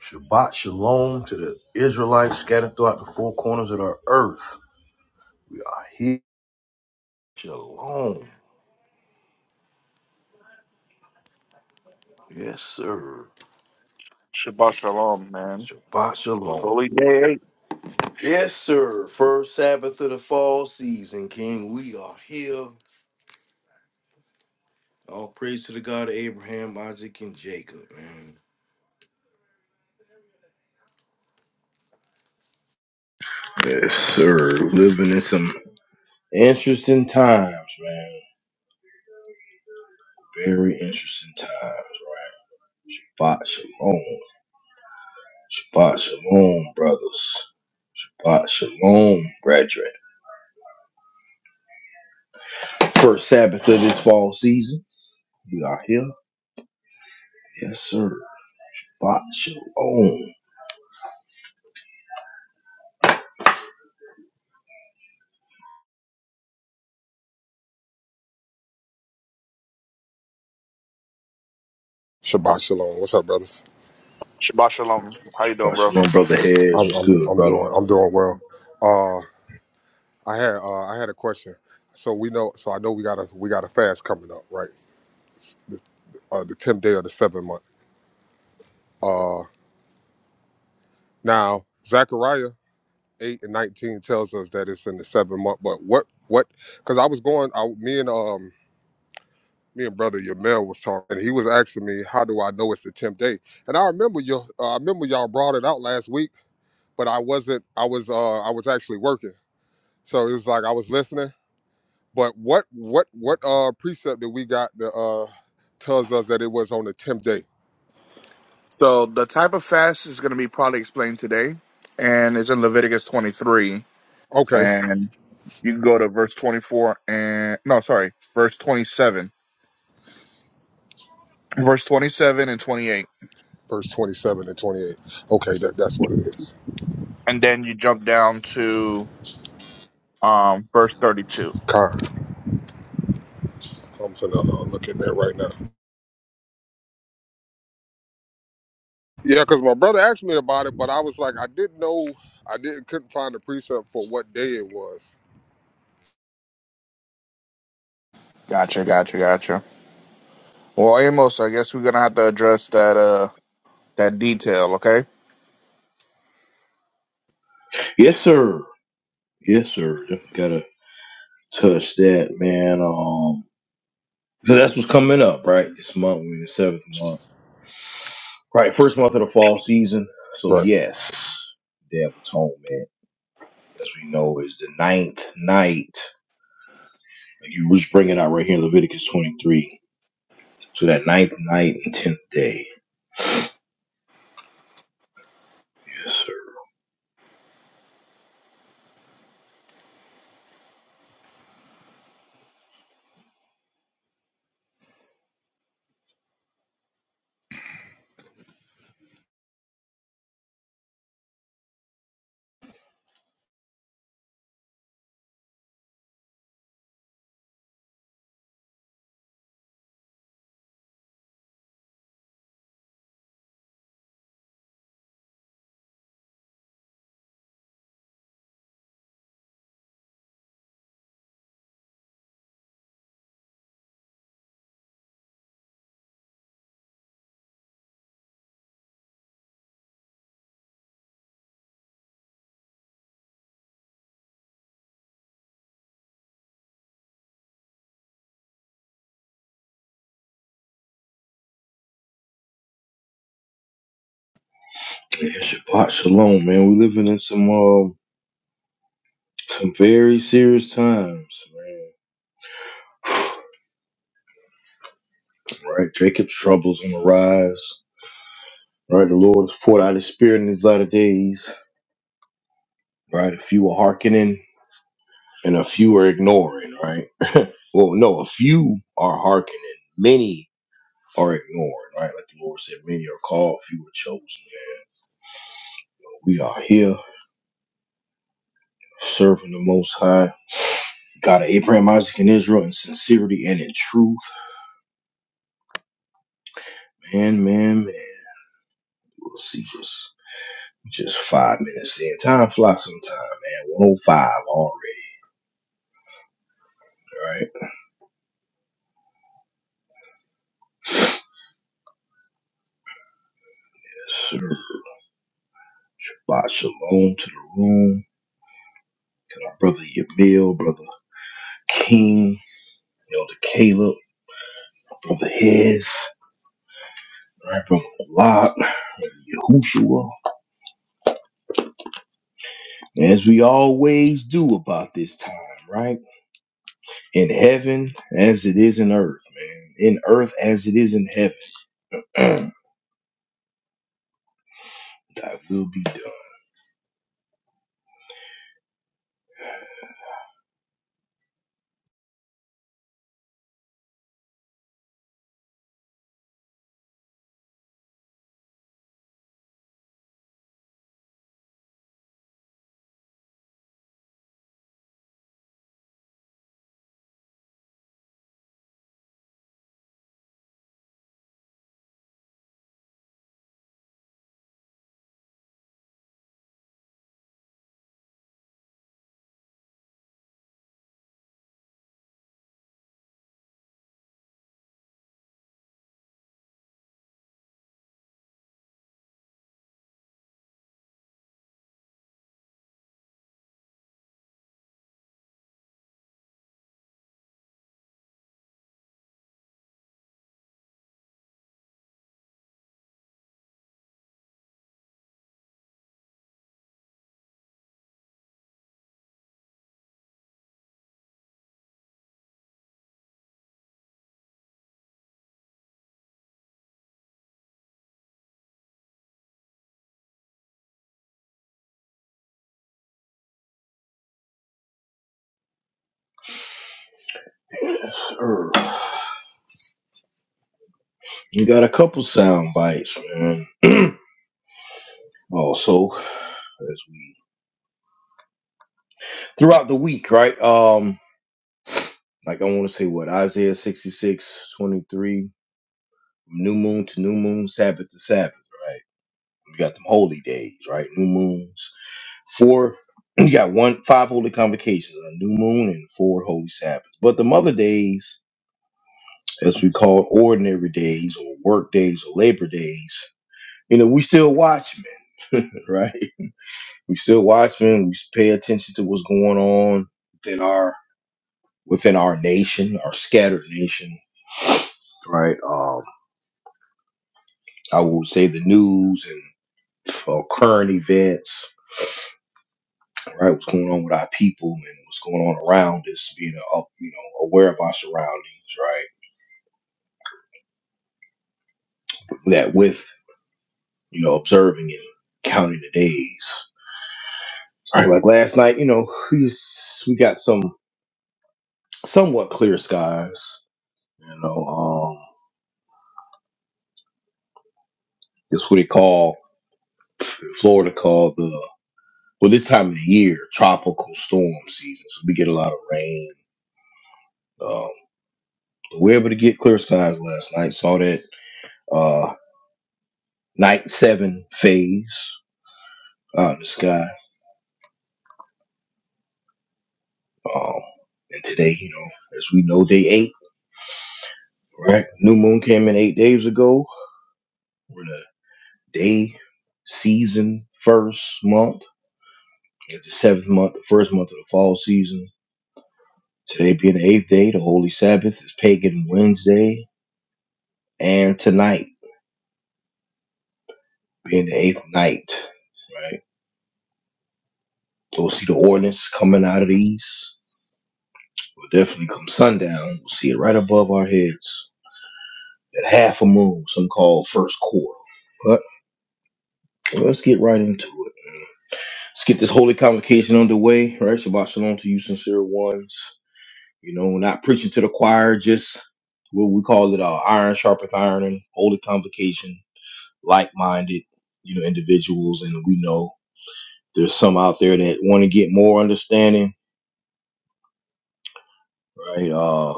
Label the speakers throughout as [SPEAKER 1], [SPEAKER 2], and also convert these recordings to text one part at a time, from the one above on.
[SPEAKER 1] Shabbat shalom to the Israelites scattered throughout the four corners of the earth. We are here. Shalom. Yes, sir.
[SPEAKER 2] Shabbat shalom, man.
[SPEAKER 1] Shabbat shalom.
[SPEAKER 2] Holy day eight.
[SPEAKER 1] Yes, sir. First Sabbath of the fall season, King. We are here. All praise to the God of Abraham, Isaac, and Jacob, man. Yes, sir. Living in some interesting times, man. Very interesting times. Shabbat shalom. Shabbat shalom, brothers. Shabbat shalom, brethren. First Sabbath of this fall season. We are here. Yes, sir. Lot shalom. Lot
[SPEAKER 3] Shabbat shalom. What's up, brothers?
[SPEAKER 2] Shabbat shalom. How you doing, bro?
[SPEAKER 1] shalom, brother Heads.
[SPEAKER 3] I'm
[SPEAKER 1] What's
[SPEAKER 3] I'm,
[SPEAKER 1] good,
[SPEAKER 3] I'm
[SPEAKER 1] brother?
[SPEAKER 3] doing I'm doing well. Uh, I had uh, I had a question. So we know. So I know we got a we got a fast coming up, right? Uh, the tenth day of the seventh month. Uh, now Zechariah eight and nineteen tells us that it's in the seventh month. But what what? Because I was going. I, me and um me and brother Yamel was talking. And he was asking me, how do I know it's the tenth day? And I remember you. Uh, I remember y'all brought it out last week, but I wasn't. I was uh I was actually working. So it was like I was listening But what what what uh precept that we got that uh tells us that it was on the tenth day?
[SPEAKER 2] So the type of fast is going to be probably explained today, and it's in Leviticus 23,
[SPEAKER 3] Okay,
[SPEAKER 2] and you can go to verse 24 and no, sorry, verse 27, verse 27 and 28,
[SPEAKER 3] verse twenty seven and twenty eight. Okay, that that's what it is.
[SPEAKER 2] and then you jump down to um verse 32.
[SPEAKER 3] Con, I'm finna uh, look at that right now. Yeah, because my brother asked me about it, but I was like, I didn't know, I didn't couldn't find the precept for what day it was.
[SPEAKER 2] Gotcha, gotcha, gotcha. Well, Amos, I guess we're gonna have to address that uh that detail, okay?
[SPEAKER 1] Yes, sir. Yes, sir. Definitely gotta touch that, man. Um, so that's what's coming up, right? This month, we're in the seventh month. Right, first month of the fall season. So
[SPEAKER 3] Right,
[SPEAKER 1] yes, Day of Atonement, as we know, is the ninth night. Like you was bringing out right here in Leviticus 23. So that ninth night and tenth day. Yes, sir. Yeah, Shabbat Shalom, man. We living in some um, some very serious times, man. Right, Jacob's troubles on the rise. Right, the Lord has poured out His Spirit in these latter days. Right, a few are hearkening and a few are ignoring. Right, well, no, a few are hearkening, many are ignoring. Right, like the Lord said, many are called, few are chosen. We are here. serving the Most High, God of Abraham, Isaac, and Israel, in sincerity and in truth. Man, man, man. We'll see just, just five minutes in. Time flies sometime, man. 105 already, right? Yes, Sir, by shalom to the room. To our brother Yamil, brother King, Elder Caleb, brother Hez, right, brother Lot, Yahushua. As we always do about this time, right? in heaven as it is in earth, man. In earth as it is in heaven. Thy will be done. Earth. We got a couple sound bites, man. also, as we throughout the week, right? Um, like I want to say what Isaiah 66:23, new moon to new moon, Sabbath to Sabbath, right? We got them holy days, right? New moons, four. You got one five holy convocations, a new moon and four holy Sabbaths. But the other days as we call ordinary days or work days or labor days, you know, we still watchmen, right? We still watchmen. We pay attention to what's going on within our within our nation, our scattered nation, right? Um, I would say the news and uh, current events, right? What's going on with our people and what's going on around us? Being up, you know, aware of our surroundings, right? That with you know observing and counting the days All right, like last night, you know, we s- we got some somewhat clear skies. You know, um, it's what they call Florida call the well this time of the year tropical storm season. So we get a lot of rain. Um, but we were able to get clear skies last night. Saw that uh, night seven phase out in the sky. Um, and today, you know, as we know, day eight, right? New moon came in eight days ago. We're in a day season first month. It's the seventh month, the first month of the fall season. Today being the eighth day, the Holy Sabbath is pagan Wednesday, and tonight being the eighth night, right? We'll see the ordinance coming out of the east. We'll definitely come sundown. We'll see it right above our heads. At half a moon, some call first quarter. But let's get right into it. Let's get this holy convocation underway, right? Shabbat shalom to you, sincere ones. You know, not preaching to the choir, just what we call it, uh, iron sharpeth iron, holy convocation, like-minded, you know, individuals. And we know there's some out there that want to get more understanding, right? Uh,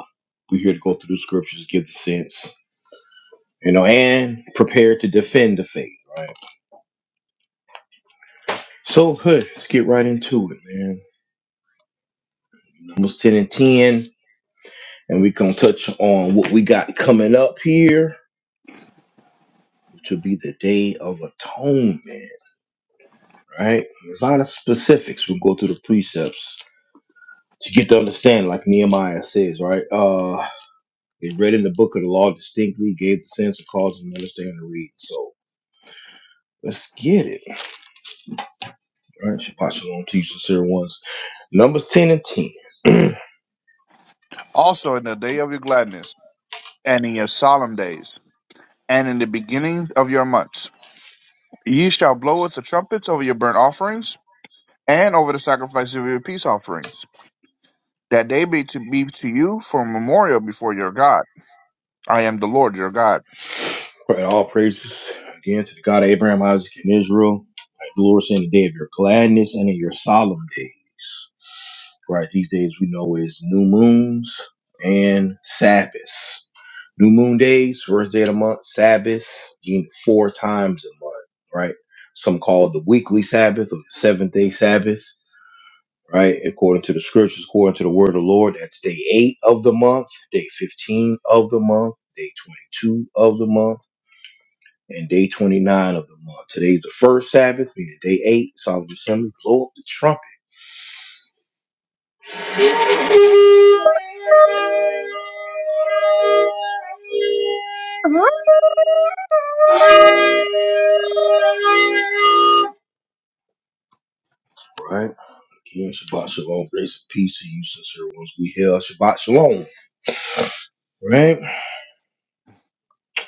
[SPEAKER 1] we're here to go through the scriptures, give the sense, you know, and prepare to defend the faith, right? So, huh, let's get right into it, man. Numbers 10 and 10, and we're going to touch on what we got coming up here, which will be the Day of Atonement right? There's a lot of specifics. We'll go through the precepts to get to understand, like Nehemiah says, right? Uh, they read in the book of the law distinctly, gave the sense of cause and understand to read. So let's get it, right? Shabbat shalom to you, sincere ones. Numbers 10 and 10.
[SPEAKER 2] Also, in the day of your gladness and in your solemn days. and in the beginnings of your months. Ye shall blow with the trumpets over your burnt offerings, and over the sacrifice of your peace offerings, that they be to be to you for a memorial before your God. I am the Lord your God.
[SPEAKER 1] right, all praises again to the God of Abraham, Isaac, and Israel. Right, the Lord saying the day of your gladness and in your solemn days. Right, these days we know is new moons and Sabbaths. New moon days, first day of the month, Sabbaths, you- know, four times a month, right? Some call it the weekly Sabbath or the seventh day Sabbath, right? According to the scriptures, according to the word of the Lord, that's day eight of the month, day 15 of the month, day 22 of the month, and day 29 of the month. Today's the first Sabbath, meaning day eight. Solemn assembly, blow up the trumpet. Right? Again, Shabbat Shalom, grace and peace to you, sincere ones. We hail Shabbat Shalom. Right?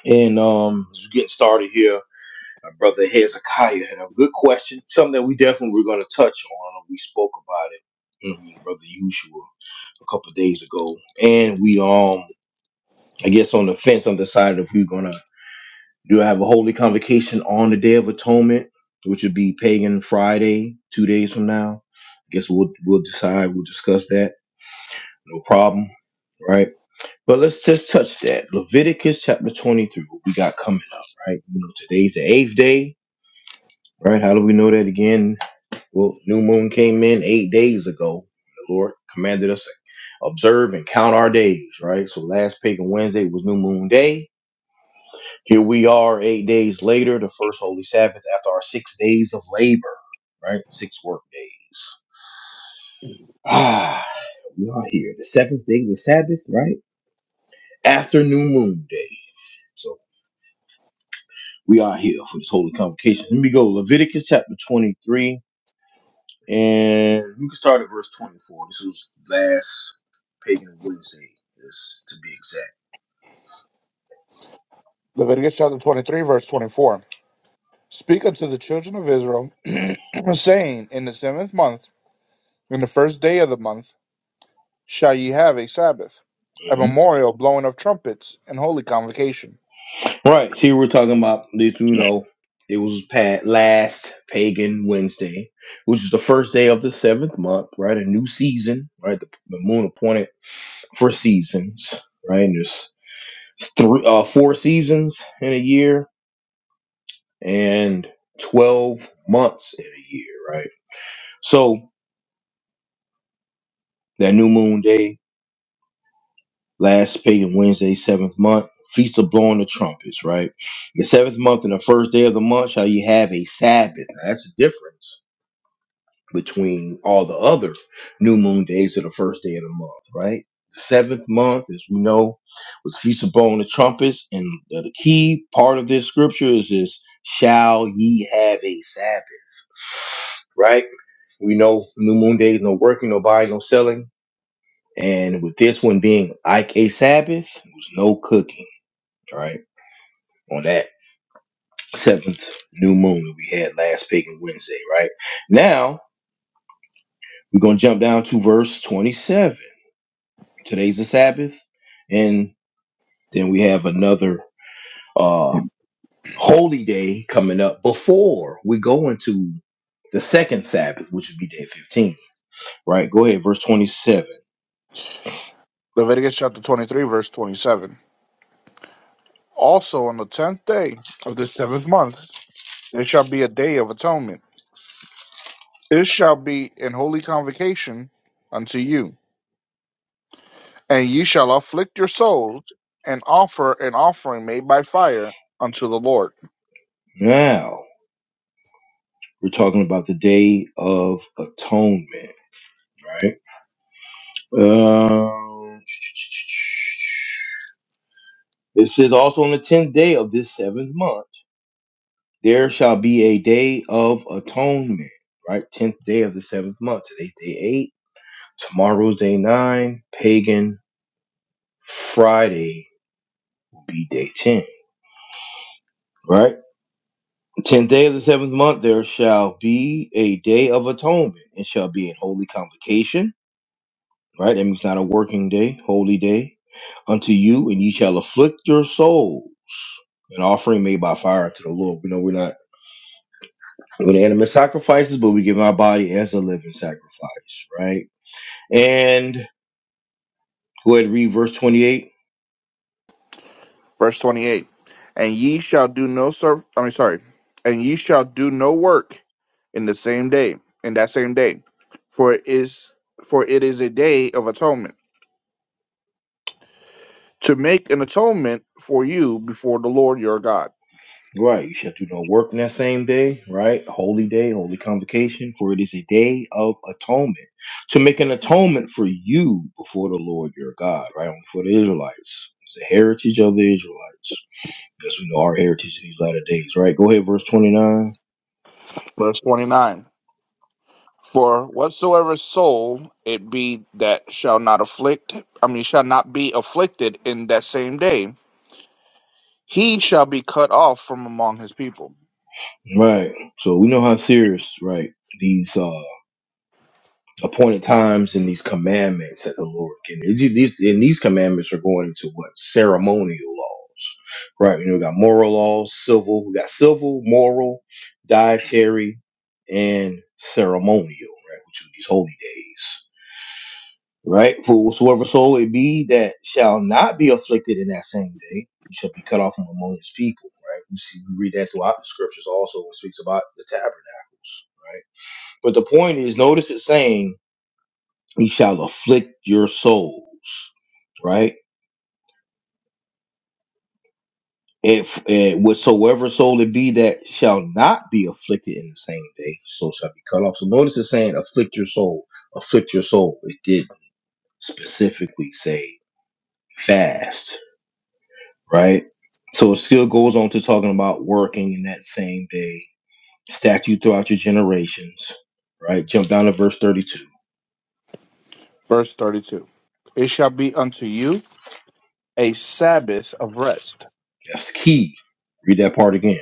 [SPEAKER 1] And um as we get started here, my brother Hezekiah had a good question, something that we definitely were gonna touch on. We spoke about it. I mean, brother Usual a couple of days ago. And we um I guess on the fence on the side if we're gonna Do I have a holy convocation on the Day of Atonement, which would be Pagan Friday, two days from now. I guess we'll we'll decide. We'll discuss that. No problem, right? But let's just touch that Leviticus chapter twenty-three. What we got coming up, right? You know, today's the eighth day, right? How do we know that again? Well, new moon came in eight days ago. The Lord commanded us to observe and count our days, right? So last Pagan Wednesday was New Moon Day Here we are, eight days later, the first Holy Sabbath after our six days of labor, right? Six work days. Ah, we are here. The seventh day of the Sabbath, right? After New Moon Day. So we are here for this holy convocation. Let me go. Leviticus chapter 23, and we can start at verse 24. This was last Pagan Wednesday, this, to be exact.
[SPEAKER 2] Leviticus chapter 23, verse 24. Speak unto the children of Israel, saying, In the seventh month, in the first day of the month, shall ye have a Sabbath, a
[SPEAKER 1] Mhm.
[SPEAKER 2] memorial blowing of trumpets and holy convocation.
[SPEAKER 1] Right. Here we're talking about, you know, it was past last pagan Wednesday, which is the first day of the seventh month, right? A new season, right? The, the moon appointed for seasons, right? And there's three, uh, four seasons in a year and 12 months in a year, right? So that new moon day, last pagan Wednesday, seventh month, feast of blowing the trumpets, right? The seventh month and the first day of the month shall ye have a Sabbath. Now, that's the difference between all the other new moon days of the first day of the month, right? The seventh month, as we know, was Feast of Bone and Trumpets. And the key part of this scripture is this shall ye have a Sabbath, right? We know new moon days, no working, no buying, no selling. And with this one being like a Sabbath, there was no cooking, right? On that seventh new moon that we had last pagan Wednesday, right? Now we're gonna jump down to verse 27 Today's the Sabbath, and then we have another uh holy day coming up before we go into the second Sabbath, which would be day 15. Right? Go ahead, verse 27.
[SPEAKER 2] Leviticus chapter 23, verse 27. Also on the tenth day of the seventh month there shall be a day of atonement. It shall be an holy convocation unto you, and ye shall afflict your souls, and offer an offering made by fire unto the Lord.
[SPEAKER 1] Now we're talking about the day of atonement, right? Um, it says also on the tenth day of this seventh month, there shall be a day of atonement, right? Tenth day of the seventh month. Today's day eight. Tomorrow's day nine, pagan. Friday will be day 10. Right? 10th day of the seventh month, there shall be a day of atonement. It shall be a holy convocation. Right? That means not a working day, holy day. Unto you, and ye shall afflict your souls. An offering made by fire to the Lord. We know we're not with animate sacrifices, but we give our body as a living sacrifice. Right? And go ahead and read verse 28.
[SPEAKER 2] Verse twenty eight. And ye shall do no serv I mean sorry, and ye shall do no work in the same day, in that same day, for it is for it is a day of atonement, to make an atonement for you before the Lord your God.
[SPEAKER 1] Right. You shall do no work in that same day, right? Holy day, holy convocation, for it is a day of atonement. To make an atonement for you before the Lord your God, right? Only for the Israelites. It's the heritage of the Israelites. As we know our heritage in these latter days, right? Go ahead, verse 29.
[SPEAKER 2] Verse twenty nine For whatsoever soul it be that shall not afflict, I mean, shall not be afflicted in that same day, he shall be cut off from among his people.
[SPEAKER 1] Right. So we know how serious, right, these uh appointed times and these commandments that the Lord gave. And these and these commandments are going into what ceremonial laws, right? You know, we got moral laws, civil. We got civil, moral, dietary, and ceremonial, right? Which are these holy days, right? For whatsoever soul it be that shall not be afflicted in that same day, he shall be cut off from among his people, right? We see we read that throughout the scriptures also. when It speaks about the tabernacles, right? But the point is, notice it's saying he shall afflict your souls, right? If and whatsoever soul it be that shall not be afflicted in the same day, so shall be cut off. So notice it's saying afflict your soul, afflict your soul. It did specifically say fast, right? So it still goes on to talking about working in that same day, statute throughout your generations, right? Jump down to verse 32.
[SPEAKER 2] Verse 32. It shall be unto you a Sabbath of rest.
[SPEAKER 1] That's key. Read that part again.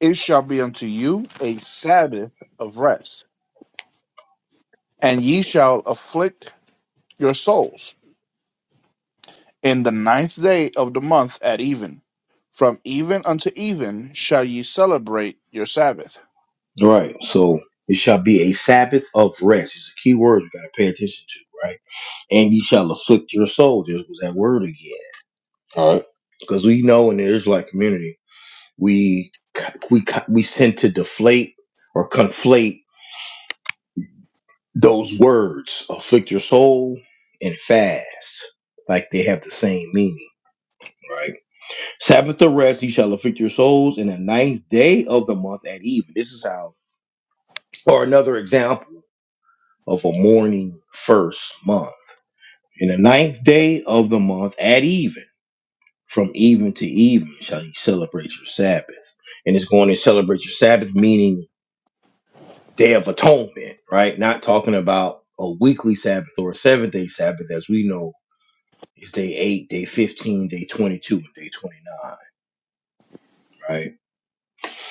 [SPEAKER 2] It shall be unto you a Sabbath of rest, and ye shall afflict your souls. In the ninth day of the month at even, from even unto even shall ye celebrate your Sabbath
[SPEAKER 1] Right. So it shall be a Sabbath of rest. It's a key word you gotta pay attention to, right? And ye shall afflict your soul. There was that word again. All right. Because we know in the Israelite community, we we we tend to deflate or conflate those words, afflict your soul and fast, like they have the same meaning, right? Sabbath of rest, Ye shall afflict your souls in the ninth day of the month at even. This is how, or another example of a mourning first month In the ninth day of the month at even, from even to even, shall you celebrate your Sabbath. And it's going to celebrate your Sabbath, meaning day of atonement, right? Not talking about a weekly Sabbath or a seven day Sabbath, as we know is day eight, day 15, day 22, and day 29, right?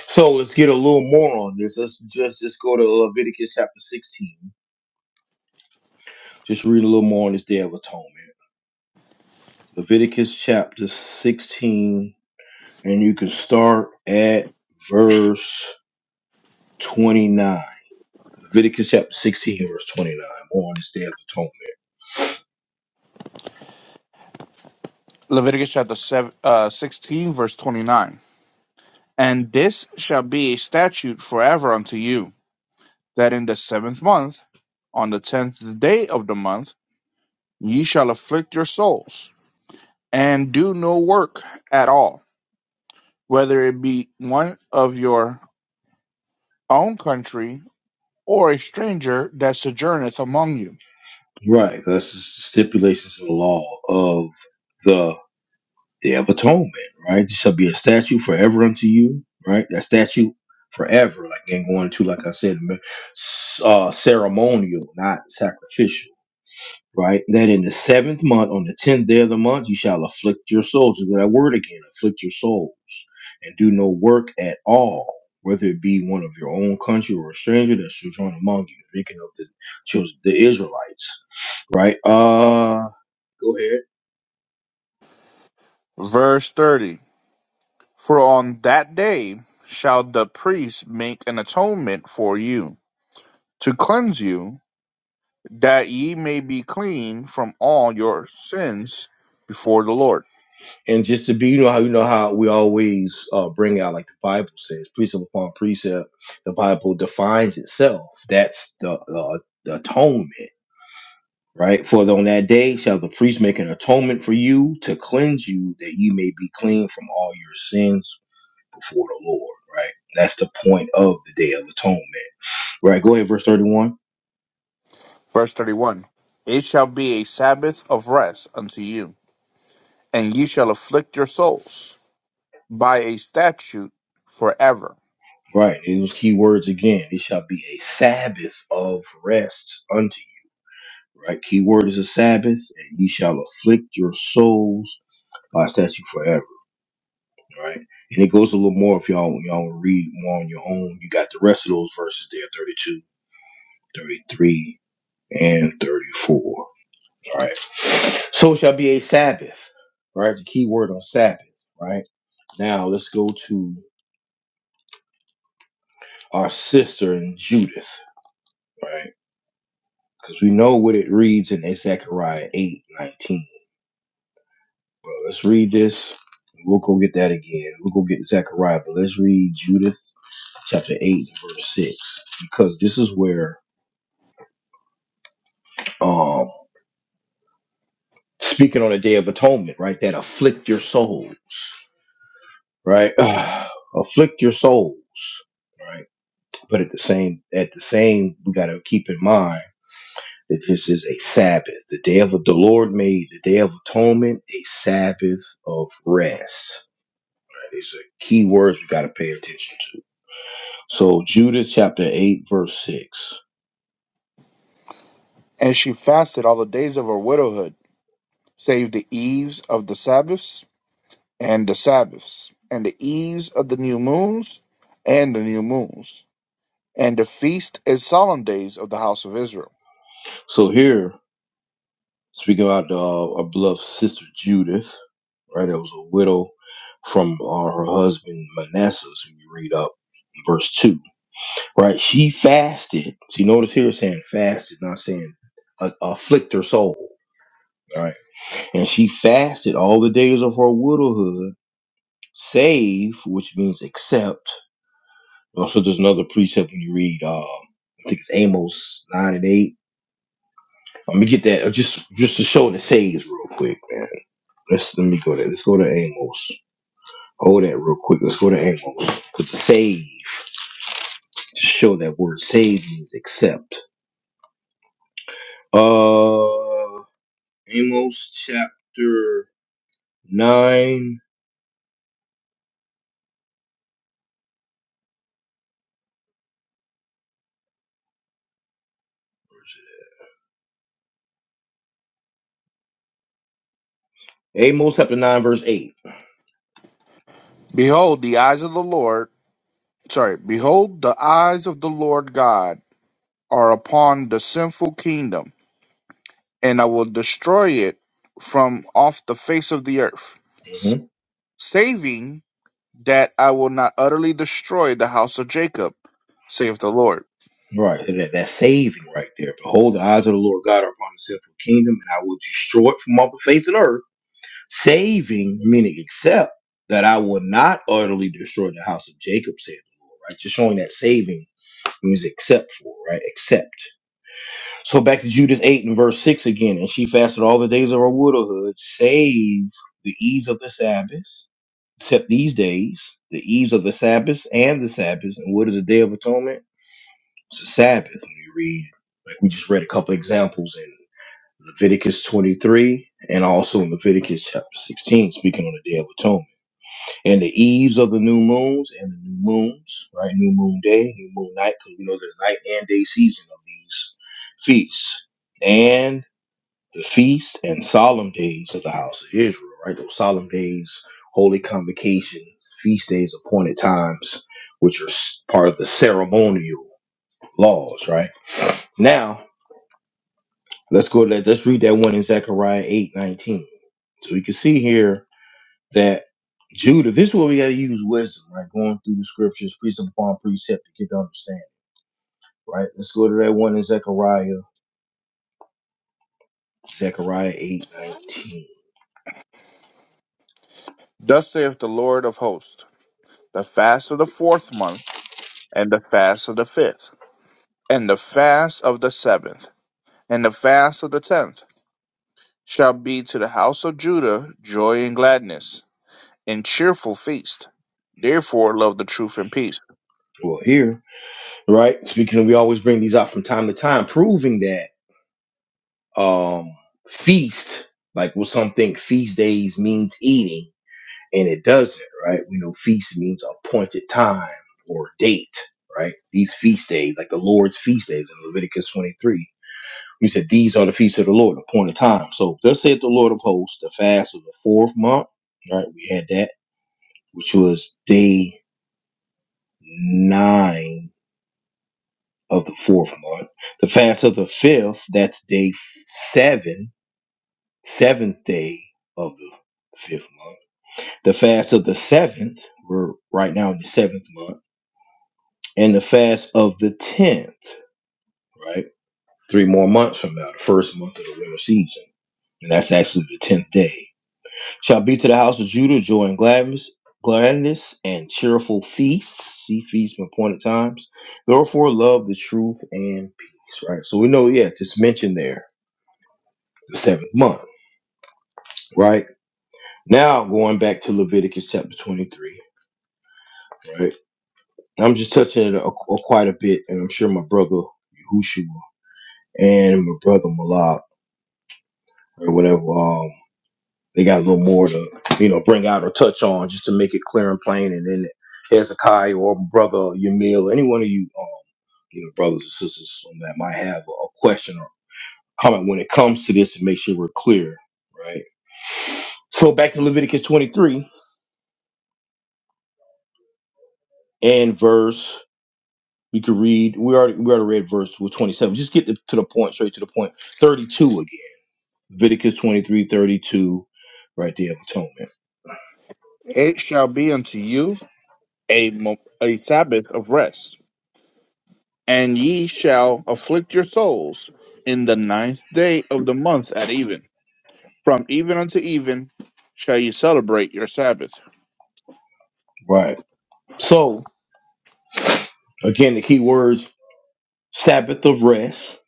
[SPEAKER 1] So let's get a little more on this. Let's just, just go to Leviticus chapter 16. Just read a little more on this day of atonement. Leviticus chapter 16 and you can start at verse 29. Leviticus chapter 16, verse 29. on this day of atonement.
[SPEAKER 2] Leviticus chapter seven, uh, 16, verse 29. And this shall be a statute forever unto you, that in the seventh month, on the tenth day of the month, ye shall afflict your souls, and do no work at all, whether it be one of your own country or a stranger that sojourneth among you.
[SPEAKER 1] Right, that's the stipulations of the law of the Day of Atonement, right? This shall be a statute forever unto you, right? That statute forever, like ain't going to, like I said, uh, ceremonial, not sacrificial. right? That in the seventh month, on the tenth day of the month, you shall afflict your souls. Look at that word again, afflict your souls, and do no work at all, whether it be one of your own country or a stranger that shall join among you. Speaking of the children, the Israelites, right? Uh, go ahead.
[SPEAKER 2] Verse 30. For on that day shall the priest make an atonement for you, to cleanse you that ye may be clean from all your sins before the Lord.
[SPEAKER 1] And just to be, you know how you know how we always uh, bring out like the Bible says, precept upon precept. The Bible defines itself. That's the, the, the atonement right? For on that day shall the priest make an atonement for you to cleanse you, that you may be clean from all your sins before the Lord, right? That's the point of the day of atonement, right? Go ahead, verse 31.
[SPEAKER 2] Verse 31 It shall be a Sabbath of rest unto you, and ye shall afflict your souls by a statute forever.
[SPEAKER 1] Right, it was key words again. It shall be a Sabbath of rest unto you, right? Key word is a Sabbath, and ye shall afflict your souls by statute forever, right? And it goes a little more if y'all y'all wanna read more on your own. You got the rest of those verses there, 32, 33. and 34. All Right. So it shall be a Sabbath. Right. The key word on Sabbath. Right. Now let's go to our sister in Judith. Right. Because we know what it reads in Zechariah 8 19. Well, let's read this. We'll go get that again. We'll go get Zechariah, but let's read Judith chapter 8, verse 6. Because this is where um speaking on the day of atonement, right? That afflict your souls. right? Afflict your souls, right? But at the same, at the same, we got to keep in mind that this is a Sabbath, the day of the Lord made, the day of atonement, a Sabbath of rest. These are key words we got to pay attention to. So Judah chapter eight verse six.
[SPEAKER 2] And she fasted all the days of her widowhood, save the eves of the Sabbaths, and the Sabbaths, and the eves of the new moons, and the new moons, and the feast and solemn days of the house of Israel.
[SPEAKER 1] So here, speaking about uh, our beloved sister Judith, right? That was a widow from uh, her husband Manasseh. So you read up in verse two. right? She fasted. See, notice here it's saying fasted, not saying uh, afflict her soul, Right, And she fasted all the days of her widowhood, save, which means except. Also, there's another precept when you read, um, I think it's Amos nine and eight. Let me get that uh, just just to show the saves real quick, man. Let's let me go there. Let's go to Amos. Hold that real quick. Let's go to Amos. Cause the save to show that word save means accept. Uh Amos chapter 9. Amos chapter 9, verse 8
[SPEAKER 2] Behold, the eyes of the Lord sorry, behold, the eyes of the Lord God are upon the sinful kingdom, and I will destroy it from off the face of the earth, s-
[SPEAKER 1] hmm
[SPEAKER 2] saving that I will not utterly destroy the house of Jacob, saith the Lord.
[SPEAKER 1] Right. and That, that saving right there. Behold, the eyes of the Lord God are upon the sinful kingdom, and I will destroy it from off the face of the earth. Saving, meaning except that I will not utterly destroy the house of Jacob, saith the Lord, right? Just showing that saving means except for, right? Except. So back to Judas 8 and verse 6 again. And she fasted all the days of her widowhood, save the eves of the Sabbath, except these days, the eves of the Sabbath and the Sabbath. And what is the Day of Atonement? It's a Sabbath when you read. Like we just read a couple examples in Leviticus 23 and also in Leviticus chapter 16, speaking on the Day of Atonement. And the eves of the new moons and the new moons, right? New moon day, new moon night, because we know there's a night and day season of these feasts and the feast and solemn days of the house of Israel, right? Those solemn days, holy convocation, feast days, appointed times, which are s- part of the ceremonial laws, right? Now, let's go to that. Let's read that one in Zechariah eight nineteen. So we can see here that Judah, this is where we got to use wisdom, right? Going through the scriptures, precept upon precept to get to understand, right? Let's go to that one in Zechariah, Zechariah eight nineteen.
[SPEAKER 2] Thus saith the Lord of hosts, the fast of the fourth month, and the fast of the fifth, and the fast of the seventh, and the fast of the tenth, shall be to the house of Judah joy and gladness and cheerful feast. Therefore, love the truth and peace.
[SPEAKER 1] Well, here right? Speaking of, we always bring these out from time to time, proving that um feast, like what some think feast days means eating, and it doesn't, right? We know feast means appointed time or date, right? These feast days, like the Lord's feast days in Leviticus 23. We said these are the feasts of the Lord, appointed time. So thus saith the Lord of hosts, the fast of the fourth month, right? We had that, which was day nine of the fourth month. The fast of the fifth, that's day seven, seventh day of the fifth month. The fast of the seventh, we're right now in the seventh month, and the fast of the tenth, right? Three more months from now, the first month of the winter season. And that's actually the tenth day. Shall be to the house of Judah joy and gladness, gladness and cheerful feasts. See feasts from appointed times. Therefore, love the truth and peace. Right. So we know, yeah, just mentioned there the seventh month, right? Now going back to Leviticus chapter 23, right? I'm just touching it a, a- quite a bit, and I'm sure my brother Yahushua and my brother Malak or whatever, um, they got a little more to you know bring out or touch on just to make it clear and plain. And then Hezekiah or brother Yamil, any one of you, um, you know, brothers and sisters that might have a question or comment when it comes to this, and make sure we're clear, right? So back to Leviticus 23 and verse You could read. We already we already read verse 27. Just get to the point, straight to the point. 32 again. Leviticus 23 32, right there of atonement.
[SPEAKER 2] It shall be unto you a, mo- a Sabbath of rest, and ye shall afflict your souls in the ninth day of the month at even. From even unto even shall you celebrate your Sabbath.
[SPEAKER 1] Right. So again, the key words: Sabbath of rest.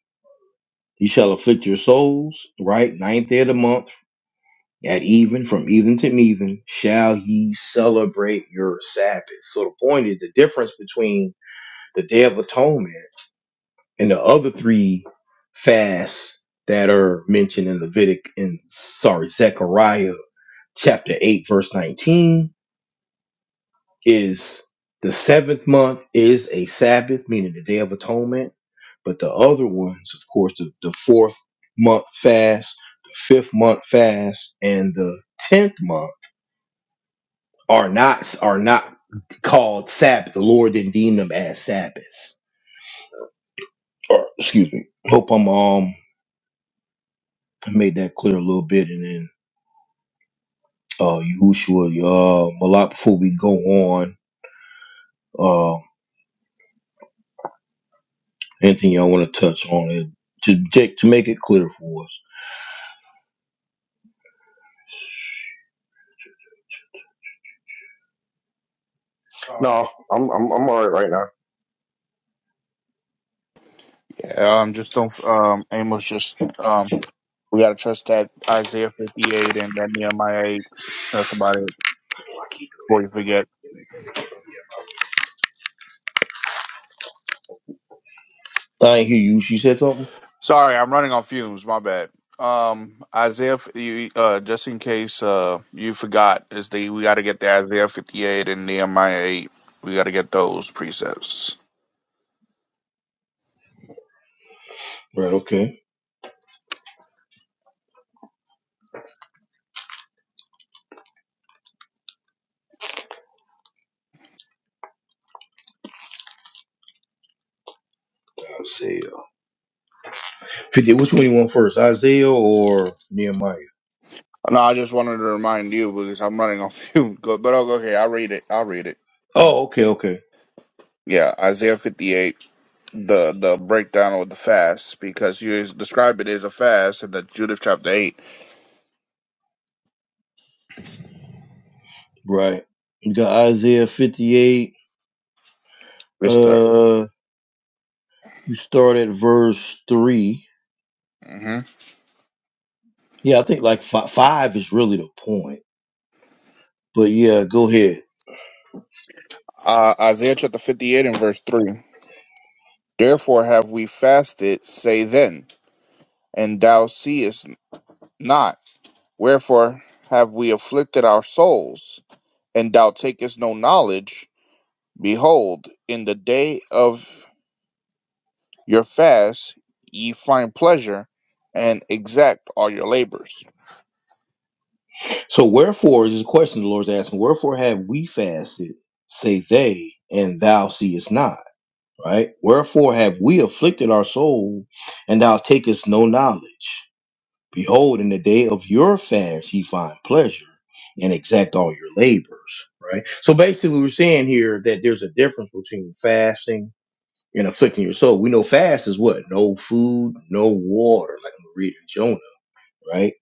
[SPEAKER 1] You shall afflict your souls. Right. Ninth day of the month at even, from even to even, shall ye celebrate your Sabbath. So the point is the difference between the Day of Atonement. and the other three fasts that are mentioned in Levitic in sorry Zechariah chapter eight verse nineteen is the seventh month is a Sabbath, meaning the Day of Atonement. But the other ones, of course, the, the fourth month fast, the fifth month fast, and the tenth month are not are not called Sabbath. The Lord didn't deem them as Sabbaths. Or excuse me. Hope I'm um I made that clear a little bit, and then uh, Yahushua. Uh, Malak, before we go on, uh, anything y'all want to touch on it to Jake to make it clear for us?
[SPEAKER 4] No, I'm I'm I'm all right right now.
[SPEAKER 2] Yeah, Um, just don't, um, Amos, just, um, we gotta trust that Isaiah 58 and that Nehemiah 8. That's about it before you forget.
[SPEAKER 1] I didn't hear you. She said something.
[SPEAKER 2] Sorry, I'm running on fumes. My bad. Um, Isaiah, f- you, uh, just in case uh, you forgot, is the we got to get the Isaiah 58 and Nehemiah 8. We got to get those precepts.
[SPEAKER 1] Right. Okay. Isaiah. Fifty. Which one you want first, Isaiah or Nehemiah?
[SPEAKER 2] No, I just wanted to remind you because I'm running on fumes. Go- But oh, okay, I'll read it. I'll read it.
[SPEAKER 1] Oh, okay, okay.
[SPEAKER 2] Yeah, Isaiah 58, the the breakdown of the fast because you is- describe it as a fast in the Judith chapter 8.
[SPEAKER 1] Right. You got Isaiah fifty-eight.
[SPEAKER 2] Mister.
[SPEAKER 1] Uh, you start at verse three.
[SPEAKER 2] hmm
[SPEAKER 1] Yeah, I think like fi- five is really the point. But yeah, go ahead.
[SPEAKER 2] Uh, Isaiah chapter 58 and verse 3. Therefore have we fasted, say then. and thou seest not. Wherefore have we afflicted our souls, and thou takest no knowledge? Behold, in the day of your fast ye find pleasure, and exact all your labors.
[SPEAKER 1] So wherefore this is a question the Lord's asking, wherefore have we fasted, say they, and thou seest not, right? Wherefore have we afflicted our soul, and thou takest no knowledge? Behold, in the day of your fast ye find pleasure and exact all your labors, right? So basically we're saying here that there's a difference between fasting and afflicting your soul. We know fast is what? No food, no water, like I'm reading Jonah, right?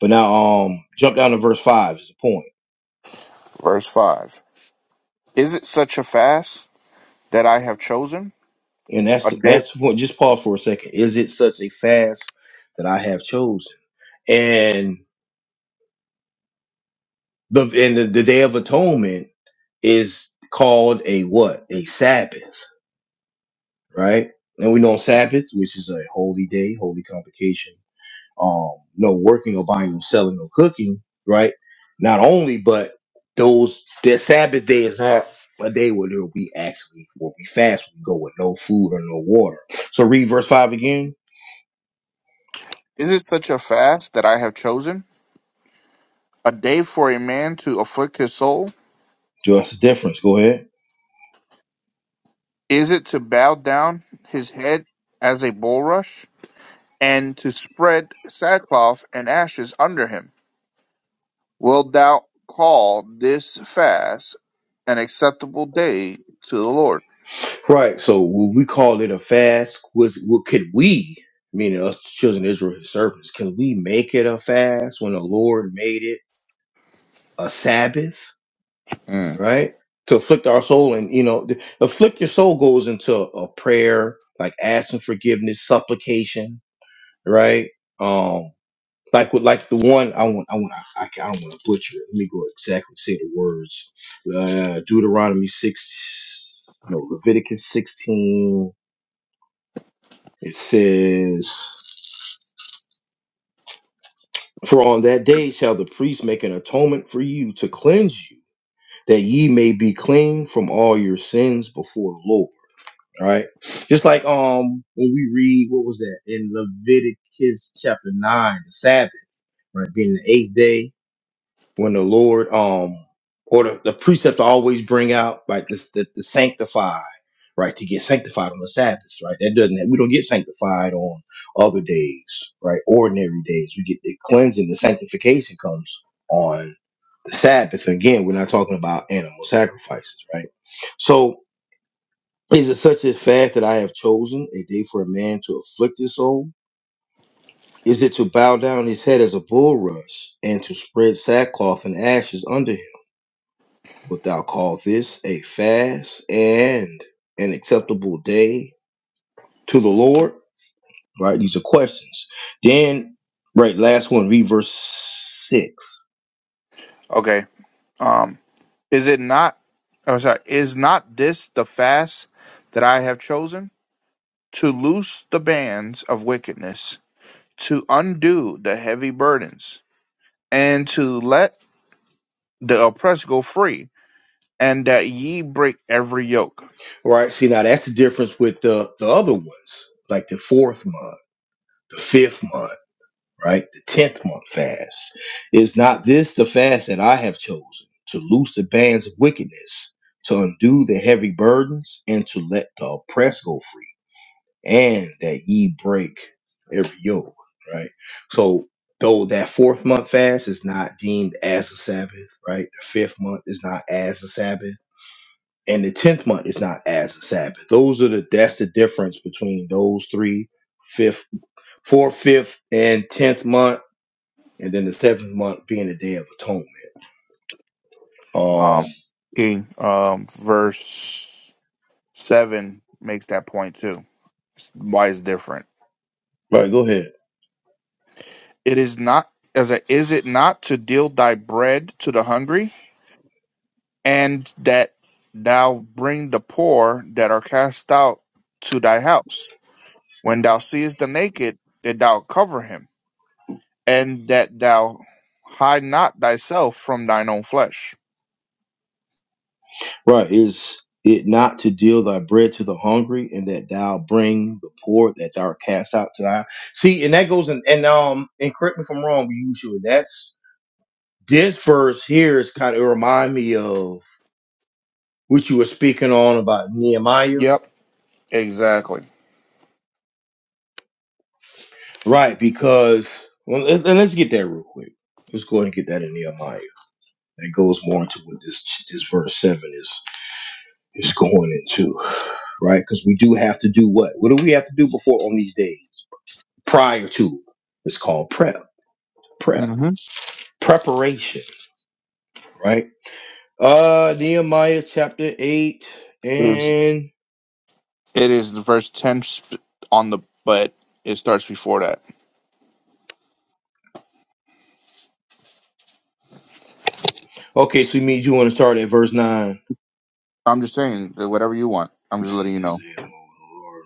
[SPEAKER 1] But now um jump down to verse five is the point.
[SPEAKER 2] Verse 5. Is it such a fast that I have chosen?
[SPEAKER 1] And
[SPEAKER 2] A
[SPEAKER 1] that's
[SPEAKER 2] day?
[SPEAKER 1] that's the point. Just pause for a second. Is it such a fast that I have chosen? And the and the, the day of atonement is called a what? A Sabbath, right? And we know Sabbath, which is a holy day, holy convocation um, no working or buying or selling or cooking, right? Not only, but those their Sabbath day is not a day where they'll be actually where we fast, we go with no food or no water. So read verse five again.
[SPEAKER 2] Is it such a fast that I have chosen? A day for a man to afflict his soul?
[SPEAKER 1] Just the difference. Go ahead.
[SPEAKER 2] Is it to bow down his head as a bulrush? and to spread sackcloth and ashes under him. Wilt thou call this fast an acceptable day to the Lord?
[SPEAKER 1] Right. So when we call it a fast, was what could we, meaning us children of Israel, his servants, can we make it a fast when the Lord made it a Sabbath?
[SPEAKER 2] Hmm,
[SPEAKER 1] right? To afflict our soul, and you know, the, afflict your soul goes into a prayer, like asking forgiveness, supplication, right? Um, like with like the one I want, I want, I, I, ca- I don't want to butcher it. Let me go exactly say the words. Uh, Deuteronomy six, no, Leviticus sixteen. It says, "For on that day shall the priest make an atonement for you to cleanse you, that ye may be clean from all your sins before the Lord." All right. Just like um when we read what was that in Leviticus chapter nine, the Sabbath, right? Being the eighth day, when the Lord um or the, the precept to always bring out like this the, the sanctified, right? To get sanctified on the Sabbath, right? That doesn't we don't get sanctified on other days, right? Ordinary days. We get the cleansing, the sanctification comes on the Sabbath. Again, we're not talking about animal sacrifices, right? So is it such a fast that I have chosen, a day for a man to afflict his soul? Is it to bow down his head as a bulrush, and to spread sackcloth and ashes under him? Wilt thou call this a fast and an acceptable day to the Lord? Right, these are questions. Then, right, last one, read verse six.
[SPEAKER 2] Okay. Um, is it not? I'm sorry. Is not this the fast that I have chosen to loose the bands of wickedness, to undo the heavy burdens, and to let the oppressed go free, and that ye break every yoke?
[SPEAKER 1] Right, see now that's the difference with the the other ones, like the fourth month, the fifth month. right? The tenth month fast. Is not this the fast that I have chosen to loose the bands of wickedness, to undo the heavy burdens, and to let the oppressed go free, and that ye break every yoke, right? So though that fourth month fast is not deemed as a Sabbath, right? The fifth month is not as a Sabbath. And the tenth month is not as a Sabbath. Those are the that's the difference between those three, fifth, fourth, fifth, and tenth month and then the seventh month being the Day of Atonement. Um,
[SPEAKER 2] Um, Okay. um, verse. Seven makes that point too. Why is different?
[SPEAKER 1] right, go ahead.
[SPEAKER 2] It is not as a is it not to deal thy bread to the hungry, and that thou bring the poor that are cast out to thy house. When thou seest the naked, that thou cover him, and that thou hide not thyself from thine own flesh.
[SPEAKER 1] Right, is it not to deal thy bread to the hungry, and that thou bring the poor, that thou art cast out to thy see, and that goes in and um, and correct me if I'm wrong, usually that's this verse here is kind of remind me of what you were speaking on about Nehemiah,
[SPEAKER 2] Yep, exactly.
[SPEAKER 1] right? Because well, let, and let's get that real quick. Let's go ahead and get that in Nehemiah. That goes more into what this this verse seven is. is going into, right? Because we do have to do what? What do we have to do before on these days? Prior to. It's called prep. Prep.
[SPEAKER 2] Mm-hmm.
[SPEAKER 1] Preparation, right? Uh Nehemiah chapter eight
[SPEAKER 2] Is
[SPEAKER 1] and
[SPEAKER 2] it is the verse ten sp- on the but it starts before that.
[SPEAKER 1] okay, so you mean you want to start at verse nine.
[SPEAKER 2] I'm just saying that whatever you want.
[SPEAKER 1] Let
[SPEAKER 2] I'm
[SPEAKER 1] me
[SPEAKER 2] just
[SPEAKER 1] see
[SPEAKER 2] letting you
[SPEAKER 1] this day
[SPEAKER 2] know.
[SPEAKER 1] oh Lord.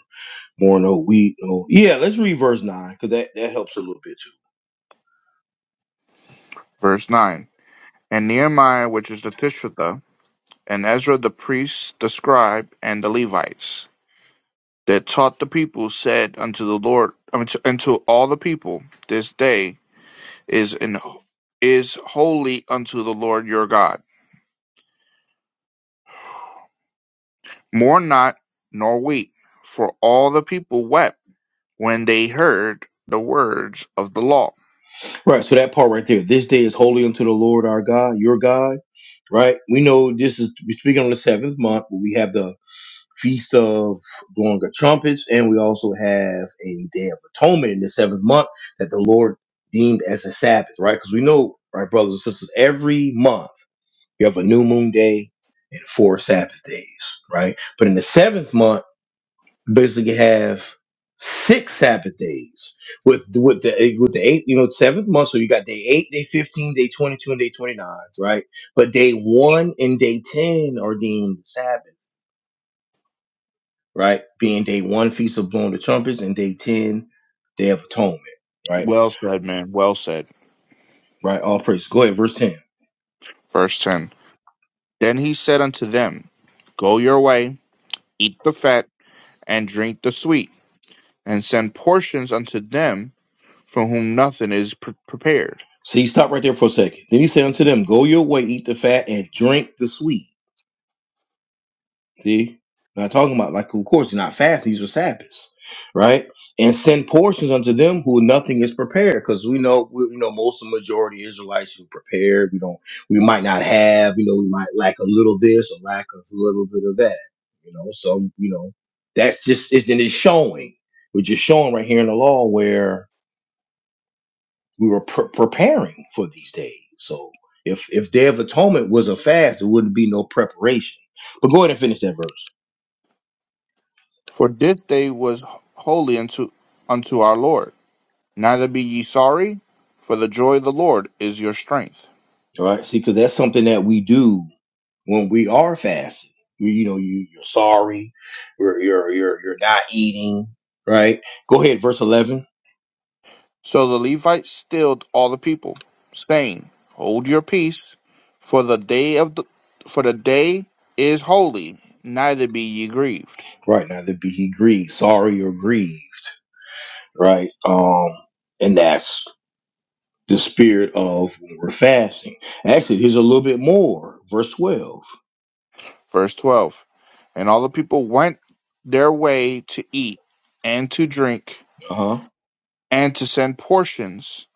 [SPEAKER 1] More no wheat, no yeah, let's read verse nine, because that, that helps a little bit too.
[SPEAKER 2] Verse nine. And Nehemiah, which is the Tishratha, and Ezra the priest, the scribe, and the Levites that taught the people said unto the Lord, unto, unto all the people, this day is in is holy unto the Lord your God. Mourn not, nor weep, for all the people wept when they heard the words of the law.
[SPEAKER 1] Right, so that part right there. This day is holy unto the Lord our God, your God right? We know this is we're speaking on the seventh month, but we have the Feast of Blowing of Trumpets, and we also have a Day of Atonement in the seventh month that the Lord deemed as a Sabbath, right? Because we know, right, brothers and sisters, every month you have a new moon day and four Sabbath days, right? But in the seventh month, you basically have six Sabbath days with with the with the eight, you know, seventh month. So you got day eight, day fifteen, day twenty two, and day twenty nine, right? But day one and day ten are deemed Sabbath right? Being day one, feast of blowing the trumpets, and day 10, day of atonement, right?
[SPEAKER 2] Well said, man. Well said.
[SPEAKER 1] Right, all praise. Go ahead, verse 10.
[SPEAKER 2] Verse ten. Then he said unto them, Go your way, eat the fat, and drink the sweet, and send portions unto them from whom nothing is pre- prepared.
[SPEAKER 1] See, stop right there for a second. Then he said unto them, Go your way, eat the fat, and drink the sweet. See, not talking about like, of course, you're not fasting; these are Sabbaths, right? And send portions unto them who nothing is prepared, because we know we, you know most of the majority of Israelites who prepared. We don't, we might not have, you know, we might lack a little this or lack a little bit of that, you know. So you know, that's just it's and it's showing, we're just showing right here in the law where we were pre- preparing for these days. So if if Day of Atonement was a fast, it wouldn't be no preparation. But go ahead and finish that verse.
[SPEAKER 2] For this day was holy unto unto our Lord. Neither be ye sorry, for the joy of the Lord is your strength.
[SPEAKER 1] All right. See, because that's something that we do when we are fasting. You, you know, you, you're sorry, you're, you're, you're, you're not eating, right? Go ahead, verse 11.
[SPEAKER 2] So the Levites stilled all the people, saying, Hold your peace, for the day of the for the day is holy, neither be ye grieved.
[SPEAKER 1] Right. Now, that be he grieved, sorry or grieved, right? Um, And that's the spirit of when we're fasting. Actually, here's a little bit more, verse 12.
[SPEAKER 2] Verse 12 And all the people went their way to eat and to drink
[SPEAKER 1] Uh huh.
[SPEAKER 2] and to send portions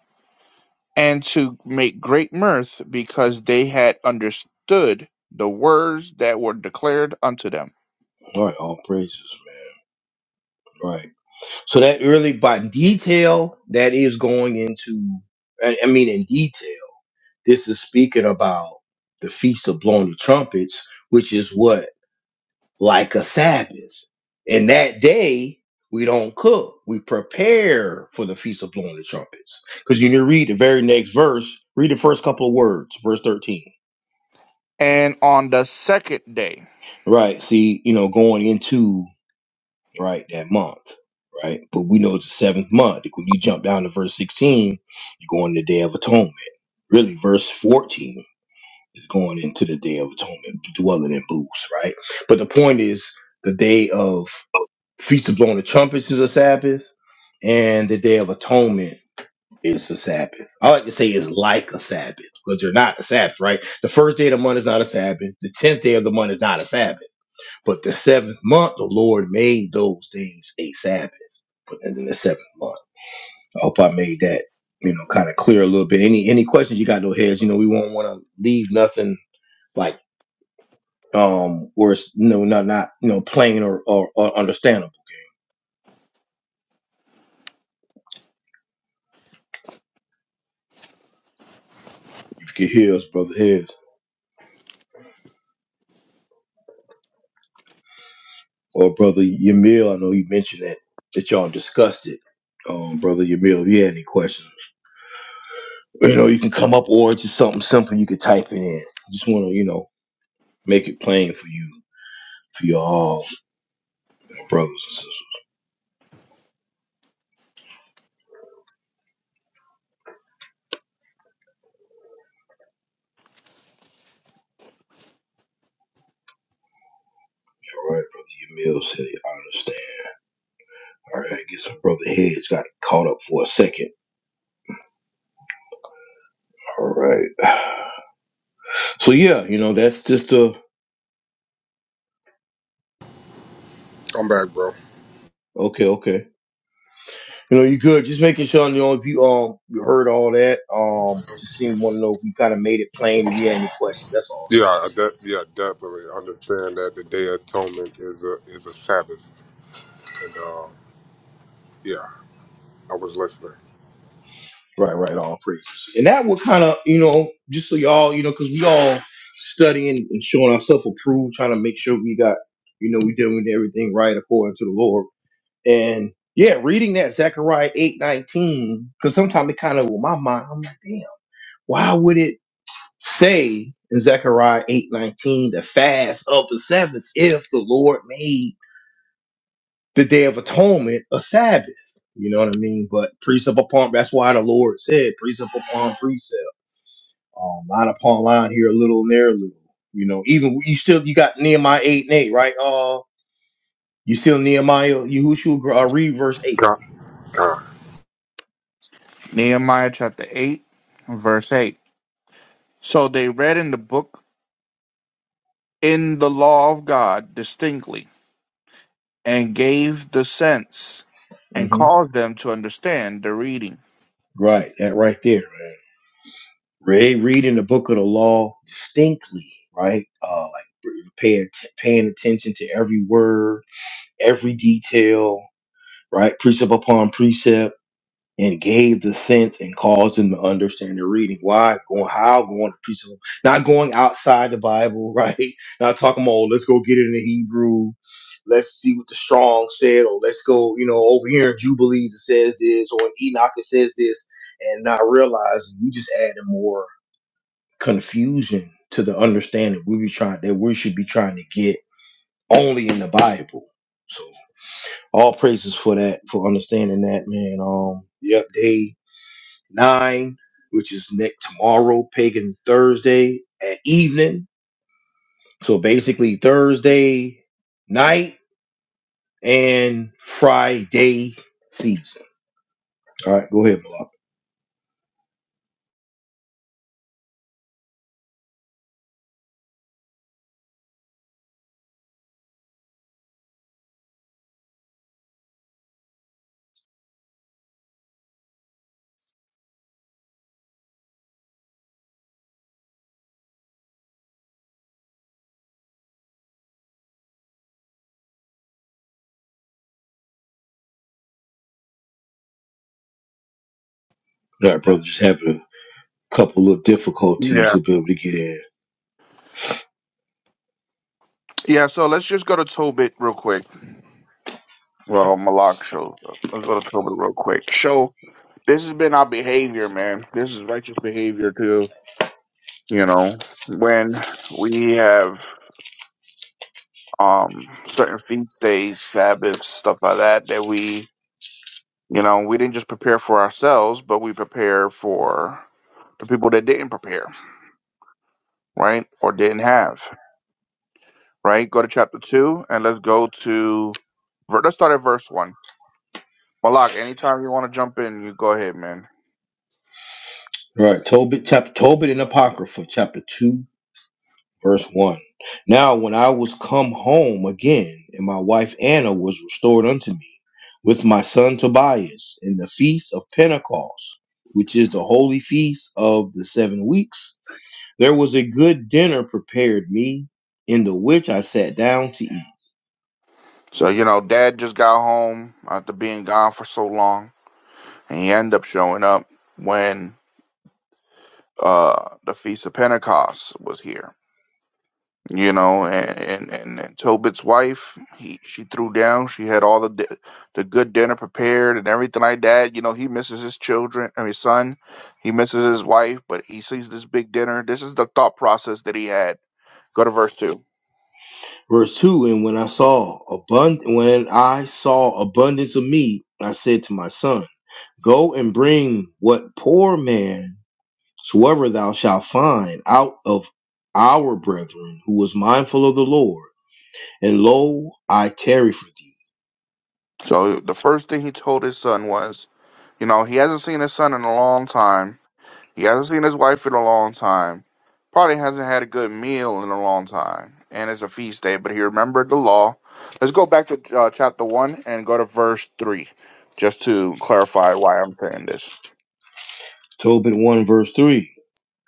[SPEAKER 2] and to make great mirth because they had understood the words that were declared unto them.
[SPEAKER 1] All right. All praises. Right. So that really, by detail, that is going into, I I mean, in detail. This is speaking about the feast of blowing the trumpets, which is what? Like a Sabbath. And that day, we don't cook. We prepare for the feast of blowing the trumpets. Because you need to read the very next verse, read the first couple of words, verse 13.
[SPEAKER 2] And on the second day,
[SPEAKER 1] Right. See, you know, going into right that month. Right. But we know it's the seventh month. When you jump down to verse 16, you go on the day of atonement. Really, verse 14 is going into the day of atonement, dwelling in booths, right? But the point is, the day of feast of blowing the trumpets is a Sabbath, and the day of atonement is a Sabbath. I like to say it's like a Sabbath because you're not a Sabbath, right? The first day of the month is not a Sabbath. The tenth day of the month is not a Sabbath. But the seventh month, the Lord made those days a Sabbath. But in the seventh month, I hope I made that you know kind of clear a little bit. Any any questions you got? No heads. You know we won't want to leave nothing like um, where it's you know not not you know plain or, or, or understandable. If you could hear us, brother Heads or brother Yamil, I know you mentioned that that y'all discussed it. Um, brother Yamil, if you had any questions, you know you can come up or just something simple you could type it in. Just want to you know make it plain for you for you all my brothers and sisters. All right, brother Yamil said it. I understand. All right, I guess my brother Heads got caught up for a second. All right, so yeah, you know that's just a
[SPEAKER 3] I'm back, bro.
[SPEAKER 1] okay, okay. You know, you good. Just making sure, you know, if you um you heard all that, um, just seem want to know if we kind of made it plain. If you had any questions, that's all.
[SPEAKER 3] Yeah, I de- yeah, definitely understand that the Day of Atonement is a is a Sabbath, and uh, yeah, I was listening.
[SPEAKER 1] Right, right, all praises. And that would kind of, you know, just so y'all, you know, because we all studying and showing ourselves approved, trying to make sure we got, you know, we doing everything right according to the Lord. And yeah, reading that Zechariah eight nineteen, because sometimes it kind of, with my mind, I'm like, damn, why would it? say in Zechariah 8:19, the fast of the Sabbath, if the Lord made the day of atonement a Sabbath. You know what I mean? But precept upon that's why the Lord said precept upon precept, um, line upon line here a little and there a little. You know, even you still you got Nehemiah 8 and 8, right? Uh you still Nehemiah, Yahushua uh, read verse 8.
[SPEAKER 3] Con, con.
[SPEAKER 2] Nehemiah chapter 8, verse 8. So they read in the book in the law of God distinctly and gave the sense and
[SPEAKER 1] Mm-hmm.
[SPEAKER 2] caused them to understand the reading.
[SPEAKER 1] Right, that right there, man. Read reading the book of the law distinctly, right? Uh, like paying paying attention to every word, every detail, right? Precept upon precept and gave the sense and caused them to understand the reading. Why? Going how? Going to preach them. Not going outside the Bible, right? Not talking about, oh, let's go get it in the Hebrew. Let's see what the strong said, or let's go, you know, over here in Jubilees it says this, or in Enoch it says this, and not realizing we just added more confusion to the understanding we be trying that we should be trying to get only in the Bible. So all praises for that, for understanding that, man. Um, yep, they nine, which is next tomorrow, Pagan Thursday at evening. So basically Thursday night and Friday season. All right, go ahead, Malak. All right, brother, just having a couple of
[SPEAKER 2] Yeah.
[SPEAKER 1] difficulties to be able to get in.
[SPEAKER 2] Yeah, so let's just go to Tobit real quick. Well, Malak show. Let's go to Tobit real quick. So this has been our behavior, man. This is righteous behavior too. You know, when we have um certain feast days, Sabbaths, stuff like that, that we, you know, we didn't just prepare for ourselves, but we prepare for the people that didn't prepare, right, or didn't have, right. Go to chapter two, and let's go to. Let's start at verse one. Malak, anytime you want to jump in, you go ahead, man.
[SPEAKER 1] All right, Tobit, chapter Tobit and Apocrypha, chapter two Verse 1 Now, when I was come home again, and my wife Anna was restored unto me, with my son Tobias, in the feast of Pentecost, which is the holy feast of the seven weeks, there was a good dinner prepared me, in the which I sat down to eat.
[SPEAKER 2] So, you know, dad just got home after being gone for so long, and he ended up showing up when uh the Feast of Pentecost was here. You know, and and, and, and Tobit's wife, he she threw down. She had all the di- the good dinner prepared and everything like that. You know, he misses his children. I mean, his son, he misses his wife, but he sees this big dinner. This is the thought process that he had. Go to verse two.
[SPEAKER 1] Verse 2 And when I saw abund- when I saw abundance of meat, I said to my son, Go and bring what poor man Soever thou shalt find out of our brethren who was mindful of the Lord, and lo, I tarry for thee.
[SPEAKER 2] So the first thing he told his son was, You know, he hasn't seen his son in a long time. He hasn't seen his wife in a long time. Probably hasn't had a good meal in a long time. And it's a feast day, but he remembered the law. Let's go back to uh, chapter 1 and go to verse 3, just to clarify why I'm saying this.
[SPEAKER 1] Tobit 1 verse 3.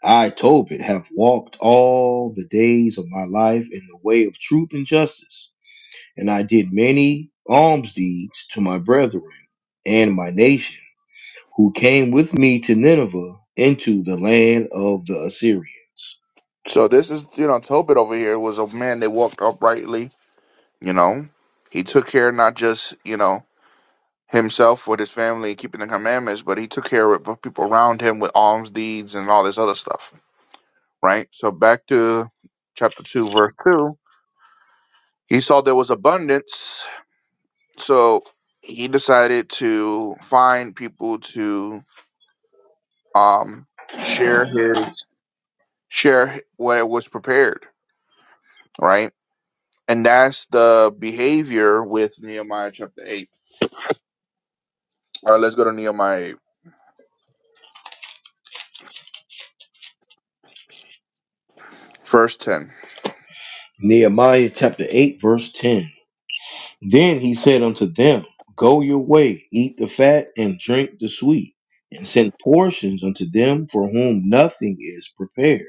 [SPEAKER 1] I, Tobit, have walked all the days of my life in the way of truth and justice, and I did many alms deeds to my brethren and my nation, who came with me to Nineveh into the land of the Assyrians.
[SPEAKER 2] So, this is, you know, Tobit over here was a man that walked uprightly, you know. He took care not just, you know, himself with his family, keeping the commandments, but he took care of people around him with alms deeds and all this other stuff. right? So back to chapter 2, verse 2. He saw there was abundance, so he decided to find people to um, share his share what was prepared, right? And that's the behavior with Nehemiah chapter 8. All right, let's go to Nehemiah 8, verse 10.
[SPEAKER 1] Nehemiah chapter 8, verse 10. Then he said unto them, Go your way, eat the fat, and drink the sweet, and send portions unto them for whom nothing is prepared.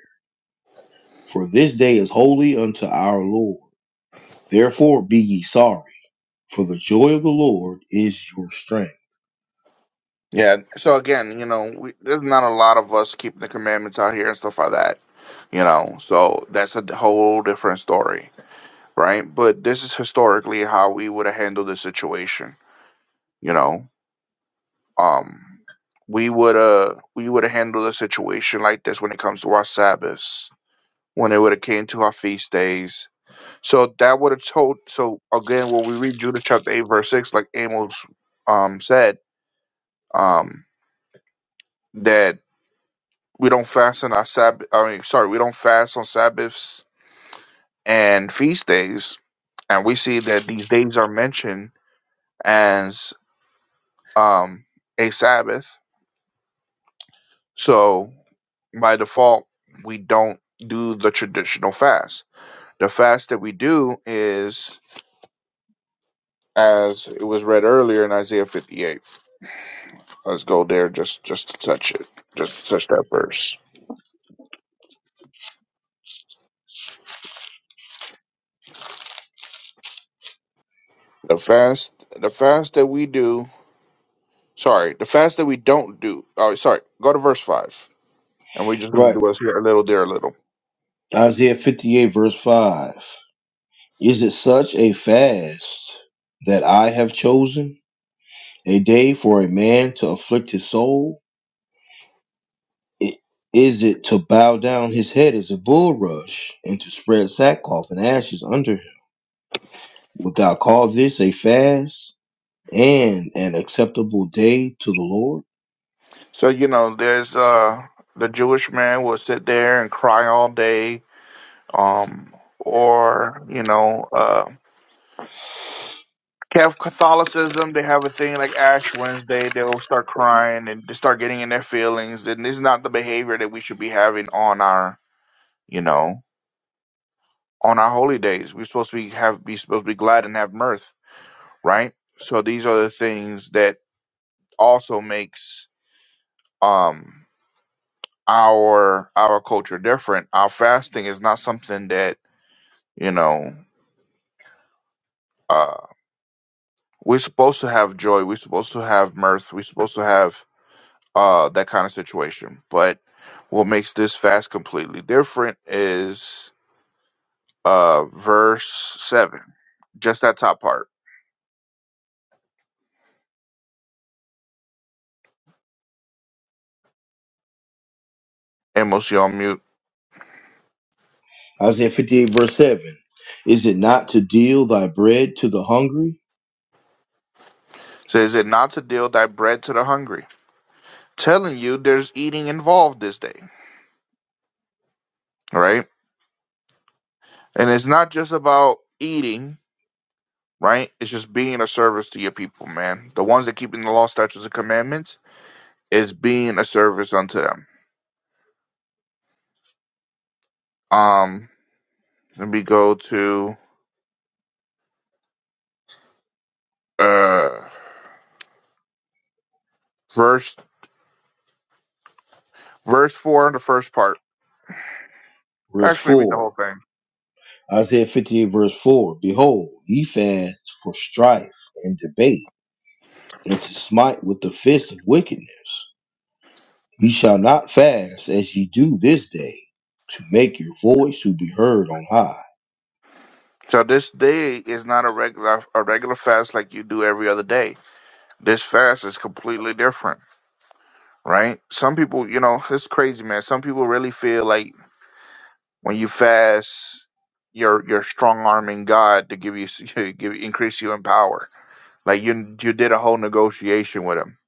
[SPEAKER 1] For this day is holy unto our Lord. Therefore be ye sorry, for the joy of the Lord is your strength.
[SPEAKER 2] Yeah, so again, you know, we, there's not a lot of us keeping the commandments out here and stuff like that, you know, so that's a whole different story right? But this is historically how we would have handled the situation, you know. Um we would uh we would have handled a situation like this when it comes to our Sabbaths, when it would have came to our feast days. So that would have told so again when we read Judah chapter eight verse six, like Amos um said, um that we don't fast on our Sabbath I mean sorry, we don't fast on Sabbaths and feast days. And we see that these days are mentioned as. um, a Sabbath. So by default, we don't do the traditional fast. The fast that we do is, as it was read earlier in Isaiah 58. Let's go there just just to touch it, just to touch that verse. The fast, the fast that we do. Sorry, the fast that we don't do. Oh, sorry. Go to verse five, and we're just gonna
[SPEAKER 1] Right.
[SPEAKER 2] do us here a little, there a little.
[SPEAKER 1] Isaiah 58, verse 5. Is it such a fast that I have chosen? A day for a man to afflict his soul? I- Is it to bow down his head as a bulrush, and to spread sackcloth and ashes under him? Wilt thou call this a fast and an acceptable day to the Lord?
[SPEAKER 2] So you know, there's uh, the Jewish man will sit there and cry all day um, or you know, uh, Catholicism. They have a thing like Ash Wednesday. They'll start crying and they start getting in their feelings, and this is not the behavior that we should be having on our, you know, on our holy days. We're supposed to be have be supposed to be glad and have mirth, right? So these are the things that also makes um our our culture different. Our fasting is not something that you know. uh, We're supposed to have joy. We're supposed to have mirth. We're supposed to have uh, that kind of situation. But what makes this fast completely different is uh, verse 7, just that top part. Amos, you on mute.
[SPEAKER 1] Isaiah 58, verse 7. Is it not to deal thy bread to the hungry?
[SPEAKER 2] Says it not to deal thy bread to the hungry. Telling you there's eating involved this day, right? And it's not just about eating, right? It's just being a service to your people, man. The ones that keeping the law, statutes, and commandments is being a service unto them. Um, Let me go to uh verse verse four in the first part.
[SPEAKER 1] Verse
[SPEAKER 2] Actually, read the whole
[SPEAKER 1] 4.
[SPEAKER 2] thing.
[SPEAKER 1] Isaiah 58, verse 4. Behold, ye fast for strife and debate, and to smite with the fist of wickedness. Ye shall not fast as ye do this day, to make your voice to be heard on high.
[SPEAKER 2] So this day is not a regular a regular fast like you do every other day. This fast is completely different, right? Some people, you know, it's crazy, man. Some people really feel like when you fast, you're you're strong arming God to give you give increase you in power. Like you you did a whole negotiation with him,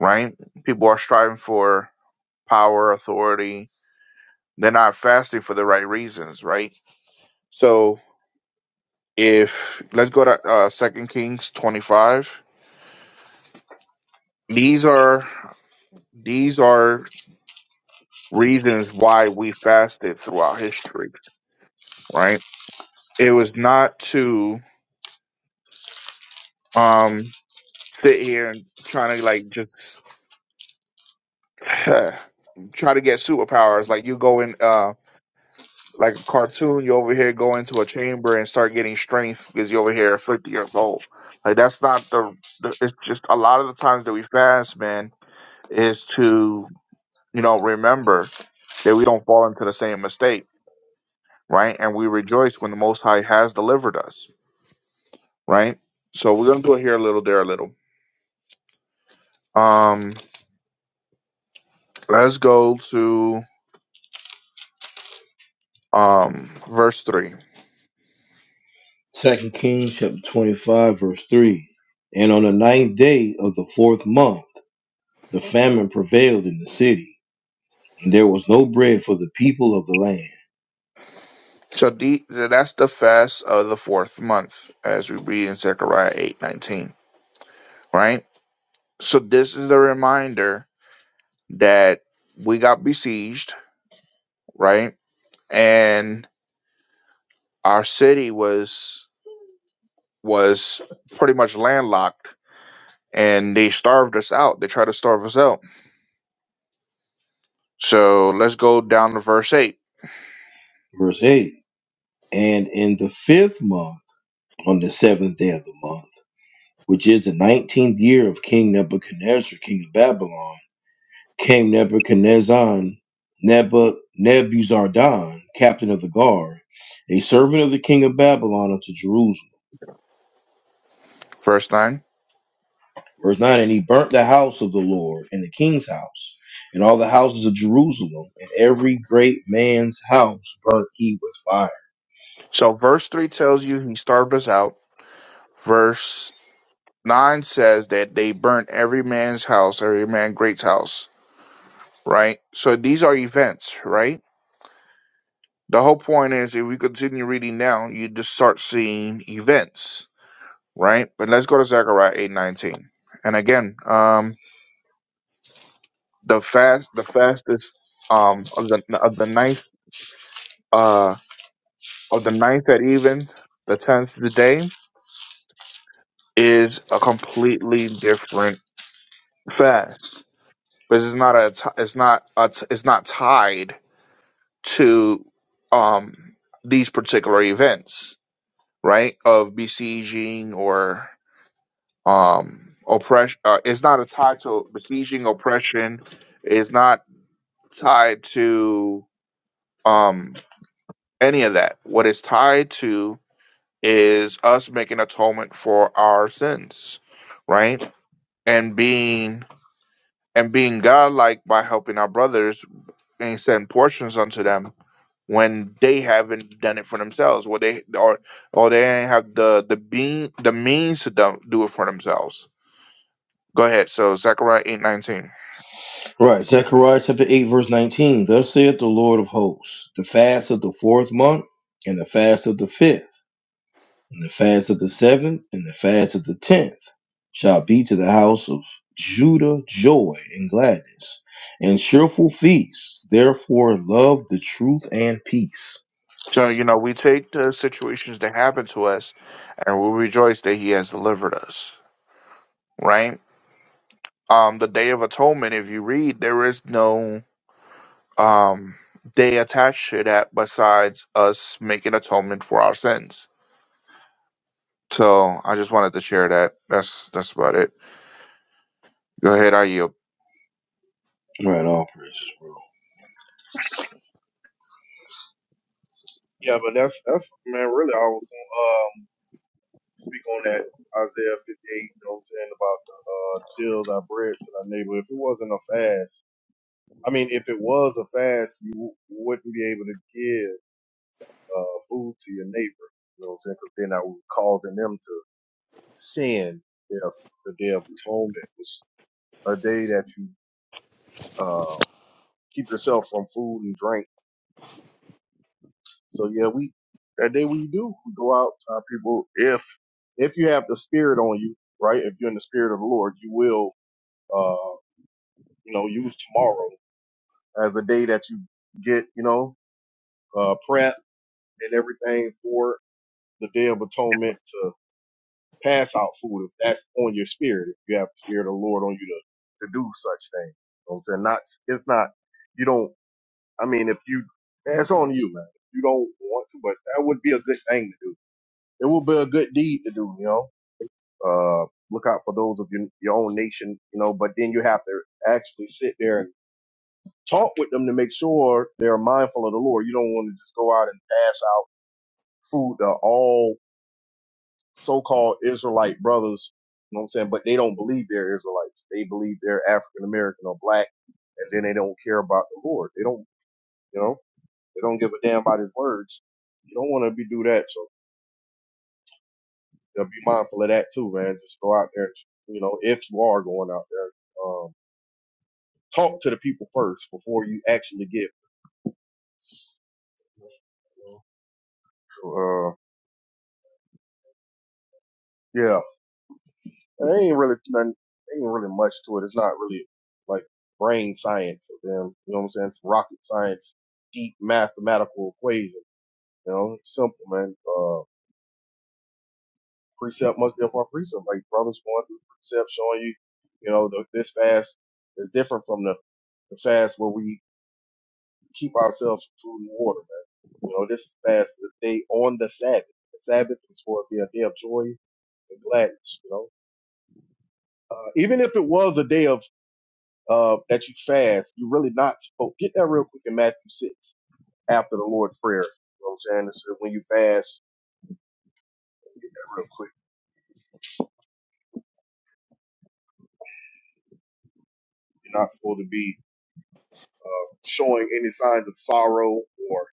[SPEAKER 2] right? People are striving for power, authority, They're not fasting for the right reasons, right? So if let's go to uh Second Kings twenty five. These are these are reasons why we fasted throughout history, right? It was not to um sit here and trying to like just try to get superpowers. Like you go in. um like a cartoon, you over here go into a chamber and start getting strength because you over here 50 years old. Like that's not the, the. It's just a lot of the times that we fast, man, is to you know remember that we don't fall into the same mistake, right? And we rejoice when the Most High has delivered us, right? So we're gonna do it here a little, there a little. Um, let's go to um verse three.
[SPEAKER 1] Second Kings chapter twenty-five, verse three. And on the ninth day of the fourth month, the famine prevailed in the city, and there was no bread for the people of the land.
[SPEAKER 2] So the, that's the fast of the fourth month, as we read in Zechariah eight nineteen, right? so this is the reminder that we got besieged, right? And our city was was pretty much landlocked and they starved us out. They tried to starve us out. So let's go down to verse 8,
[SPEAKER 1] Verse eight. And in the fifth month, on the seventh day of the month, which is the nineteenth year of King Nebuchadnezzar, king of Babylon. came Nebuchadnezzar, Nebu, Nebuzaradan, captain of the guard, a servant of the king of Babylon unto Jerusalem.
[SPEAKER 2] verse 9.
[SPEAKER 1] Verse 9, and he burnt the house of the Lord and the king's house, and all the houses of Jerusalem, and every great man's house burnt he with fire.
[SPEAKER 2] So verse 3 tells you he starved us out. Verse 9 says that they burnt every man's house, every man great's house, right? So these are events, right? The whole point is if we continue reading now, you just start seeing events, right? But let's go to Zechariah eight nineteen. And again, um the fast the fastest um of the of the ninth uh of the ninth at even, the tenth the day, is a completely different fast. But it's not a t- it's not a t- it's not tied to um these particular events, right? Of besieging or um oppression uh, it's not a tie to besieging oppression it's not tied to um any of that what it's tied to is us making atonement for our sins right and being and being godlike by helping our brothers and send portions unto them when they haven't done it for themselves or they or or they ain't have the the being the means to do do it for themselves go ahead so zechariah eight nineteen.
[SPEAKER 1] Right, Zechariah chapter 8, verse 19. Thus saith the Lord of hosts, the fast of the fourth month, and the fast of the fifth. And the fast of the seventh and the fast of the tenth shall be to the house of Judah joy and gladness, and cheerful feasts. Therefore, love the truth and peace.
[SPEAKER 2] So, you know, we take the situations that happen to us and we rejoice that he has delivered us, right? Um, the Day of Atonement, if you read, there is no um day attached to that besides us making atonement for our sins. So I just wanted to share that. That's that's about it. Go ahead, I yield.
[SPEAKER 1] Right off, praises, bro.
[SPEAKER 4] Yeah, but that's that's man. Really, I was gonna um, speak on that Isaiah 58. You know what I'm saying about the uh, deal thy bread to thy neighbor. If it wasn't a fast, I mean, if it was a fast, you wouldn't be able to give uh, food to your neighbor. You know what I'm saying? Because then I was causing them to sin. If the day of atonement was a day that you uh, keep yourself from food and drink So yeah, we that day we do we go out uh, people if if you have the spirit on you, right? If you're in the spirit of the Lord, you will uh you know use tomorrow as a day that you get you know uh prep and everything for the day of atonement to pass out food if that's on your spirit if you have the spirit of the Lord on you to to do such thing. You know what I'm saying not it's not you don't I mean if you it's on you man. If You don't want to, but that would be a good thing to do it will be a good deed to do, you know. Uh, look out for those of your, your own nation, you know, but then you have to actually sit there and talk with them to make sure they're mindful of the Lord. You don't want to just go out and pass out food to all so-called Israelite brothers, you know what I'm saying? But they don't believe they're Israelites. They believe they're African American or black, and then they don't care about the Lord. They don't, you know, they don't give a damn about his words. You don't want to be do that. So you know, be mindful of that too, man. Just go out there, you know, if you are going out there, um, talk to the people first before you actually get. Uh, yeah, it ain't really nothing, ain't really much to it. It's not really like brain science of them. You know what I'm saying? It's rocket science, deep mathematical equation. You know, it's simple, man. Uh, precept must be upon precept. Like brothers going through precept, showing you, you know, the, this fast is different from the, the fast where we keep ourselves from food and water. Man. You know, this fast is a day on the Sabbath. The Sabbath is supposed to be a day of joy and gladness. You know, uh, even if it was a day of uh, that you fast, you're really not supposed. Get that real quick in Matthew six after the Lord's prayer. You know what I'm saying? It's, uh, when you fast, get that real quick. You're not supposed to be showing any signs of sorrow or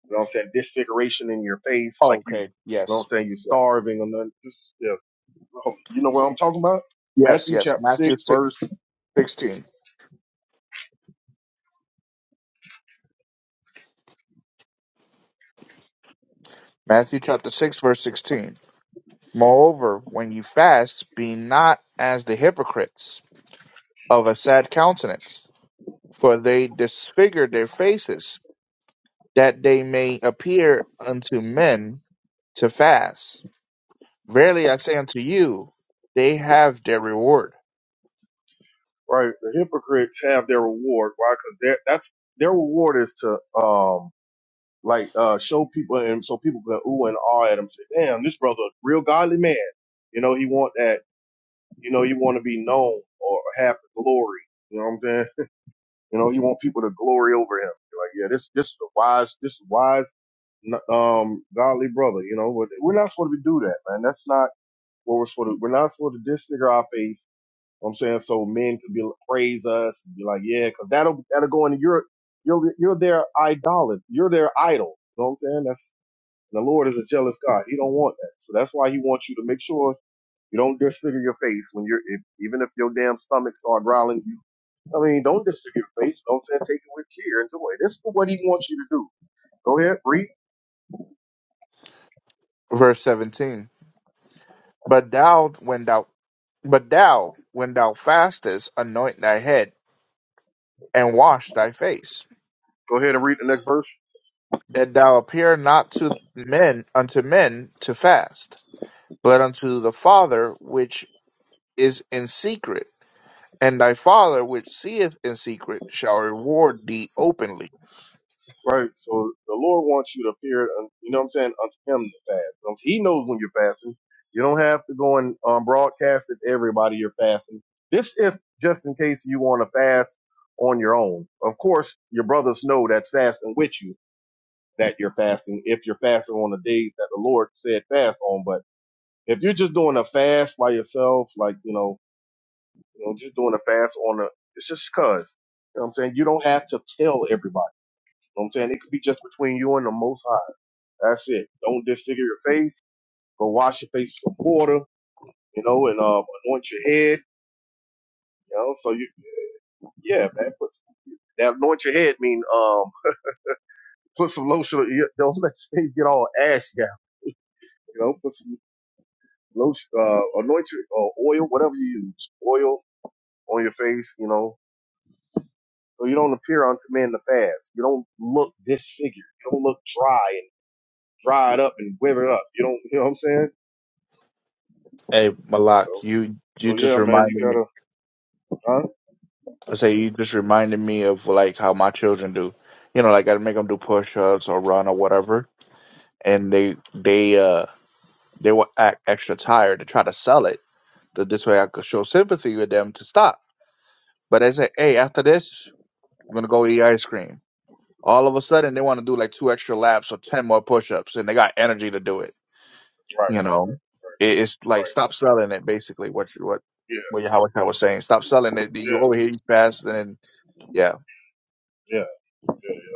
[SPEAKER 4] you know what I'm saying disfiguration in your face, like you.
[SPEAKER 2] Okay,
[SPEAKER 4] You know what I'm
[SPEAKER 2] yes.
[SPEAKER 4] saying? You're starving or nothing. Just, yeah. You know what I'm talking about?
[SPEAKER 2] Yes,
[SPEAKER 4] Matthew
[SPEAKER 2] yes.
[SPEAKER 4] chapter
[SPEAKER 2] Matthew
[SPEAKER 4] 6,
[SPEAKER 2] 6,
[SPEAKER 4] verse
[SPEAKER 2] 16. Matthew chapter 6, verse 16. Moreover, when you fast, be not as the hypocrites of a sad countenance, for they disfigure their faces, that they may appear unto men to fast. Verily I say unto you, they have their reward.
[SPEAKER 4] right? The hypocrites have their reward. Why? Because that's their reward is to um like uh show people and so people can ooh and ah at him. Say, damn, this brother, a real godly man. You know, he want that. You know, he want to be known or have the glory. You know what I'm saying? You know, he want people to glory over him. Like, yeah, this this is a wise, this is wise, n- um, godly brother. You know, but we're not supposed to do that, man. That's not what we're supposed to. We're not supposed to disfigure our face you know what I'm saying so men could be like, praise us and be like, yeah, because that'll that'll go into your you're you're their idol, you're their idol. You know what I'm saying? That's the Lord is a jealous God. He don't want that, so that's why He wants you to make sure you don't disfigure your face when you're if, even if your damn stomach start growling. You, I mean, don't disfigure your face. You know what I'm saying? Take it with care and joy. This is what He wants you to do. Go ahead, read.
[SPEAKER 2] Verse 17. But thou, when thou, but thou, when thou fastest, anoint thy head and wash thy face
[SPEAKER 4] Go ahead and read the next verse.
[SPEAKER 2] that thou appear not to men unto men to fast, but unto the Father which is in secret, and thy Father which seeth in secret shall reward thee openly.
[SPEAKER 4] Right. So the Lord wants you to appear, un- you know what I'm saying, unto him to fast. Um, He knows when you're fasting. You don't have to go and um, broadcast it to everybody you're fasting. This if just in case you want to fast on your own. Of course, your brothers know that's fasting with you that you're fasting if you're fasting on the days that the Lord said fast on. But if you're just doing a fast by yourself, like, you know, you know, just doing a fast on a, it's just cause, you know what I'm saying? You don't have to tell everybody. You know what I'm saying? It could be just between you and the most High that's it. Don't disfigure your face. Go wash your face with water, you know, and um, anoint your head, you know. So you, yeah, man. Put that anoint your head mean um, put some lotion. on your- Don't let your face get all ash out, you know. Put some lotion, uh, anoint your or oil, whatever you use, oil on your face, you know. So you don't appear unto men the fast. You don't look disfigured. You don't look dry and dried up and withered up. You don't, you know what I'm saying?
[SPEAKER 2] Hey
[SPEAKER 4] So,
[SPEAKER 2] Malak, you you
[SPEAKER 4] so
[SPEAKER 2] just
[SPEAKER 4] yeah, man, you
[SPEAKER 2] reminded me.
[SPEAKER 4] gotta, huh?
[SPEAKER 2] I say you just reminded me of like how my children do. You know, like I make them do push-ups or run or whatever, and they they uh they will act extra tired to try to sell it. That this way I could show sympathy with them to stop. But I say, hey, after this, I'm gonna go eat ice cream. All of a sudden, they want to do like two extra laps or ten more push-ups, and they got energy to do it.
[SPEAKER 4] Right,
[SPEAKER 2] You know,
[SPEAKER 4] right,
[SPEAKER 2] it, it's like
[SPEAKER 4] right.
[SPEAKER 2] stop selling it. Basically, what you what
[SPEAKER 4] Yeah,
[SPEAKER 2] what your how I was saying, stop selling it.
[SPEAKER 4] Yeah.
[SPEAKER 2] You over here, you fast, and then, yeah,
[SPEAKER 4] Yeah, yeah, yeah.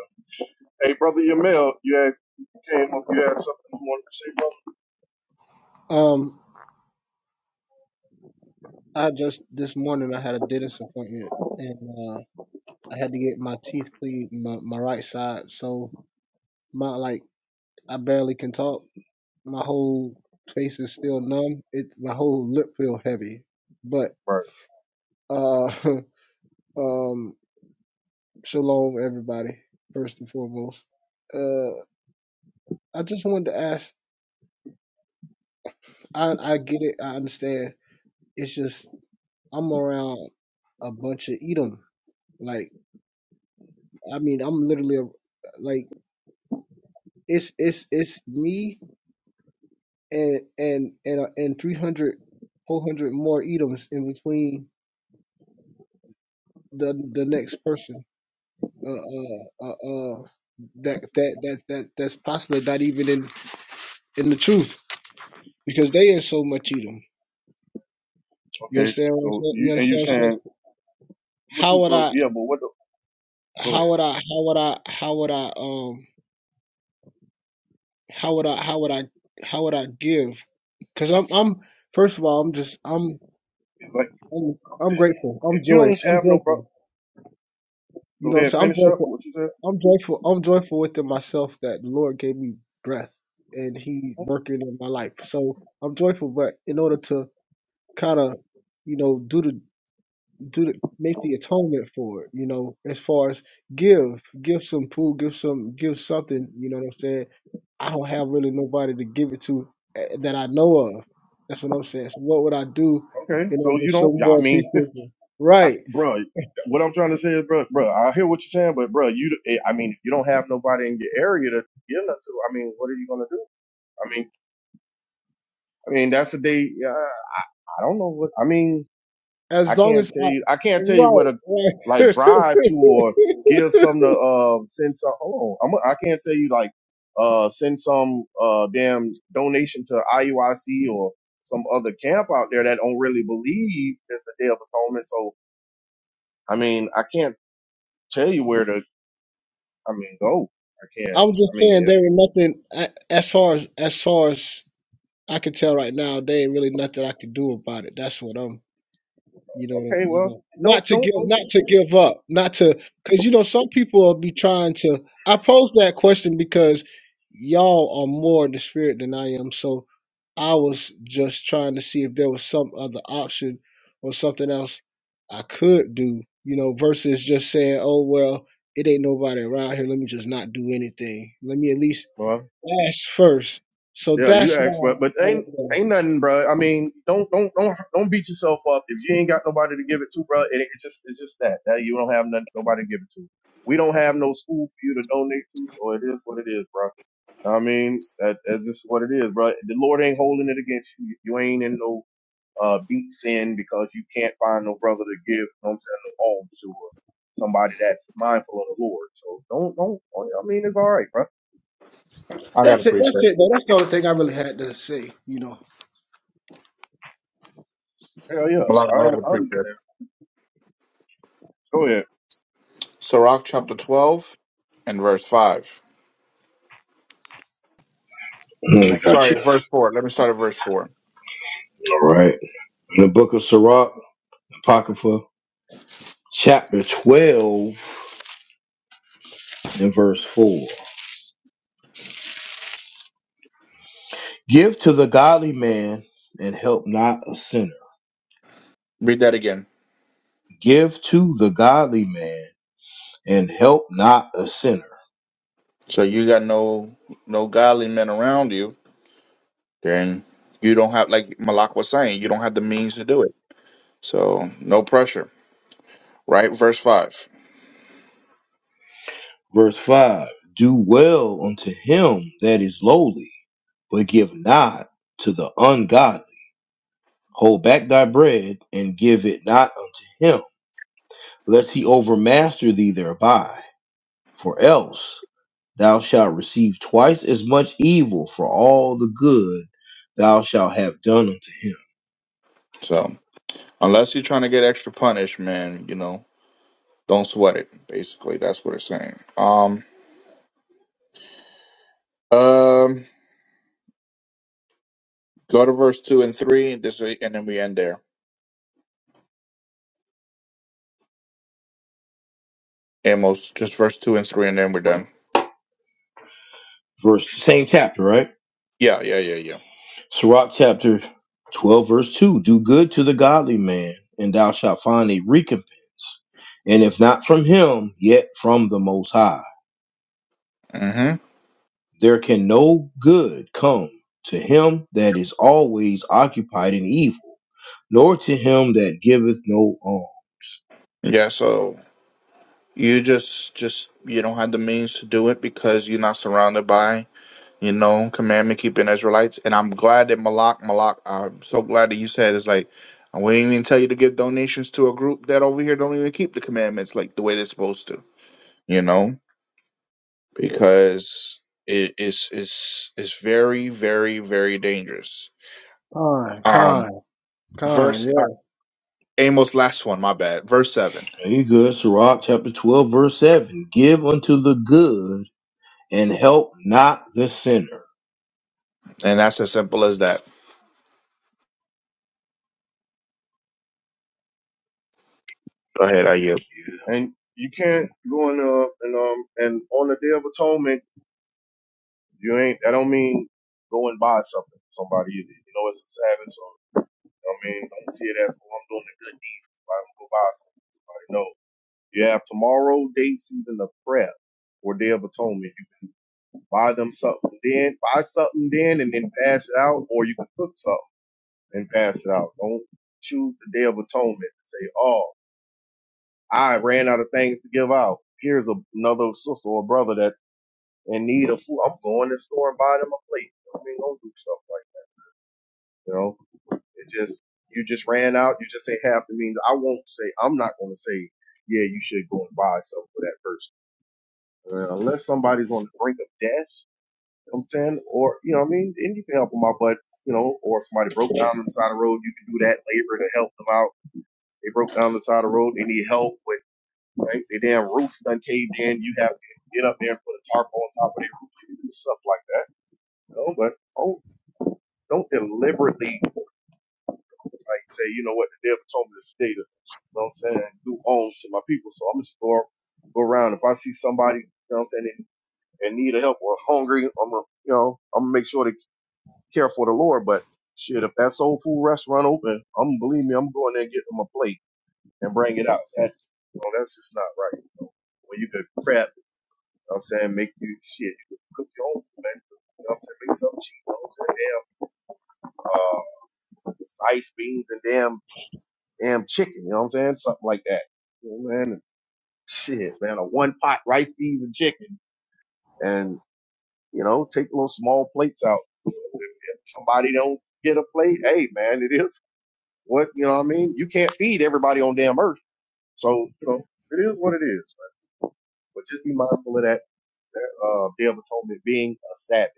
[SPEAKER 4] Hey, brother Yamil, you had you came up, you had something you wanted to say, brother.
[SPEAKER 5] Um, I just this morning I had a dentist appointment and uh, I had to get my teeth cleaned, my, my right side. So my like I barely can talk. My whole face is still numb. It my whole lip feel heavy. But
[SPEAKER 4] right.
[SPEAKER 5] uh, um, shalom everybody. First and foremost, uh, I just wanted to ask. I I get it. I understand. It's just I'm around a bunch of Edom. Like I mean, I'm literally a, like It's it's it's me and and and uh, and 300, 400 more Edoms in between the the next person. Uh uh uh. uh that that that that that's possibly not even in in the truth because they in so much Edom. You
[SPEAKER 4] Okay,
[SPEAKER 5] understand what I'm
[SPEAKER 4] so
[SPEAKER 5] saying?
[SPEAKER 4] you
[SPEAKER 5] You
[SPEAKER 4] and you
[SPEAKER 5] understand what I'm
[SPEAKER 4] saying
[SPEAKER 5] saying?
[SPEAKER 4] what
[SPEAKER 5] How
[SPEAKER 4] you?
[SPEAKER 5] would
[SPEAKER 4] But
[SPEAKER 5] I?
[SPEAKER 4] yeah, but what? The, go ahead.
[SPEAKER 5] How would I? How would I? How would I? Um. How would I? How would I? How would I give? Because I'm I'm first of all I'm just I'm
[SPEAKER 4] Like
[SPEAKER 5] I'm I'm grateful. I'm
[SPEAKER 4] if you
[SPEAKER 5] joy.
[SPEAKER 4] don't
[SPEAKER 5] I'm
[SPEAKER 4] have no
[SPEAKER 5] joyful.
[SPEAKER 4] bro,
[SPEAKER 5] You
[SPEAKER 4] go
[SPEAKER 5] know,
[SPEAKER 4] ahead
[SPEAKER 5] so I'm
[SPEAKER 4] finish up
[SPEAKER 5] joyful.
[SPEAKER 4] what you said.
[SPEAKER 5] I'm joyful. I'm joyful within myself that the Lord gave me breath and He working in my life. So I'm joyful, but in order to kind of, you know, do the do the make the atonement for it, you know, as far as give, give some food, give some, give something. You know what I'm saying? I don't have really nobody to give it to eh, that I know of. That's what I'm saying. So what would I do
[SPEAKER 4] Okay,
[SPEAKER 5] in
[SPEAKER 4] so
[SPEAKER 5] order
[SPEAKER 4] you
[SPEAKER 5] to show
[SPEAKER 4] don't. Yeah, I
[SPEAKER 5] more
[SPEAKER 4] mean,
[SPEAKER 5] people?
[SPEAKER 4] I,
[SPEAKER 5] Right.
[SPEAKER 4] bro. What I'm trying to say is, bro, bro, I hear what you're saying, but bro, you, eh, I mean, if you don't have nobody in your area to give nothing to, I mean, what are you gonna do? I mean, I mean, that's a day. Uh, I don't know what. I mean, I
[SPEAKER 5] As long
[SPEAKER 4] can't
[SPEAKER 5] as
[SPEAKER 4] tell
[SPEAKER 5] I,
[SPEAKER 4] you. I can't tell you where
[SPEAKER 5] right,
[SPEAKER 4] to
[SPEAKER 5] right.
[SPEAKER 4] like drive to or give some to uh send some. Hold on, I'm, I can't tell you like uh send some uh damn donation to IUIC or some other camp out there that don't really believe it's the Day of Atonement. So I mean, I can't tell you where to. I mean, go. I can't.
[SPEAKER 5] I'm just
[SPEAKER 4] I mean,
[SPEAKER 5] saying
[SPEAKER 4] if,
[SPEAKER 5] there ain't nothing I- as far as as far as I can tell right now. There ain't really nothing I can do about it. That's what I'm. you know,
[SPEAKER 4] okay,
[SPEAKER 5] you
[SPEAKER 4] well,
[SPEAKER 5] know,
[SPEAKER 4] don't
[SPEAKER 5] not to
[SPEAKER 4] don't
[SPEAKER 5] give,
[SPEAKER 4] don't.
[SPEAKER 5] not to give up, not to, because you know, some people will be trying to. I pose that question because y'all are more in the spirit than I am, so I was just trying to see if there was some other option or something else I could do, you know, versus just saying, "Oh well, it ain't nobody around here. Let me just not do anything. Let me at least
[SPEAKER 4] well,
[SPEAKER 5] ask first." So
[SPEAKER 4] Yeah, you
[SPEAKER 5] that's
[SPEAKER 4] asked, but
[SPEAKER 5] why.
[SPEAKER 4] but
[SPEAKER 5] I,
[SPEAKER 4] ain't
[SPEAKER 5] I,
[SPEAKER 4] ain't nothing, bro. I mean, don't don't don't don't beat yourself up if you ain't got nobody to give it to, bro. It, it just it's just that that you don't have nothing, nobody to give it to. We don't have no school for you to donate to, so it is what it is, bro. I mean, that, that's just what it is, bro. The Lord ain't holding it against you. You ain't in no uh deep sin because you can't find no brother to give. You know what I'm saying no alms to or somebody that's mindful of the Lord. So don't don't. I mean, it's all right, bro.
[SPEAKER 2] I got a
[SPEAKER 5] that's it. That's
[SPEAKER 2] precept.
[SPEAKER 5] it. though. That's the only thing I really had to say. You know.
[SPEAKER 4] Hell yeah,
[SPEAKER 2] Malak,
[SPEAKER 4] I,
[SPEAKER 2] I got a
[SPEAKER 4] I
[SPEAKER 2] precept.
[SPEAKER 4] understand. Go ahead.
[SPEAKER 2] Sirach chapter twelve and verse five.
[SPEAKER 1] Mm, I got you.
[SPEAKER 2] Sorry, verse four. Let me start at verse four.
[SPEAKER 1] All right. In the book of Sirach, Apocrypha, chapter 12, and verse 4. Give to the godly man and help not a sinner.
[SPEAKER 2] Read that again.
[SPEAKER 1] Give to the godly man and help not a sinner.
[SPEAKER 2] So you got no no godly men around you, then you don't have like Malak was saying, you don't have the means to do it. So no pressure, right? Verse five.
[SPEAKER 1] Verse 5 Do well unto him that is lowly, but give not to the ungodly. Hold back thy bread and give it not unto him, lest he overmaster thee thereby. For else thou shalt receive twice as much evil for all the good thou shalt have done unto him.
[SPEAKER 2] So unless you're trying to get extra punished, man, you know, don't sweat it. Basically, that's what it's saying. Um, um, go to verse two and three. This and then we end there. Amos, just verse two and three, and then we're done.
[SPEAKER 1] Verse same chapter, right?
[SPEAKER 2] Yeah, yeah, yeah, yeah.
[SPEAKER 1] Sirach chapter 12, verse 2 Do good to the godly man, and thou shalt find a recompense. And if not from him, yet from the Most High.
[SPEAKER 2] Mm-hmm.
[SPEAKER 1] There can no good come to him that is always occupied in evil, nor to him that giveth no alms.
[SPEAKER 2] Yeah. So you just just you don't have the means to do it because you're not surrounded by you know, commandment keeping Israelites. And I'm glad that Malak, Malak, I'm so glad that you said it's like, I wouldn't even tell you to give donations to a group that over here don't even keep the commandments like the way they're supposed to, you know, because it's, it's, it's very, very, very dangerous.
[SPEAKER 5] Kind,
[SPEAKER 2] Um,
[SPEAKER 5] kind,
[SPEAKER 2] verse,
[SPEAKER 5] kind,
[SPEAKER 2] uh,
[SPEAKER 5] Yeah,
[SPEAKER 2] Amos, last one, my bad, verse seven.
[SPEAKER 1] Very good. Sirach chapter 12, verse 7 Give unto the good, and help not the sinner.
[SPEAKER 2] And that's as simple as that. Go ahead, are you?
[SPEAKER 4] and you can't go in uh and um and on the day of atonement you ain't I don't mean go and buy something for somebody either. You know it's a Sabbath, so you know what I mean don't see it as oh I'm doing a good deed. So I'm gonna go buy something for somebody. No. You have tomorrow, day season of prayer or day of atonement. You can buy them something then, buy something then and then pass it out, or you can cook something and pass it out. Don't choose the day of atonement and say, Oh, I ran out of things to give out. Here's a, another sister or brother that in need of food, I'm going to the store and buying them a plate. I mean, don't do stuff like that, you know. It just you just ran out. You just ain't have to mean. I won't say. I'm not going to say. Yeah, you should go and buy something for that person. Uh, unless somebody's on the brink of death, you know what I'm saying, or you know, what I mean, and you can help them out, but you know, or if somebody broke down on the side of the road, you can do that labor to help them out. They broke down on the side of the road, they need help with right, their damn roof done caved in. You have to get up there and put a tarp on top of their roof, stuff like that. You know, but oh, Don't deliberately like say, you know what, the devil told me this data. You know what I'm saying? Do owns to my people. So I'm just go go around. If I see somebody, you know what I'm saying, in, in need of help or hungry, I'm gonna you know, I'm gonna make sure to care for the Lord. But shit, if that soul food restaurant open, I'm believe me, I'm going there and get them a plate and bring it out. That you know, that's just not right. You know? When you could prep, you know what I'm saying, make you shit, you could cook your own food, man. You know what I'm saying? Make something cheap, you know what I'm saying? Damn uh ice beans and damn damn chicken. You know what I'm saying? Something like that. You know, man, and shit, man, a one pot rice, peas, and chicken, and you know, take little small plates out. If somebody don't get a plate, hey, man, it is what you know. what I mean, you can't feed everybody on damn earth, so you know, it is what it is. But just be mindful of that. that, Uh, Day of Atonement being a Sabbath.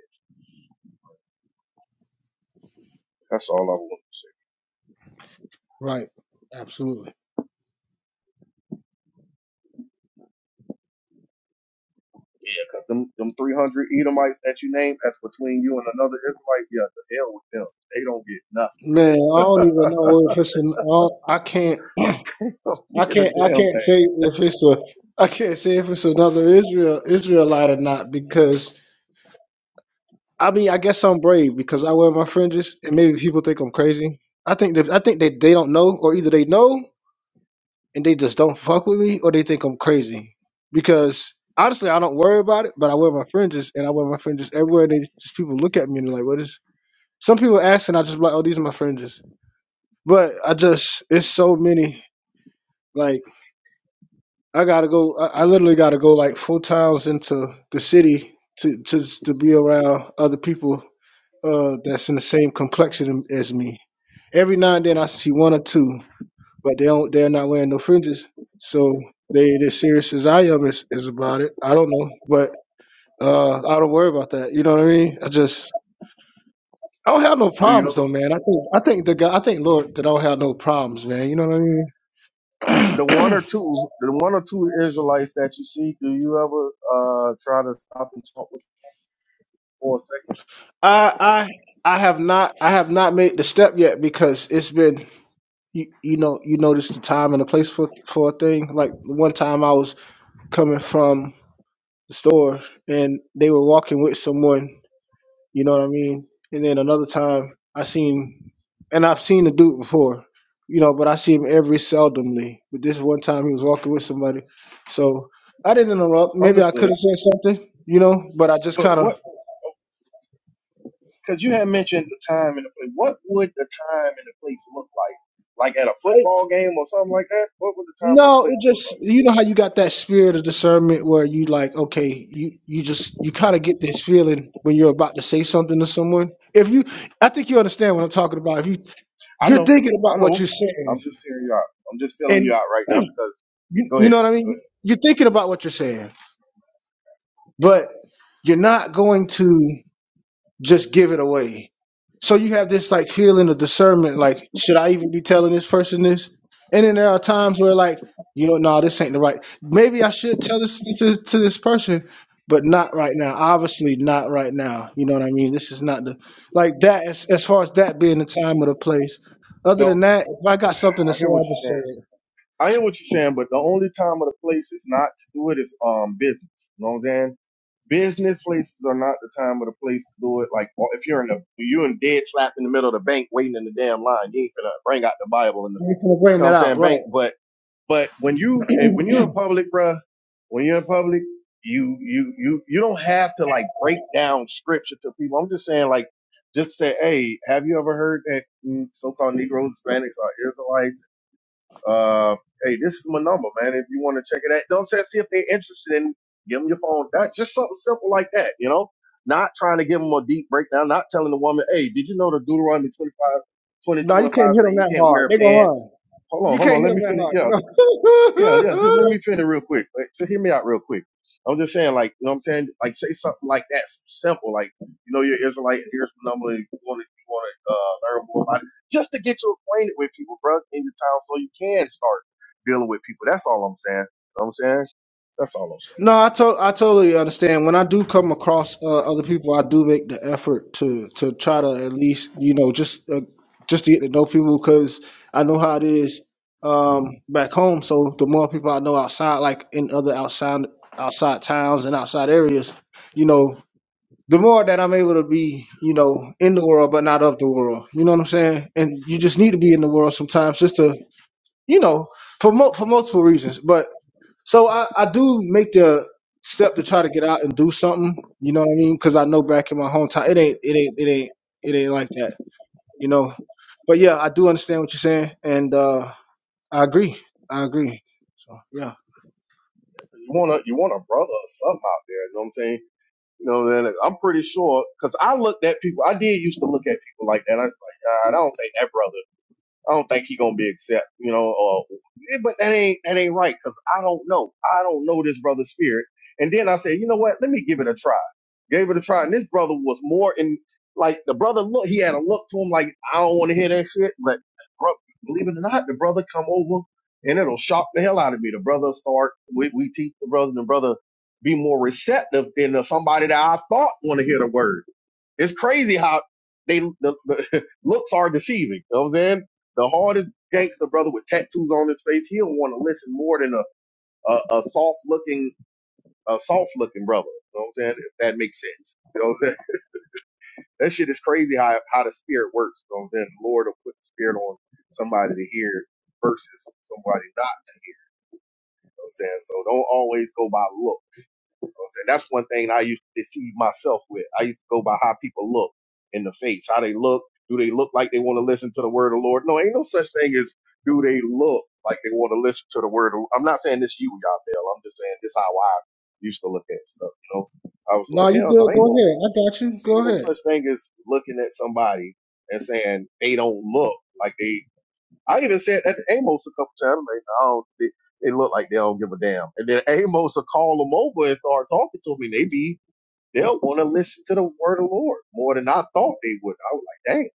[SPEAKER 4] That's all I want to say.
[SPEAKER 5] right. Absolutely.
[SPEAKER 4] 'Cause them, them 300 Edomites that you named, that's between you and another Israelite. Yeah, the hell with them. They don't get nothing.
[SPEAKER 5] Man, I don't even know if it's an. I don't- I can't.
[SPEAKER 4] They
[SPEAKER 5] I
[SPEAKER 4] don't get a
[SPEAKER 5] can't. I
[SPEAKER 4] damn thing.
[SPEAKER 5] can't say if it's a. I can't say if it's another Israel Israelite or not because I mean I guess I'm brave because I wear my fringes and maybe people think I'm crazy. I think that I think that they don't know or either they know and they just don't fuck with me or they think I'm crazy because honestly I don't worry about it but I wear my fringes and I wear my fringes everywhere and they just people look at me and they're like what is Some people ask and I just be like, oh, these are my fringes. But I just it's so many. Like I gotta go. I, I literally gotta go like four times into the city to to to be around other people uh that's in the same complexion as me. Every now and then I see one or two, but they don't they're not wearing no fringes. So they as serious as I am is, is about it. I don't know. But uh I don't worry about that. You know what I mean? I just I don't have no
[SPEAKER 4] Do you
[SPEAKER 5] problems
[SPEAKER 4] ever
[SPEAKER 5] though, man. I think I think the guy I think Lord that I don't have no problems, man. You know what I mean?
[SPEAKER 4] The one or two, the one or two Israelites that you see, do you ever uh try to stop and talk with for a second?
[SPEAKER 5] I I I have not I have not made the step yet because it's been you, you know you notice the time and the place for for a thing. Like one time I was coming from the store and they were walking with someone You know what I mean? And then another time I seen and I've seen the dude before, you know, but I see him every seldomly. But this one time he was walking with somebody. So I didn't interrupt. Maybe I could
[SPEAKER 4] understood?
[SPEAKER 5] have said something, you know, but I just
[SPEAKER 4] But
[SPEAKER 5] kind of
[SPEAKER 4] what? Because you had mentioned the time and the place. What would the time and the place look like? Like at a
[SPEAKER 5] I
[SPEAKER 4] football game or something like that. What would the time and the
[SPEAKER 5] no, it
[SPEAKER 4] place look
[SPEAKER 5] just you know how you got that spirit of discernment where you like, okay, you you just you kind of get this feeling when you're about to say something to someone. If you I think you understand what I'm talking about. If you
[SPEAKER 4] like? I
[SPEAKER 5] you're
[SPEAKER 4] know.
[SPEAKER 5] thinking
[SPEAKER 4] I
[SPEAKER 5] about what
[SPEAKER 4] know.
[SPEAKER 5] you're saying
[SPEAKER 4] I'm just hearing you out. I'm just feeling you out right
[SPEAKER 5] and
[SPEAKER 4] now because.
[SPEAKER 5] You,
[SPEAKER 4] Go
[SPEAKER 5] you
[SPEAKER 4] ahead.
[SPEAKER 5] know what I
[SPEAKER 4] Go
[SPEAKER 5] mean? You-
[SPEAKER 4] ahead.
[SPEAKER 5] You're thinking about what you're saying, but you're not going to just give it away. So you have this like feeling of discernment, like, should I even be telling this person this? And then there are times where like, you know, no, this ain't the right. Maybe I should tell this to, to this person, but not right now. Obviously not right now. You know what I mean? This is not the like that as as far as that being the time or the place. Other
[SPEAKER 4] Don't.
[SPEAKER 5] than that, if I got something to
[SPEAKER 4] I
[SPEAKER 5] say,
[SPEAKER 4] hear what
[SPEAKER 5] I'll just
[SPEAKER 4] you're saying.
[SPEAKER 5] say it.
[SPEAKER 4] I hear what you're saying, but the only time or the place is not to do it is um business. You know what I'm saying? business places are not the time or the place to do it. Like or if you're in the you in dead slap in the middle of the bank waiting in the damn line, you ain't finna bring out the Bible and the
[SPEAKER 5] You can
[SPEAKER 4] you
[SPEAKER 5] bring
[SPEAKER 4] know what I'm
[SPEAKER 5] that out,
[SPEAKER 4] saying bank.
[SPEAKER 5] right?
[SPEAKER 4] But but when you eh, when you're in public, bruh, when you're in public, you you you you don't have to like break down scripture to people. I'm just saying like just say, hey, have you ever heard that mm, so-called Negroes, Hispanics, are Israelites? Uh, hey, this is my number, man. If you want to check it out, don't say see if they're interested in give them your phone. That just something simple like that, you know. Not trying to give them a deep breakdown. Not telling the woman, hey, did you know the Deuteronomy 25, 22
[SPEAKER 5] No, you
[SPEAKER 4] and
[SPEAKER 5] can't
[SPEAKER 4] five
[SPEAKER 5] hit
[SPEAKER 4] say
[SPEAKER 5] them
[SPEAKER 4] you
[SPEAKER 5] that
[SPEAKER 4] can't
[SPEAKER 5] hard.
[SPEAKER 4] wear
[SPEAKER 5] They gonna
[SPEAKER 4] pants?
[SPEAKER 5] run.
[SPEAKER 4] Hold on,
[SPEAKER 5] You
[SPEAKER 4] hold
[SPEAKER 5] can't
[SPEAKER 4] on.
[SPEAKER 5] hit
[SPEAKER 4] Let me
[SPEAKER 5] them that
[SPEAKER 4] finish.
[SPEAKER 5] hard.
[SPEAKER 4] Yeah, yeah, yeah.
[SPEAKER 5] They
[SPEAKER 4] Just let
[SPEAKER 5] gonna.
[SPEAKER 4] me finish real quick. Like, just hear me out real quick. I'm just saying, like, you know what I'm saying? Like, say something like that, simple. Like, you know, you're Israelite, and here's the number you want to, you want to uh, learn more about it. Just to get you acquainted with people, bro, in your town so you can start dealing with people. That's all I'm saying. You know what I'm saying? That's all I'm saying.
[SPEAKER 5] no, I to- I totally understand. When I do come across uh, other people, I do make the effort to to try to at least you know just uh, just to get to know people because I know how it is um, back home. So the more people I know outside, like in other outside outside towns and outside areas, you know. The more that I'm able to be, you know, in the world but not of the world, you know what I'm saying. And you just need to be in the world sometimes just to you know, for mo- for multiple reasons. But so I, I do make the step to try to get out and do something. You know what I mean? Because I know back in my hometown, it ain't it ain't it ain't it ain't like that. You know. But yeah, I do understand what you're saying, and uh, I agree. I agree. So yeah.
[SPEAKER 4] You want a, you want a brother or something out there. You know what I'm saying? You know, then I'm pretty sure, because I looked at people, I did used to look at people like that. I was like, God, I don't think that brother I don't think he gonna be accept, you know. Or, eh, but that ain't that ain't right because I don't know. I don't know this brother's spirit. And then I said, you know what? Let me give it a try. Gave it a try, and this brother was more in like the brother look. He had a look to him like I don't want to hear that shit. But bro, believe it or not, the brother come over and it'll shock the hell out of me. The brother start we we teach the brother, and the brother be more receptive than the, somebody that I thought want to hear the word. It's crazy how they the, the looks are deceiving. You know what I'm saying? The hardest gangster brother with tattoos on his face, he don't want to listen more than a a, a soft looking a soft looking brother. You know what I'm saying? If that makes sense. You know what I'm saying? That shit is crazy how how the spirit works. You know what I'm saying? The Lord will put the spirit on somebody to hear versus somebody not to hear. You know what I'm saying? So don't always go by look. And that's one thing I used to deceive myself with. I used to go by how people look in the face, how they look. Do they look like they want to listen to the word of the Lord? No, ain't no such thing as do they look like they want to listen to the word of I'm not saying this you, y'all, Bill. I'm just saying this how I used to look at stuff, you know? I was like,
[SPEAKER 5] No, you
[SPEAKER 4] hell
[SPEAKER 5] good.
[SPEAKER 4] no, ain't
[SPEAKER 5] Go
[SPEAKER 4] no,
[SPEAKER 5] ahead. I got you.
[SPEAKER 4] ain't
[SPEAKER 5] Go
[SPEAKER 4] no such
[SPEAKER 5] ahead.
[SPEAKER 4] thing as looking at somebody and saying they don't look like they I even said that to Amos a couple times. Like, I don't, they, they look like they don't give a damn. And then Amos will call them over and start talking to me. They be, they'll want to listen to the word of the Lord more than I thought they would. I was like, dang,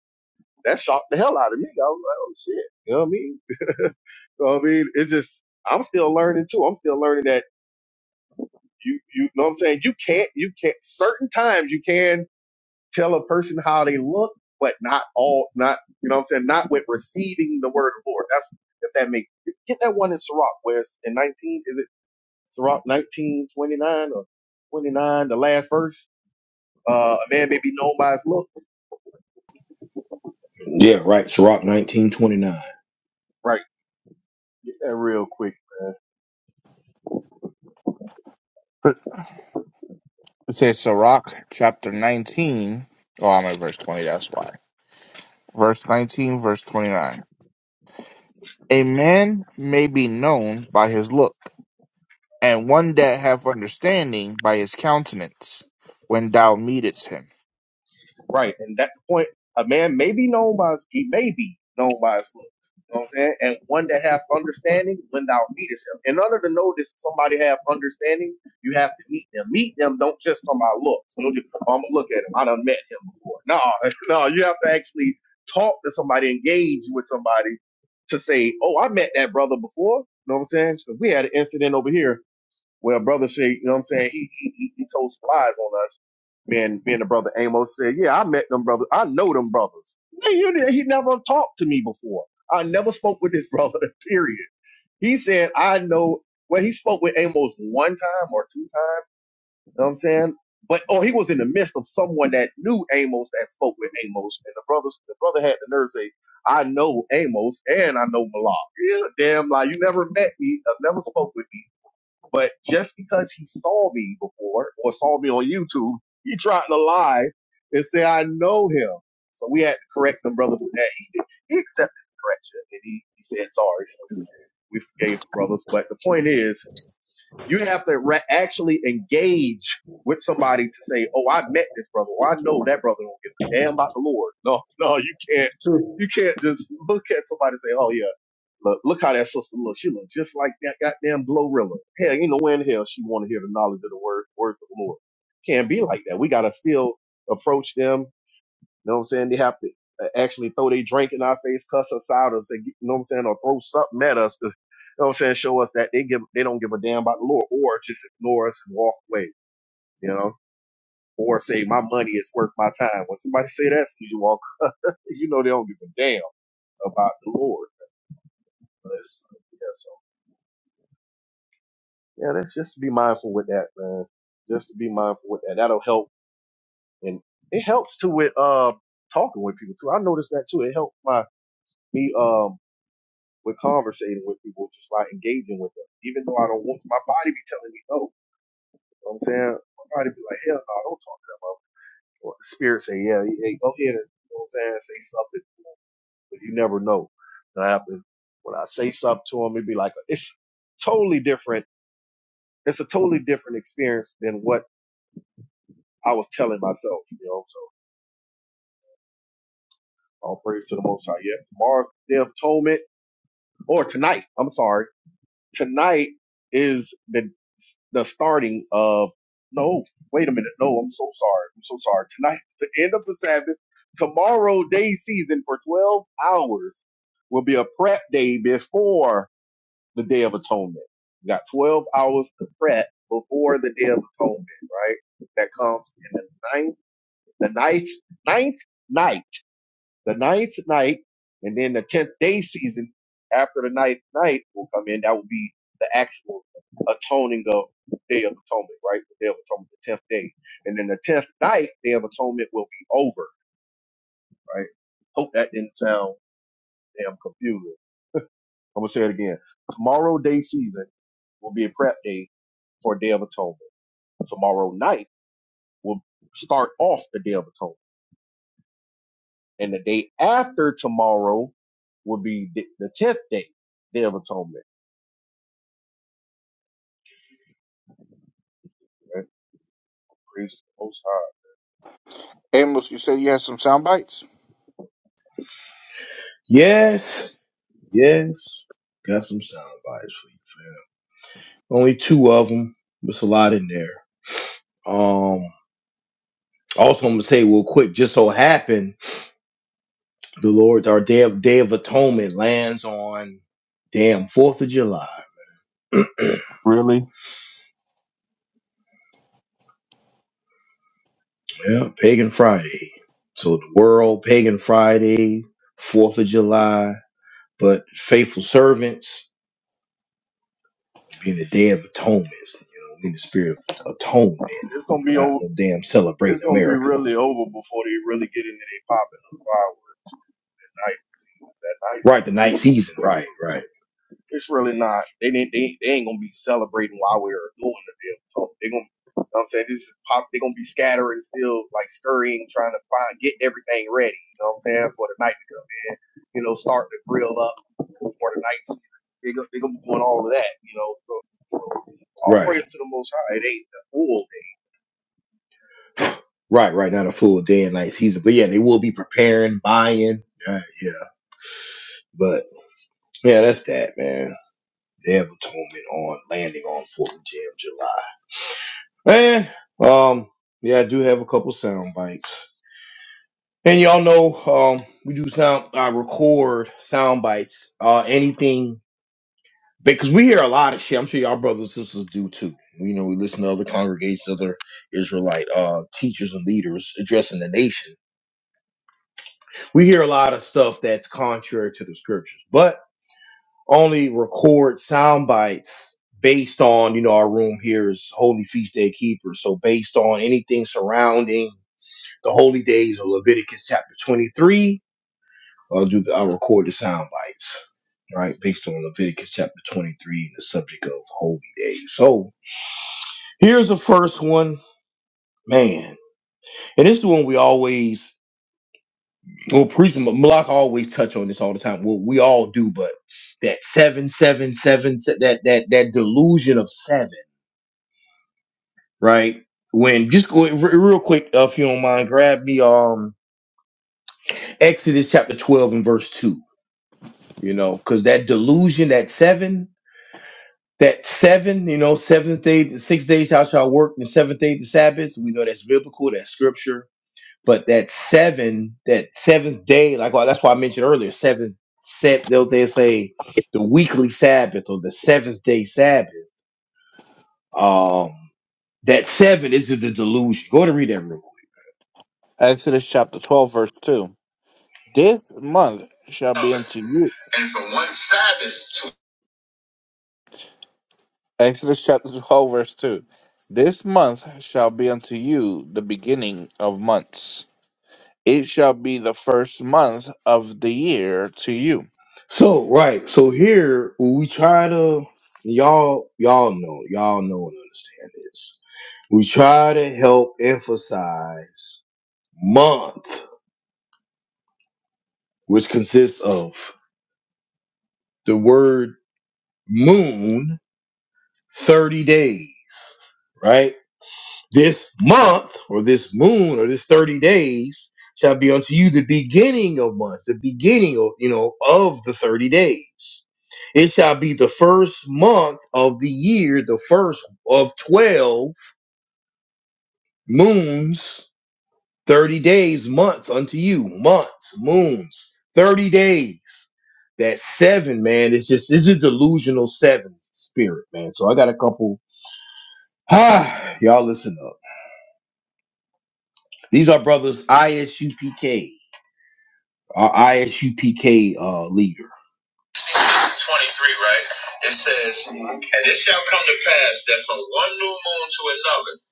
[SPEAKER 4] that shocked the hell out of me. I was like, oh shit. You know what I mean? you know what I mean? It's just, I'm still learning too. I'm still learning that you, you know what I'm saying? You can't, you can't, certain times you can tell a person how they look, but not all, not, you know what I'm saying? Not with receiving the word of the Lord. That's, if that makes, get that one in Sirach, where it's in 19, is it Sirach 1929 or 29, the last verse? Uh, a man may be known by his looks.
[SPEAKER 1] Yeah, right. Sirach nineteen twenty nine.
[SPEAKER 4] Right. Get that real quick.
[SPEAKER 2] It says Sirach chapter 19. Oh, I'm at verse 20, that's why. Verse 19, verse 29. A man may be known by his look, and one that hath understanding by his countenance, when thou meetest him.
[SPEAKER 4] Right. And at the point, a man may be known by his, he may be known by his looks. You know what I'm saying? And one that have understanding when thou meetest him. In order to know this somebody have understanding, you have to meet them. Meet them don't just on my looks. Don't just, oh, I'm gonna look at him. I done met him before. No, no, you have to actually talk to somebody, engage with somebody to say, Oh, I met that brother before. You know what I'm saying? 'Cause we had an incident over here well, brother said, you know what I'm saying? He he he, he told some lies on us. Man, being the brother Amos said, yeah, I met them brothers. I know them brothers. Man, you didn't- he never talked to me before. I never spoke with this brother. Period. He said, I know. Well, he spoke with Amos one time or two times. You know what I'm saying? But oh, he was in the midst of someone that knew Amos that spoke with Amos, and the brothers. The brother had the nerve to say, "I know Amos and I know Malak." Yeah, damn lie. You never met me. I've never spoke with me but just because he saw me before or saw me on YouTube, he tried to lie and say I know him. So we had to correct the brother with that. He, did- he accepted the correction and he, he said sorry. So we forgave the brothers. But the point is, you have to re- actually engage with somebody to say, "Oh, I met this brother. Or I know that brother don't give a damn about the Lord." No, no, you can't.
[SPEAKER 5] True.
[SPEAKER 4] You can't just look at somebody and say, "Oh yeah, look, look how that sister looks. She looks just like that goddamn Glorilla. Hell, you know when the hell she want to hear the knowledge of the word, words of the Lord. Can't be like that. We gotta still approach them you know what I'm saying? They have to uh, actually throw their drink in our face, cuss us out, or say, you know what I'm saying, or throw something at us. To, you know what I'm saying? Show us that they give, they don't give a damn about the Lord, or just ignore us and walk away. You know, or say my money is worth my time. When somebody say that, to you walk, you know they don't give a damn about the Lord. Unless, yeah, so yeah, let's just be mindful with that, man. Just to be mindful with that. That'll help, and it helps too with uh talking with people too. I noticed that too. It helped my me. Um, with conversating with people, just like engaging with them. Even though I don't want to, my body be telling me no. You know what I'm saying? My body be like, hell no, don't talk to that mother. Well, the spirit say, yeah, hey, go ahead and you know what I'm saying, say something to him, but you never know. And I have to, when I say something to him, it'd be like it's totally different. It's a totally different experience than what I was telling myself, you know. So all praise to the most high. Yeah, tomorrow's day of atonement or tonight. I'm sorry tonight is the the starting of no wait a minute no i'm so sorry i'm so sorry tonight the end of the sabbath tomorrow day season for 12 hours will be a prep day before the day of atonement you got 12 hours to prep before the day of atonement right that comes in the ninth the ninth ninth night the ninth night, and then the tenth day season after the ninth night will come in. That will be the actual atoning of Day of Atonement, right? The Day of Atonement, the tenth day, and then the tenth night, Day of Atonement will be over, right? Hope that didn't sound damn confusing. I'm gonna say it again. Tomorrow day season will be a prep day for Day of Atonement. Tomorrow night will start off the Day of Atonement, and the day after tomorrow will be the tenth day, Day of Atonement. right? Praise to the Most High.
[SPEAKER 2] Amos, you said you had some sound bites?
[SPEAKER 1] Yes, yes. Got some sound bites for you, fam. Only two of them. There's a lot in there. Um, also, I'm gonna say real quick. Just so happened, the Lord, our day of Day of Atonement lands on damn Fourth of July.
[SPEAKER 2] Really?
[SPEAKER 1] yeah, Pagan Friday. So the world, Pagan Friday, Fourth of July. But faithful servants being the Day of Atonement. You know, in the spirit of atonement,
[SPEAKER 4] It's gonna be
[SPEAKER 1] not
[SPEAKER 4] over.
[SPEAKER 1] no damn
[SPEAKER 4] It's
[SPEAKER 1] celebrating
[SPEAKER 4] gonna be
[SPEAKER 1] America.
[SPEAKER 4] really over before they really get into their popping of firework night season. That night
[SPEAKER 1] Right, the
[SPEAKER 4] season, we
[SPEAKER 1] night
[SPEAKER 4] we
[SPEAKER 1] season. Right,
[SPEAKER 4] we.
[SPEAKER 1] right,
[SPEAKER 4] It's really not. They didn't. They, they ain't gonna be celebrating while we are doing the damn talk. They gonna. you know what I'm saying this is pop. They gonna be scattering still, like scurrying, trying to find get everything ready. You know what I'm saying for the night to come. You know, start the grill up for the night season. They go, they gonna be doing all of that. You know, so, so all
[SPEAKER 1] right.
[SPEAKER 4] praise to the Most High. It ain't the full.
[SPEAKER 1] Right, right. Not a full day and night season, but yeah, they will be preparing, buying. Uh, yeah, but yeah, that's that, man. Day of Atonement on landing on Fourth of July. Man, um, yeah, I do have a couple sound bites, and y'all know, um, we do sound. I record sound bites. Uh, anything because we hear a lot of shit. I'm sure y'all brothers and sisters do too. You know, we listen to other congregations, other Israelite uh teachers and leaders addressing the nation we hear a lot of stuff that's contrary to the scriptures, but only record sound bites based on, you know, our room here is Holy Feast Day Keepers. So based on anything surrounding the holy days of Leviticus chapter 23, I'll do the, I'll record the sound bites, right? Based on Leviticus chapter 23 and the subject of holy days. So here's the first one, man. And this is one we always Well, priest and Malak always touch on this all the time. Well, we all do, but that seven, seven, seven, se- that that that delusion of seven, right? When just go re- real quick, uh, if you don't mind, grab me um Exodus chapter twelve and verse two. You know, because that delusion, that seven, that seven, you know, seventh day, six days thou shalt work, and the seventh day the Sabbath. We know that's biblical, that's scripture But that seven, that seventh day, like well, that's why I mentioned earlier, seventh set they'll they say the weekly Sabbath or the seventh day Sabbath. Um that seven is the delusion. Go to read that real
[SPEAKER 2] Exodus chapter 12, verse 2. This month shall be unto you.
[SPEAKER 1] quick.
[SPEAKER 2] Exodus chapter 12, verse 2. This month shall be unto you the beginning of months. It shall be the first month of the year to you.
[SPEAKER 1] So right, so here we try to y'all y'all know y'all know and understand this. We try to help emphasize month, which consists of the word moon 30 days, right? This month or this moon or this 30 days shall be unto you the beginning of months, the beginning of, you know, of the 30 days. It shall be the first month of the year, the first of 12 moons, 30 days, months unto you, months, moons, 30 days. That seven, man, it's just, this is delusional seven spirit, man. So I got a couple, ah, y'all listen up. These are brothers ISUPK, our ISUPK uh, leader. 23, right? It says, And it shall come to pass that from one new moon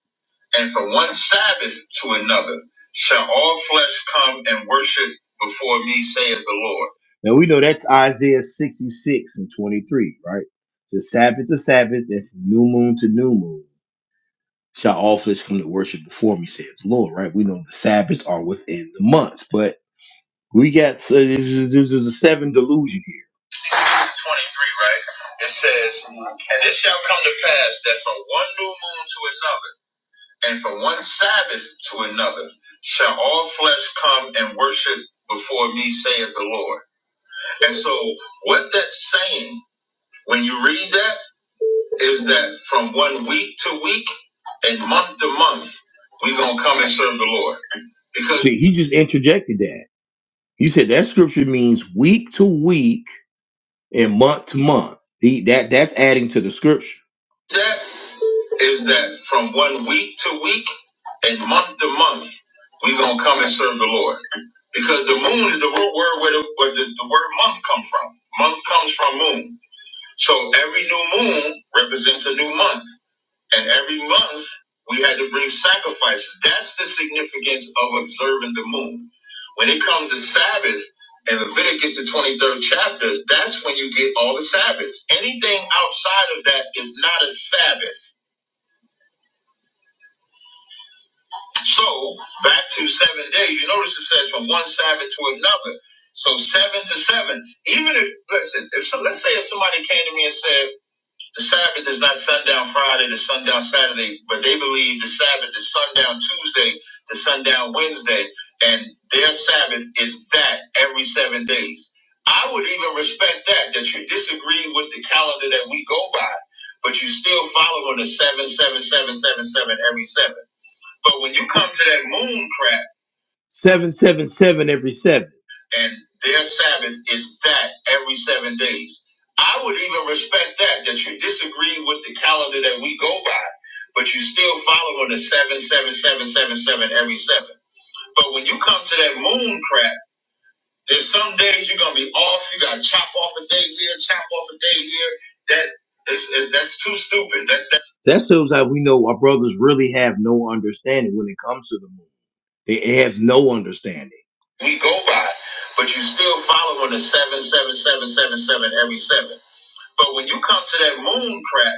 [SPEAKER 1] to another, and from one Sabbath to another, shall all flesh come and worship before me, saith the Lord. Now we know that's Isaiah 66 and 23, right? So Sabbath to Sabbath, and from new moon to new moon, shall all flesh come to worship before me, saith the Lord, right? We know the Sabbaths are within the months, but We got uh, this is, this is a seven delusion here. sixty-six, 23, right? It says, And it shall come to pass that from one new moon to another, and from one Sabbath to another, shall all flesh come and worship before me, saith the Lord. And so, what that's saying, when you read that, is that from one week to week and month to month, we're going to come and serve the Lord. Because See, he just interjected that. You said that scripture means week to week and month to month. The, that that's adding to the scripture. That is that from one week to week and month to month, we're gonna come and serve the Lord. Because the moon is the word word where, the, where the, the word month come from. Month comes from moon. So every new moon represents a new month. And every month, we had to bring sacrifices. That's the significance of observing the moon. When it comes to Sabbath, in Leviticus, the 23rd chapter, that's when you get all the Sabbaths. Anything outside of that is not a Sabbath. So, back to seven days, you notice it says from one Sabbath to another. So, seven to seven. Even if, listen, if so, let's say if somebody came to me and said, The Sabbath is not sundown Friday to sundown Saturday, but they believe the Sabbath is sundown Tuesday to sundown Wednesday, and their Sabbath is that every seven days. I would even respect that, that you disagree with the calendar that we go by, but you still follow on the seven, seven, seven, seven, seven every seven. But when you come to that moon crap, and their Sabbath is that every seven days. I would even respect that, that you disagree with the calendar that we go by, but you still follow on the seven, seven, seven, seven, seven every seven. But when you come to that moon crap, there's some days you're gonna be off. You gotta chop off a day here, chop off a day here. That is it- that's too stupid. That that, that shows that we know our brothers really have no understanding when it comes to the moon. It, it has no understanding. We go by, but you still following the seven, seven, seven, seven, seven every seven. But when you come to that moon crap,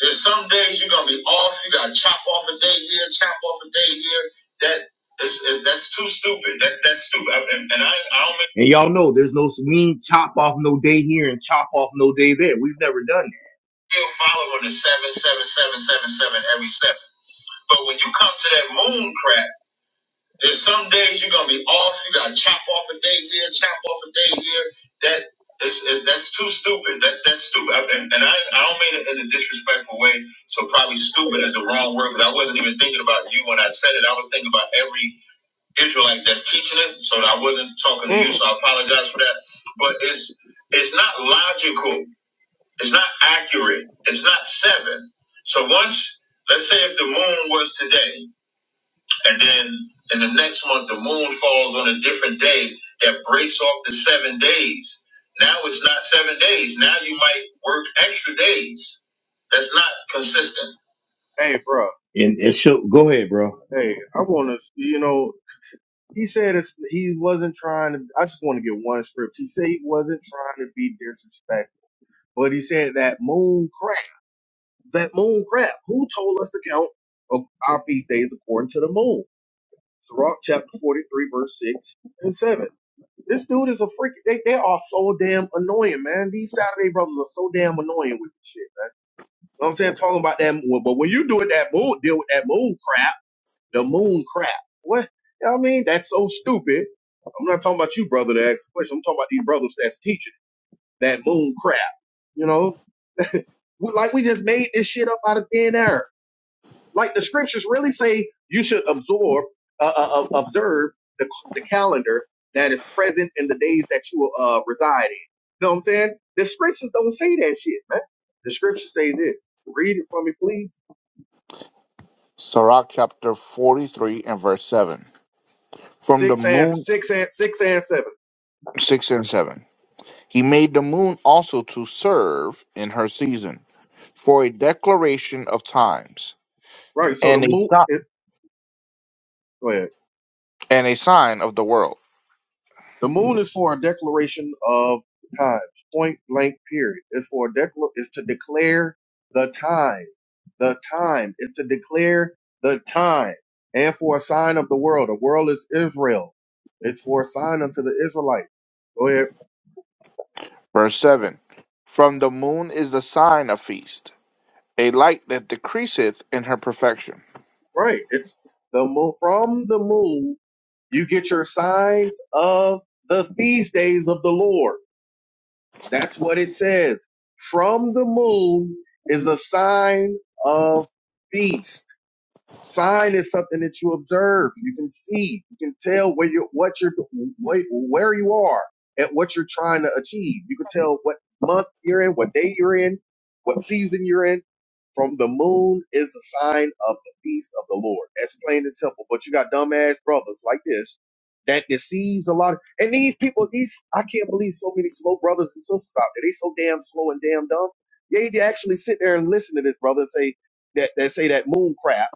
[SPEAKER 1] there's some days you're gonna be off. You gotta chop off a day here, chop off a day here. That is, that's too stupid. That that's stupid. And, and I, I don't. Make- and y'all know there's no we ain't chop off no day here and chop off no day there. We've never done that. Still following the seven, seven, seven, seven, seven every seven. But when you come to that moon crap. There's some days you're gonna be off. You gotta chop off a day here, chop off a day here. That is it- that's too stupid. That that's stupid. I- And, and I I don't mean it in a disrespectful way. So probably stupid is the wrong word because I wasn't even thinking about you when I said it. I was thinking about every Israelite that's teaching it. So I wasn't talking to you.
[SPEAKER 4] Mm.
[SPEAKER 1] So I apologize for that. But it's it's not logical. It's not accurate. It's not seven. So once let's say if the moon was today and then in the next month the moon falls on a different day that breaks off the seven days. Now it's not seven days. Now you might work extra days. That's not consistent.
[SPEAKER 4] Hey, bro.
[SPEAKER 1] And it should go ahead, bro.
[SPEAKER 4] Hey, I want to, you know, he said it's, he wasn't trying to, I just want to get one script. He said he wasn't trying to be disrespectful, but he said that moon crap, that moon crap, who told us to count of our feast days according to the moon? Sirach chapter 43, verse 6 and 7. This dude is a freak. They, they are so damn annoying, man. These Saturday brothers are so damn annoying with this shit. You know what I'm saying? Talking about that, moon, but when you do it, that moon, deal with that moon crap. The moon crap. What? You know what I mean, that's so stupid. I'm not talking about you, brother, that asked the question. I'm talking about these brothers that's teaching that moon crap. You know, We- like we just made this shit up out of thin air. Like the scriptures really say you should absorb, uh, uh, uh, observe the, the calendar that is present in the days that you uh, reside in. You know what I'm saying? The scriptures don't say that shit, man. The scriptures say this. Read it for me, please.
[SPEAKER 2] Sirach chapter 43 and verse 7. From the
[SPEAKER 4] Six and
[SPEAKER 2] moon.
[SPEAKER 4] six and six and seven.
[SPEAKER 2] 6 and 7. He made the moon also to serve in her season for a declaration of times
[SPEAKER 4] Right. So the
[SPEAKER 2] and a,
[SPEAKER 4] moon.
[SPEAKER 2] sign
[SPEAKER 4] Is, go
[SPEAKER 2] and a sign of the world.
[SPEAKER 4] The moon is for a declaration of times, point blank period. It's for a decla- it's to declare the time. The time is to declare the time. And for a sign of the world. The world is Israel. It's for a sign unto the Israelites. Go ahead.
[SPEAKER 2] Verse 7 From the moon is the sign of feast, a light that decreaseth in her perfection.
[SPEAKER 4] Right. It's the moon from the moon you get your signs of the feast days of the Lord. That's what it says. From the moon is a sign of feast Sign is something that you observe. You can see. You can tell where you what you're what, where you are and what you're trying to achieve. You can tell what month you're in, what day you're in, what season you're in. From the moon is a sign of the feast of the Lord. That's plain and simple. But you got dumbass brothers like this that deceives a lot. Of, and these people, these I can't believe so many slow brothers and sisters out there. They so damn slow and damn dumb. They, they actually sit there and listen to this brother say that that say that moon crap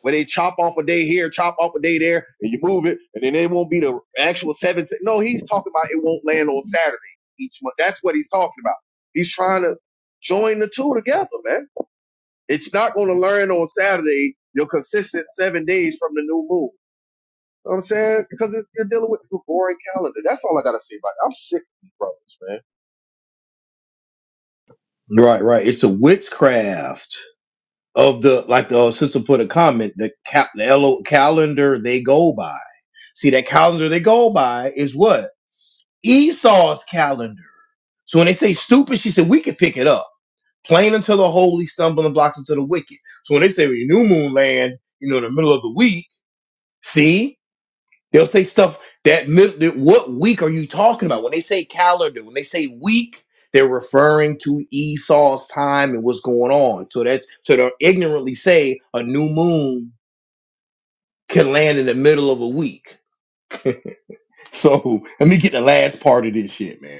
[SPEAKER 4] where they chop off a day here, chop off a day there, and you move it, and then it won't be the actual seventh. No, he's talking about it won't land on Saturday each month. That's what he's talking about. He's trying to join the two together, man. It's not going to land on Saturday, your consistent seven days from the new moon. You know what I'm saying? Because it's, you're dealing with the boring calendar. That's all I got to say about it. I'm sick of these brothers, man.
[SPEAKER 1] Right, right. It's a witchcraft of the like the uh, sister put a comment. The cap, the L- O, calendar they go by. See that calendar they go by is what Esau's calendar. So when they say stupid, she said we could pick it up. Plain until the holy, stumbling blocks unto the wicked. So when they say "Well, new moon land, you know, in the middle of the week, see, they'll say stuff that, mid- that what week are you talking about? When they say calendar, when they say week, they're referring to Esau's time and what's going on. So that's so they'll ignorantly say a new moon can land in the middle of a week. So let me get the last part of this shit, man.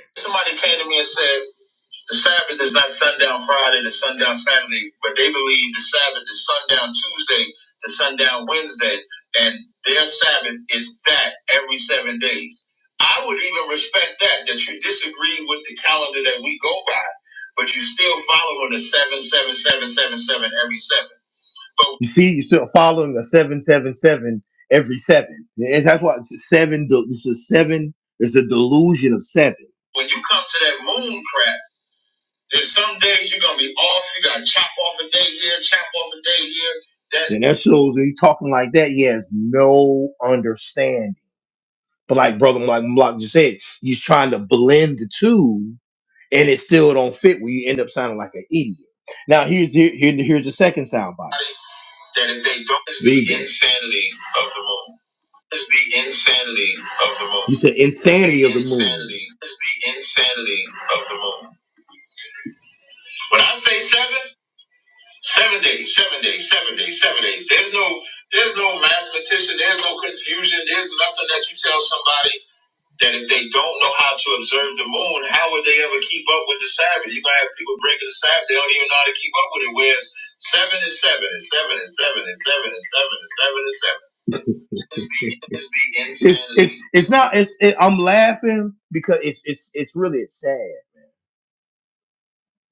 [SPEAKER 1] The Sabbath is not sundown Friday to sundown Saturday, but they believe the Sabbath is sundown Tuesday to sundown Wednesday, and their Sabbath is that every seven days. I would even respect that, that you disagree with the calendar that we go by, but you still following the seven, seven, seven, seven, seven every seven. But You see, you're still following the seven seven seven every seven. And that's why it's a seven. This is seven. It's a delusion of seven. when you come to that moon crap. There's some days you're gonna be off. You gotta chop off a day here, chop off a day here. That and that shows that he's talking like that. He has no understanding. But like brother, like Block just said, he's trying to blend the two, and it still don't fit. Where you end up sounding like an idiot. Now here's here, here here's the second soundbite. That if they don't, it's the Vegan. insanity of the moon. Is the insanity of the moon. You said insanity of the moon. Insanity is the insanity of the moon. When I say seven. Seven days, seven days, seven days, seven days. There's no, there's no mathematician. There's no confusion. There's nothing that you tell somebody that if they don't know how to observe the moon, how would they ever keep up with the Sabbath? You're gonna have people breaking the Sabbath. They don't even know how to keep up with it. Whereas seven is seven, and seven is seven, and seven is seven, and seven is seven. It's the, it's the it's insanity. it's it's not it's it, I'm laughing because it's it's it's really sad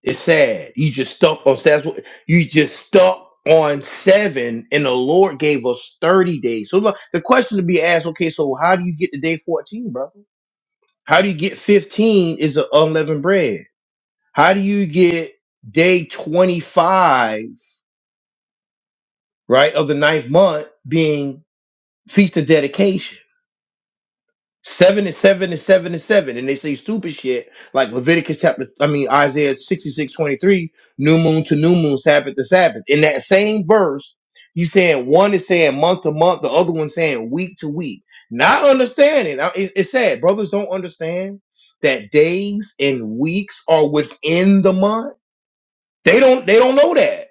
[SPEAKER 1] it's sad. You just stuck on that's what you just stuck on seven, and the Lord gave us thirty days. So look, the question to be asked: Okay, so how do you get to day fourteen, brother? How do you get fifteen? Is the unleavened bread? How do you get day twenty-five, right, of the ninth month being feast of dedication? Seven is seven is seven is seven. And they say stupid shit like Leviticus chapter, I mean, Isaiah 66 23, new moon to new moon, Sabbath to Sabbath. In that same verse, you saying one is saying month to month, the other one saying week to week. Not understanding. Now, it- It's sad. Brothers don't understand that days and weeks are within the month. They don't, they don't know that.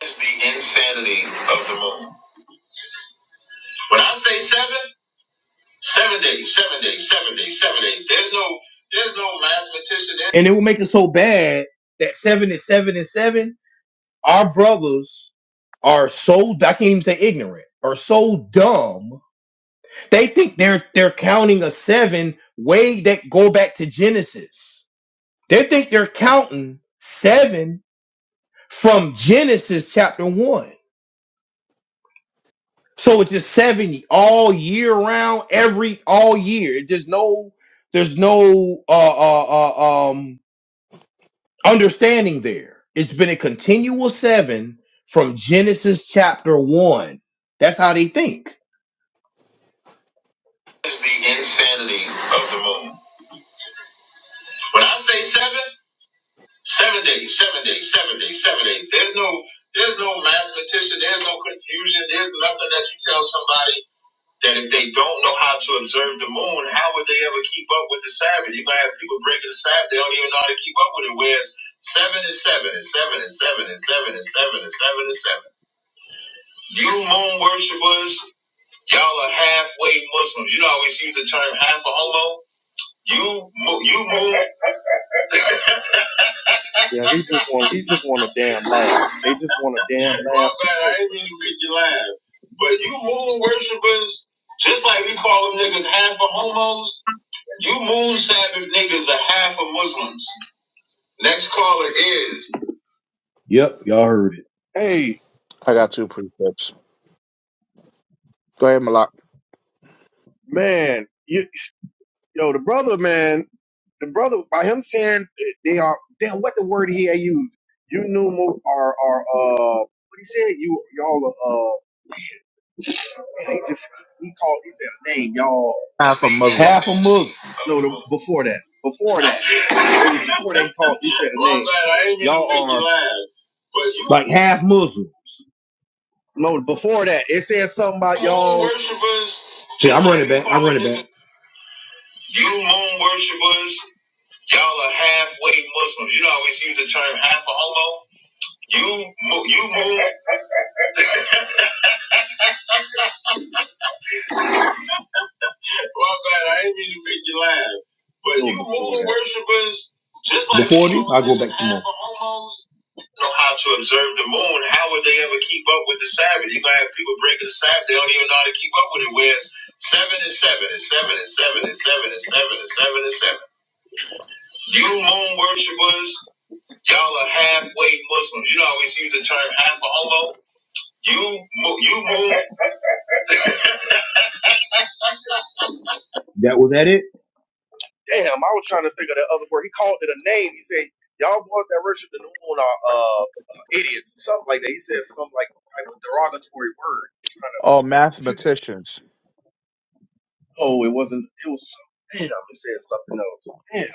[SPEAKER 1] It's the insanity of the moon. When I say seven, Seven days, seven days, seven days, seven days. There's no, there's no mathematician. There. And it will make it so bad that seven and seven and seven, our brothers are so I can't even say ignorant are so dumb they think they're they're counting a seven way that go back to Genesis. They think they're counting seven from Genesis chapter one. So it's just 70 all year round, every all year. There's no there's no uh, uh, uh, um, understanding there. It's been a continual seven from Genesis chapter one. That's how they think. It's the insanity of the moon. When I say seven, seven days, seven days, seven days, seven days. There's no there's no mathematician, there's no confusion, there's nothing that you tell somebody that if they don't know how to observe the moon, how would they ever keep up with the Sabbath? You're gonna have people breaking the Sabbath, they don't even know how to keep up with it. Whereas seven is seven and seven and seven and seven and seven and seven and seven. You moon worshippers, y'all are halfway Muslims. You know, I always use the term half a homo. You, mo- you moon.
[SPEAKER 4] Yeah, he just want he just want a damn laugh. They just want a damn
[SPEAKER 1] My
[SPEAKER 4] laugh to
[SPEAKER 1] bad, I
[SPEAKER 4] play.
[SPEAKER 1] didn't mean to make you laugh. But you moon worshippers, just like we call them niggas half a homos. You moon Sabbath niggas are half of Muslims. Next caller is. Yep, y'all heard
[SPEAKER 4] Hey,
[SPEAKER 2] I got two precepts. Go ahead, Malak.
[SPEAKER 4] man, you Yo, the brother, man, the brother, by him saying they are, damn, what the word he had used? You numer are, are, uh, what he said? You, y'all are, uh, man, he just, he called, he said a name, y'all.
[SPEAKER 1] it.
[SPEAKER 2] Half a Muslim.
[SPEAKER 1] Half a Muslim.
[SPEAKER 4] No, the, before that, before that,
[SPEAKER 1] My
[SPEAKER 4] it was before that he called, he
[SPEAKER 1] bad,
[SPEAKER 4] said a name.
[SPEAKER 1] I ain't mean
[SPEAKER 4] Y'all
[SPEAKER 1] to make you
[SPEAKER 4] are,
[SPEAKER 1] laugh. But you Like half Muslims.
[SPEAKER 4] no, before that, it said something about
[SPEAKER 1] moon
[SPEAKER 4] y'all.
[SPEAKER 1] worshippers, See, I'm like running back. I'm running back. you moon worshippers, y'all are halfway Muslims. You know, I always use the term half a homo. You, you moon. My bad. I didn't mean to make you laugh. But
[SPEAKER 4] It was
[SPEAKER 1] you moon
[SPEAKER 4] before that.
[SPEAKER 1] worshippers, just like the 40s, i go back Christians some and more. know how to observe the moon. How would they ever keep up with the Sabbath? You're gonna have people breaking the Sabbath. They don't even know how to keep up with it. Whereas seven and seven and seven and seven and seven and seven and seven and seven. You moon worshippers, y'all are halfway Muslims. You know how we use the term half a homo. You mo- you moon. That was at it?
[SPEAKER 4] damn, I was trying to think of the other word. He called it a name. He said, y'all boys that worship the new moon are uh, idiots, something like that. He said something like type of derogatory word. I'm trying to,
[SPEAKER 2] Oh, mathematicians.
[SPEAKER 4] oh, it wasn't, it was something. Damn, he said something else. Damn,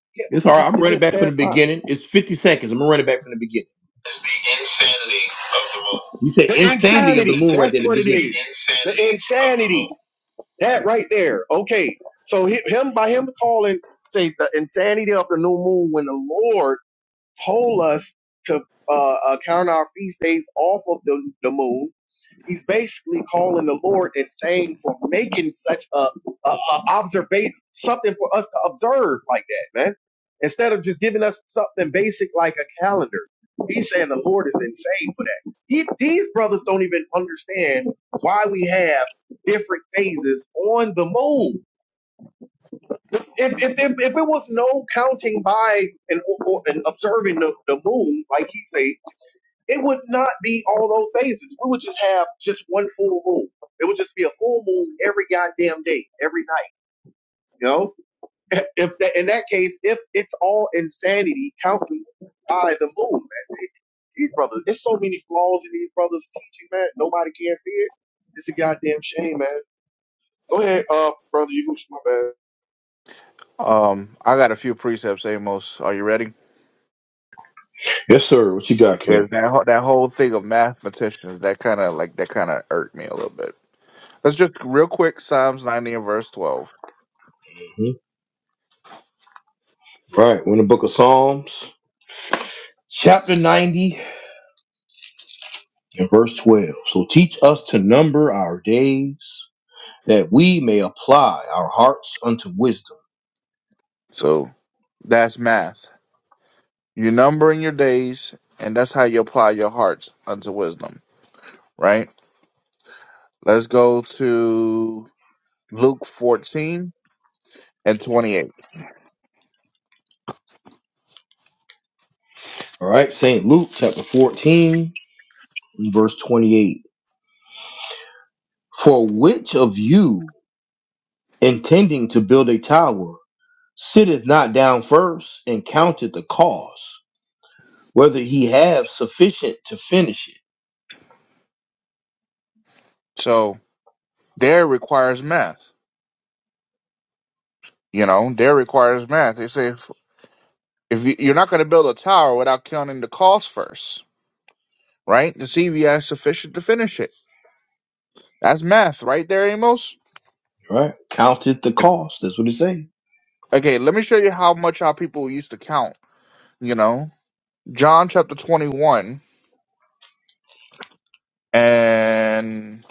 [SPEAKER 4] can't
[SPEAKER 1] It's all
[SPEAKER 4] believe
[SPEAKER 1] right.
[SPEAKER 4] it,
[SPEAKER 1] I'm
[SPEAKER 4] it
[SPEAKER 1] running
[SPEAKER 4] just
[SPEAKER 1] back from
[SPEAKER 4] passed
[SPEAKER 1] the
[SPEAKER 4] by.
[SPEAKER 1] beginning. It's 50 seconds. I'm gonna run it back from the beginning. It's the insanity of the moon. You said
[SPEAKER 4] The
[SPEAKER 1] insanity of the
[SPEAKER 4] insanity.
[SPEAKER 1] moon right
[SPEAKER 4] That's
[SPEAKER 1] there at the
[SPEAKER 4] what
[SPEAKER 1] It's
[SPEAKER 4] it
[SPEAKER 1] the beginning.
[SPEAKER 4] is.
[SPEAKER 1] insanity
[SPEAKER 4] The
[SPEAKER 1] of the
[SPEAKER 4] insanity.
[SPEAKER 1] moon.
[SPEAKER 4] That right there. Okay. So hi- him by him calling, say the insanity of the new moon when the Lord told us to uh, uh, count our feast days off of the, the moon. He's basically calling the Lord and saying for making such a, a, a observation, something for us to observe like that, man. Instead of just giving us something basic like a calendar, he's saying the Lord is insane for that. He, these brothers don't even understand why we have different phases on the moon if if if, if it was no counting by and or, and observing the, the moon, like he say, it would not be all those phases. We would just have just one full moon. It would just be a full moon every goddamn day, every night. You know, if if that, in that case, if it's all insanity counting by the moon, man, it- these brothers, there's so many flaws in these brothers' teaching, man. Nobody can see it. It's a goddamn shame, man. Go ahead, uh, brother Yahushua, man.
[SPEAKER 2] Um, I got a few precepts, Amos. Are you ready?
[SPEAKER 1] Yes, sir. What you got,
[SPEAKER 2] Yeah,
[SPEAKER 1] King?
[SPEAKER 2] that, whole- that whole thing of mathematicians, that kind of like that kind of irked me a little bit. Let's just real quick Psalms 90 and verse 12.
[SPEAKER 1] hmm Right. We're in the book of Psalms, chapter 90 and verse 12. So teach us to number our days that we may apply our hearts unto wisdom.
[SPEAKER 2] So that's math. you number in your days, and that's how you apply your hearts unto wisdom, right? Let's go to Luke 14 and 28.
[SPEAKER 1] All right, St. Luke chapter 14, verse 28. For which of you, intending to build a tower, sitteth not down first and counteth the cost, whether he have sufficient to finish it?
[SPEAKER 2] So there requires math. You know, there requires math. They say if, if you, you're not going to build a tower without counting the cost first, right? To see if you have sufficient to finish it. That's math right there, Amos.
[SPEAKER 1] All Right? Counted the cost. That's what it say.
[SPEAKER 2] Okay, let me show you how much our people used to count, you know? John chapter 21 and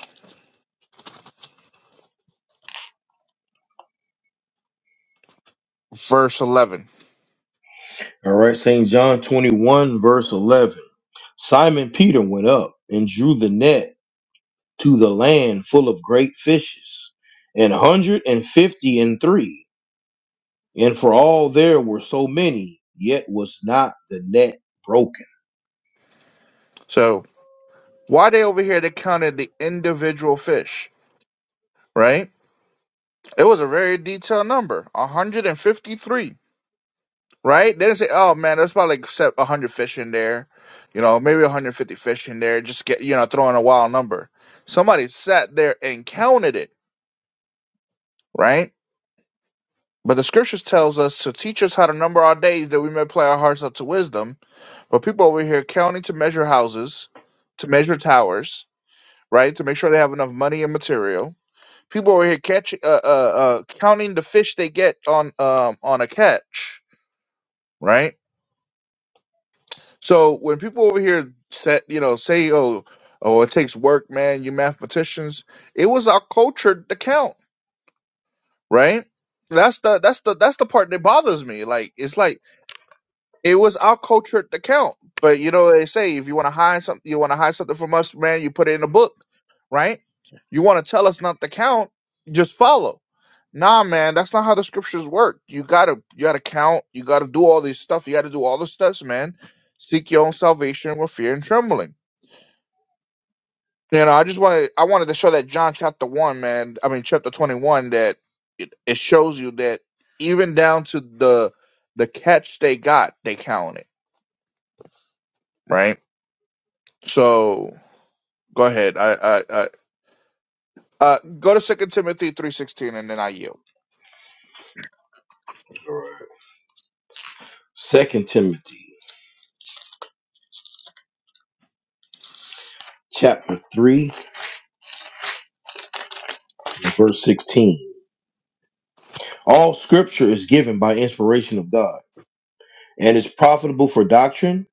[SPEAKER 2] verse 11.
[SPEAKER 1] All right, St. John 21, verse 11. Simon Peter went up and drew the net to the land full of great fishes, and a hundred and fifty and three. And for all there were so many, yet was not the net broken.
[SPEAKER 2] So, why they over here they counted the individual fish, right? It was a very detailed number, 153, right? They didn't say, "Oh man, there's probably like se- 100 fish in there, you know, maybe 150 fish in there, just get, you know, throw in a wild number." Somebody sat there and counted it, right? But the scriptures tells us to teach us how to number our days that we may apply our hearts up to wisdom But people over here counting to measure houses, to measure towers, right? To make sure they have enough money and material. People over here catch, uh, uh, uh, counting the fish they get on, um, on a catch, right? So when people over here set, you know, say, oh, oh, it takes work, man. You mathematicians. It was our culture to count, right? That's the that's the that's the part that bothers me. Like it's like it was our culture to count. But you know they say: if you want to hide something, you want to hide something from us, man. You put it in a book right? You want to tell us not to count, just follow. Nah, man, that's not how the scriptures work. You gotta you gotta count, you gotta do all this stuff, you gotta do all the steps, man. Seek your own salvation with fear and trembling. You know, I just wanted I wanted to show that John chapter one, man, I mean chapter twenty one that it, it shows you that even down to the the catch they got, they count it. Right? So go ahead. I I, I uh go to Second Timothy three sixteen and then I yield.
[SPEAKER 1] Second Timothy chapter three verse sixteen. All scripture is given by inspiration of God, and is profitable for doctrine,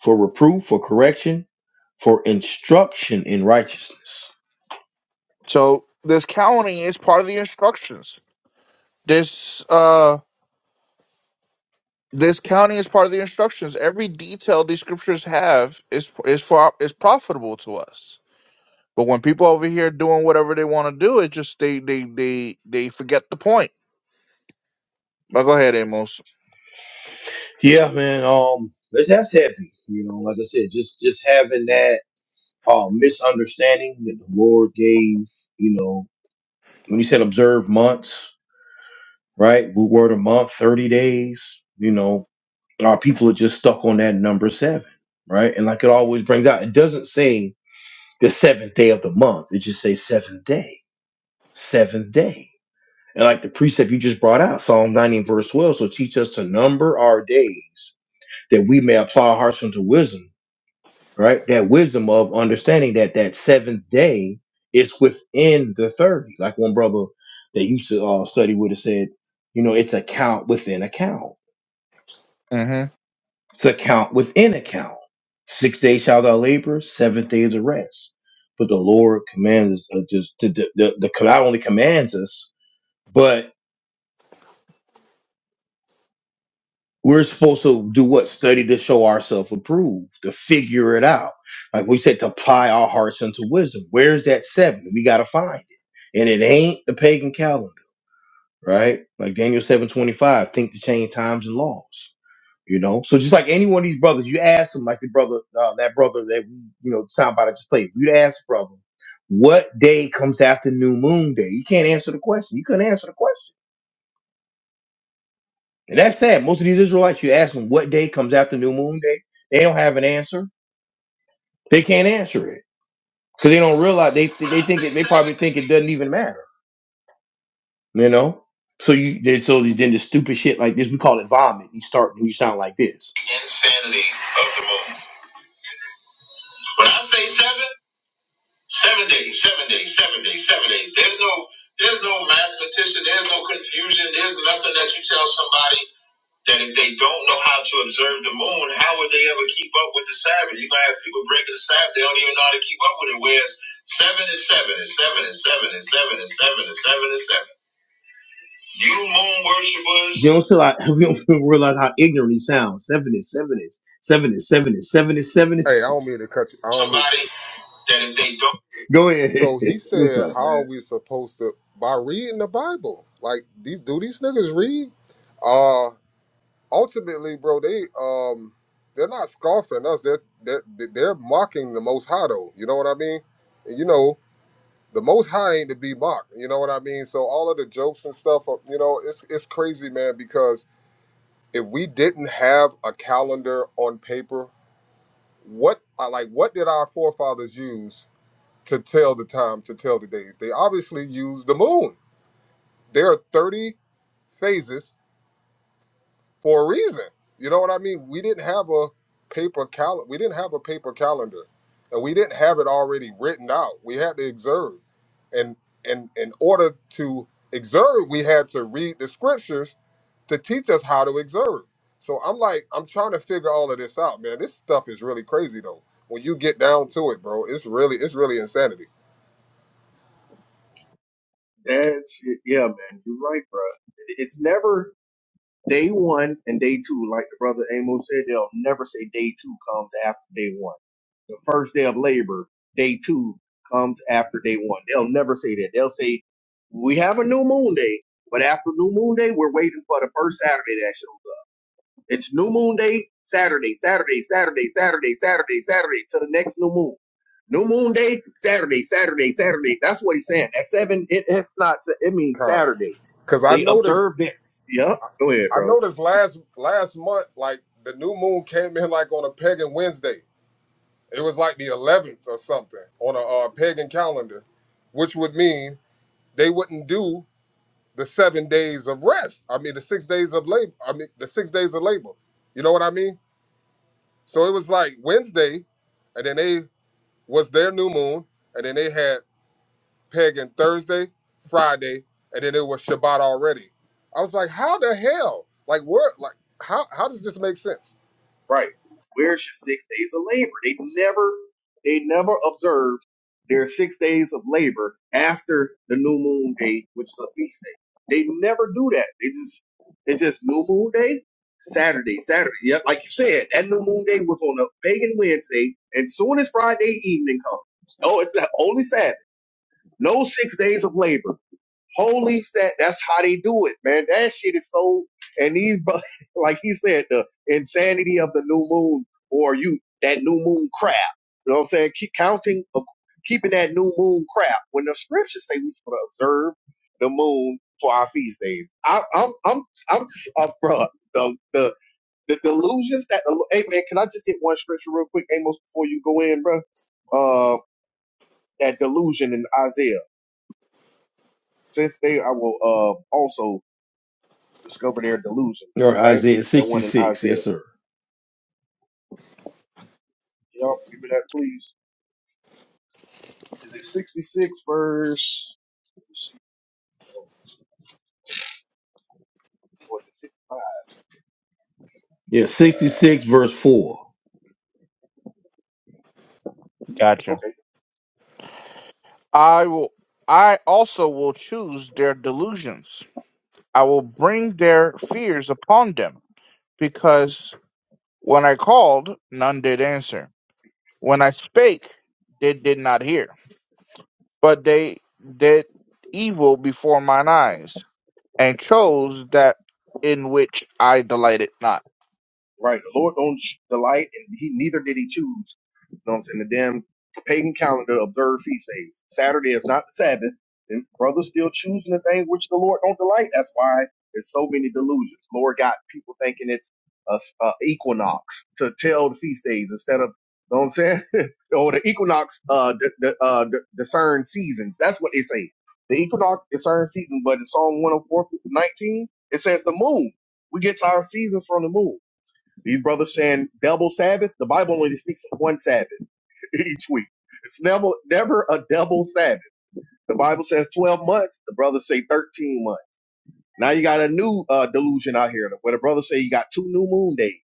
[SPEAKER 1] for reproof, for correction, for instruction in righteousness.
[SPEAKER 2] So this counting is part of the instructions. This uh this counting is part of the instructions. Every detail these scriptures have is is for is profitable to us. But when people over here doing whatever they want to do, it just they they they they forget the point. But go ahead, Amos.
[SPEAKER 1] Yeah, man. Um, that's that's heavy. You know, like I said, just just having that uh misunderstanding that the Lord gave, you know, when he said observe months right? Root word a month, 30 days, you know, our people are just stuck on that number seven, right? And like it always brings out, it doesn't say the seventh day of the month. It just says seventh day, seventh day. And like the precept you just brought out, Psalm 90 and verse 12, so teach us to number our days that we may apply our hearts unto wisdom, right? That wisdom of understanding that that seventh day is within the 30. Like one brother that used to uh, study would have said, you know, it's a count within a count
[SPEAKER 2] Mm-hmm.
[SPEAKER 1] to count within account. Six days shalt thou labor, seventh day is a rest. But the Lord commands us uh, just to, to, the the not only commands us, but we're supposed to do what study to show ourselves approved, to figure it out. Like we said, to apply our hearts unto wisdom. Where's that seven? We gotta find it, and it ain't the pagan calendar, right? Like Daniel seven twenty five. Think to change times and laws. You know, so just like any one of these brothers, you ask them, like the brother, uh, that brother that we, you know, soundbite I just played. You'd ask the brother, what day comes after New Moon Day? You can't answer the question. You couldn't answer the question, and that's sad. Most of these Israelites, you ask them what day comes after New Moon Day, they don't have an answer. They can't answer it because they don't realize they they think it, they probably think it doesn't even matter. You know, so you they so then the stupid shit like this we call it vomit. You start and you sound like this. Insanity of the moon. When I say seven. Seven days, seven days, seven days, seven days. There's no there's no mathematician, there's no confusion, there's nothing that you tell somebody that if they don't know how to observe the moon, how would they ever keep up with the Sabbath? You're gonna have people breaking the Sabbath, they don't even know how to keep up with it. Whereas seven is seven and seven and seven and seven and seven and seven and seven. You moon worshippers. You don't feel like you don't feel- realize how ignorant he sounds. Seven is seven is seven is seven is seven is seven
[SPEAKER 3] Hey, I
[SPEAKER 1] is
[SPEAKER 3] don't mean to cut you. I don't mean.
[SPEAKER 1] somebody that if they don't go ahead.
[SPEAKER 3] So he
[SPEAKER 1] What's
[SPEAKER 3] said,
[SPEAKER 1] up?
[SPEAKER 3] "How are we supposed to by reading the Bible? Like, these, do these niggas read? Uh, ultimately, bro, they um, they're not scoffing us. They're they're they're mocking the Most High, though. You know what I mean? And, you know, the Most High ain't to be mocked. You know what I mean? So all of the jokes and stuff, uh, you know, it's it's crazy, man. Because if we didn't have a calendar on paper, what I like what did our forefathers use?" to tell the time, to tell the days. They obviously use the moon. There are 30 phases for a reason. You know what I mean? We didn't have a paper cal we didn't have a paper calendar and we didn't have it already written out. We had to observe. And and in order to observe, we had to read the scriptures to teach us how to observe. So I'm like, I'm trying to figure all of this out, man. This stuff is really crazy though. When you get down to it, bro, it's really, it's really insanity.
[SPEAKER 4] That's yeah, man. You're right, bro. It's never day one and day two, like the brother Amos said. They'll never say day two comes after day one. The first day of labor, day two comes after day one. They'll never say that. They'll say we have a new moon day, but after new moon day, we're waiting for the first Saturday that shows up. It's new moon day, Saturday, Saturday, Saturday, Saturday, Saturday, Saturday, to the next new moon. New moon day, Saturday, Saturday, Saturday. That's what he's saying. At seven, it, it's not, it means
[SPEAKER 3] Con.
[SPEAKER 4] Saturday.
[SPEAKER 3] Cause I
[SPEAKER 4] They
[SPEAKER 3] noticed
[SPEAKER 4] observed it. Yep. Go ahead,
[SPEAKER 3] I
[SPEAKER 4] bro.
[SPEAKER 3] noticed last last month, like the new moon came in like on a pagan Wednesday. It was like the eleventh or something on a uh, pagan calendar, which would mean they wouldn't do the seven days of rest. I mean the six days of labor. I mean the six days of labor. You know what I mean? So it was like Wednesday, and then they was their new moon, and then they had pagan Thursday, Friday, and then it was Shabbat already. I was like, how the hell? Like what? Like how? How does this make sense?
[SPEAKER 4] Right. Where's your six days of labor? They never they never observed their six days of labor after the new moon day, which is a feast day. They never do that. They just it's just new moon day, Saturday, Saturday. Yeah, like you said, that new moon day was on a pagan Wednesday, and soon as Friday evening comes. Oh, it's that only Saturday. No six days of labor. Police that that's how they do it, man. That shit is so and these bu- like he said, the insanity of the new moon or you that new moon crap. You know what I'm saying? Keep counting uh, keeping that new moon crap when the scriptures say we're supposed to observe the moon for our feast days. I, I'm I'm I'm uh, bro. the the the delusions that the hey man, can I just get one scripture real quick, Amos, before you go in, bro? Uh that delusion in Isaiah. Since they I will uh also discover their delusions,
[SPEAKER 1] Or
[SPEAKER 4] right?
[SPEAKER 1] Isaiah
[SPEAKER 4] That one in
[SPEAKER 1] 66. Yes,
[SPEAKER 4] Isaiah.
[SPEAKER 1] sir.
[SPEAKER 4] Y'all give me that, please. Is it 66 verse? What is it? 65?
[SPEAKER 1] Yeah, 66 verse 4.
[SPEAKER 2] Gotcha.
[SPEAKER 4] Okay.
[SPEAKER 2] I will. I also will choose their delusions. I will bring their fears upon them, because when I called, none did answer When I spake, they did not hear, but they did evil before mine eyes, and chose that in which I delighted not.
[SPEAKER 4] Right. The Lord don't delight, and he neither did he choose. You know what I'm saying? The damn pagan calendar observed feast days. Saturday is not the Sabbath. And brothers still choosing the thing which the Lord don't delight. That's why there's so many delusions. Lord got people thinking it's a a equinox to tell the feast days instead of, you know what I'm saying? or the equinox uh, d- d- uh, d- discern seasons. That's what they say. The equinox discerns seasons, but in Psalm 104, 19, it says the moon. We get our seasons from the moon. These brothers saying double Sabbath. The Bible only speaks of one Sabbath each week. It's never never a double Sabbath. The Bible says twelve months. The brothers say thirteen months. Now you got a new uh, delusion out here where the brothers say you got two new moon days.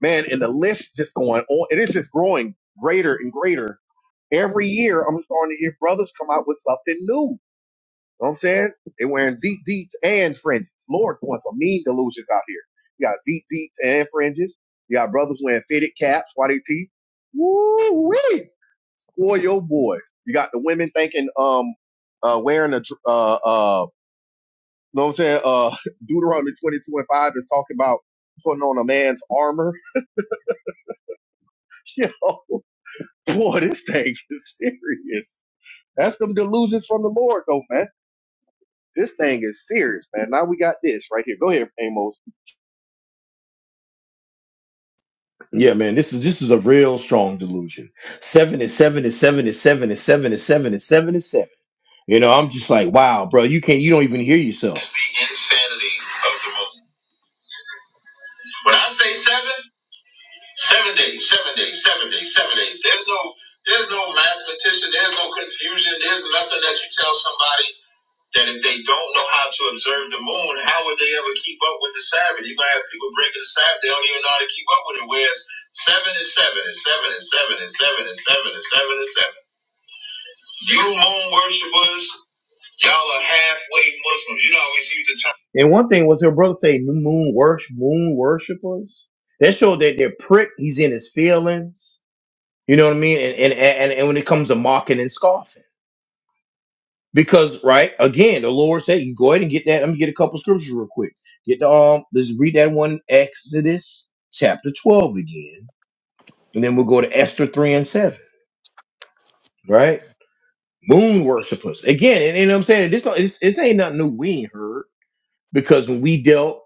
[SPEAKER 4] Man, and the list just going on. It is just growing greater and greater every year. I'm starting to hear brothers come out with something new know what I'm saying? They wearing zeet zeets and fringes. Lord doing some mean delusions out here. You got zeet zeets and fringes. You got brothers wearing fitted caps, why they teeth. Woo wee! Boy, yo boy. You got the women thinking um uh wearing a dr- uh uh know what I'm saying? Uh Deuteronomy 22 and 5 is talking about putting on a man's armor. Yo, boy, this thing is serious. That's them delusions from the Lord though, man. This thing is serious, man. Now we got this right here. Go ahead, Amos.
[SPEAKER 1] Yeah, man, this is this is a real strong delusion. Seven is seven is seven is seven is seven is seven is seven is seven. You know, I'm just like, wow, bro, you can't you don't even hear yourself. It's the insanity of the moment. When I say seven, seven days, seven days, seven days, seven days. There's no there's no mathematician, there's no confusion, there's nothing that you tell somebody. that if they don't know how to observe the moon, how would they ever keep up with the Sabbath? You're gonna have people breaking the Sabbath, they don't even know how to keep up with it. Whereas seven is seven and seven and seven and seven and seven and seven and seven. You moon worshipers, y'all are halfway Muslims. You don't always use the term. And one thing was her brother say moon worship moon worshipers. That showed that they're prick, he's in his feelings. You know what I mean? And and and, and when it comes to mocking and scoffing. Because right again, the Lord said, "You go ahead and get that." Let me get a couple scriptures real quick. Get the um, let's read that one in Exodus chapter twelve again, and then we'll go to Esther three and seven. Right, moon worshippers again, and, and I'm saying this don't this, this ain't nothing new. We ain't heard because when we dealt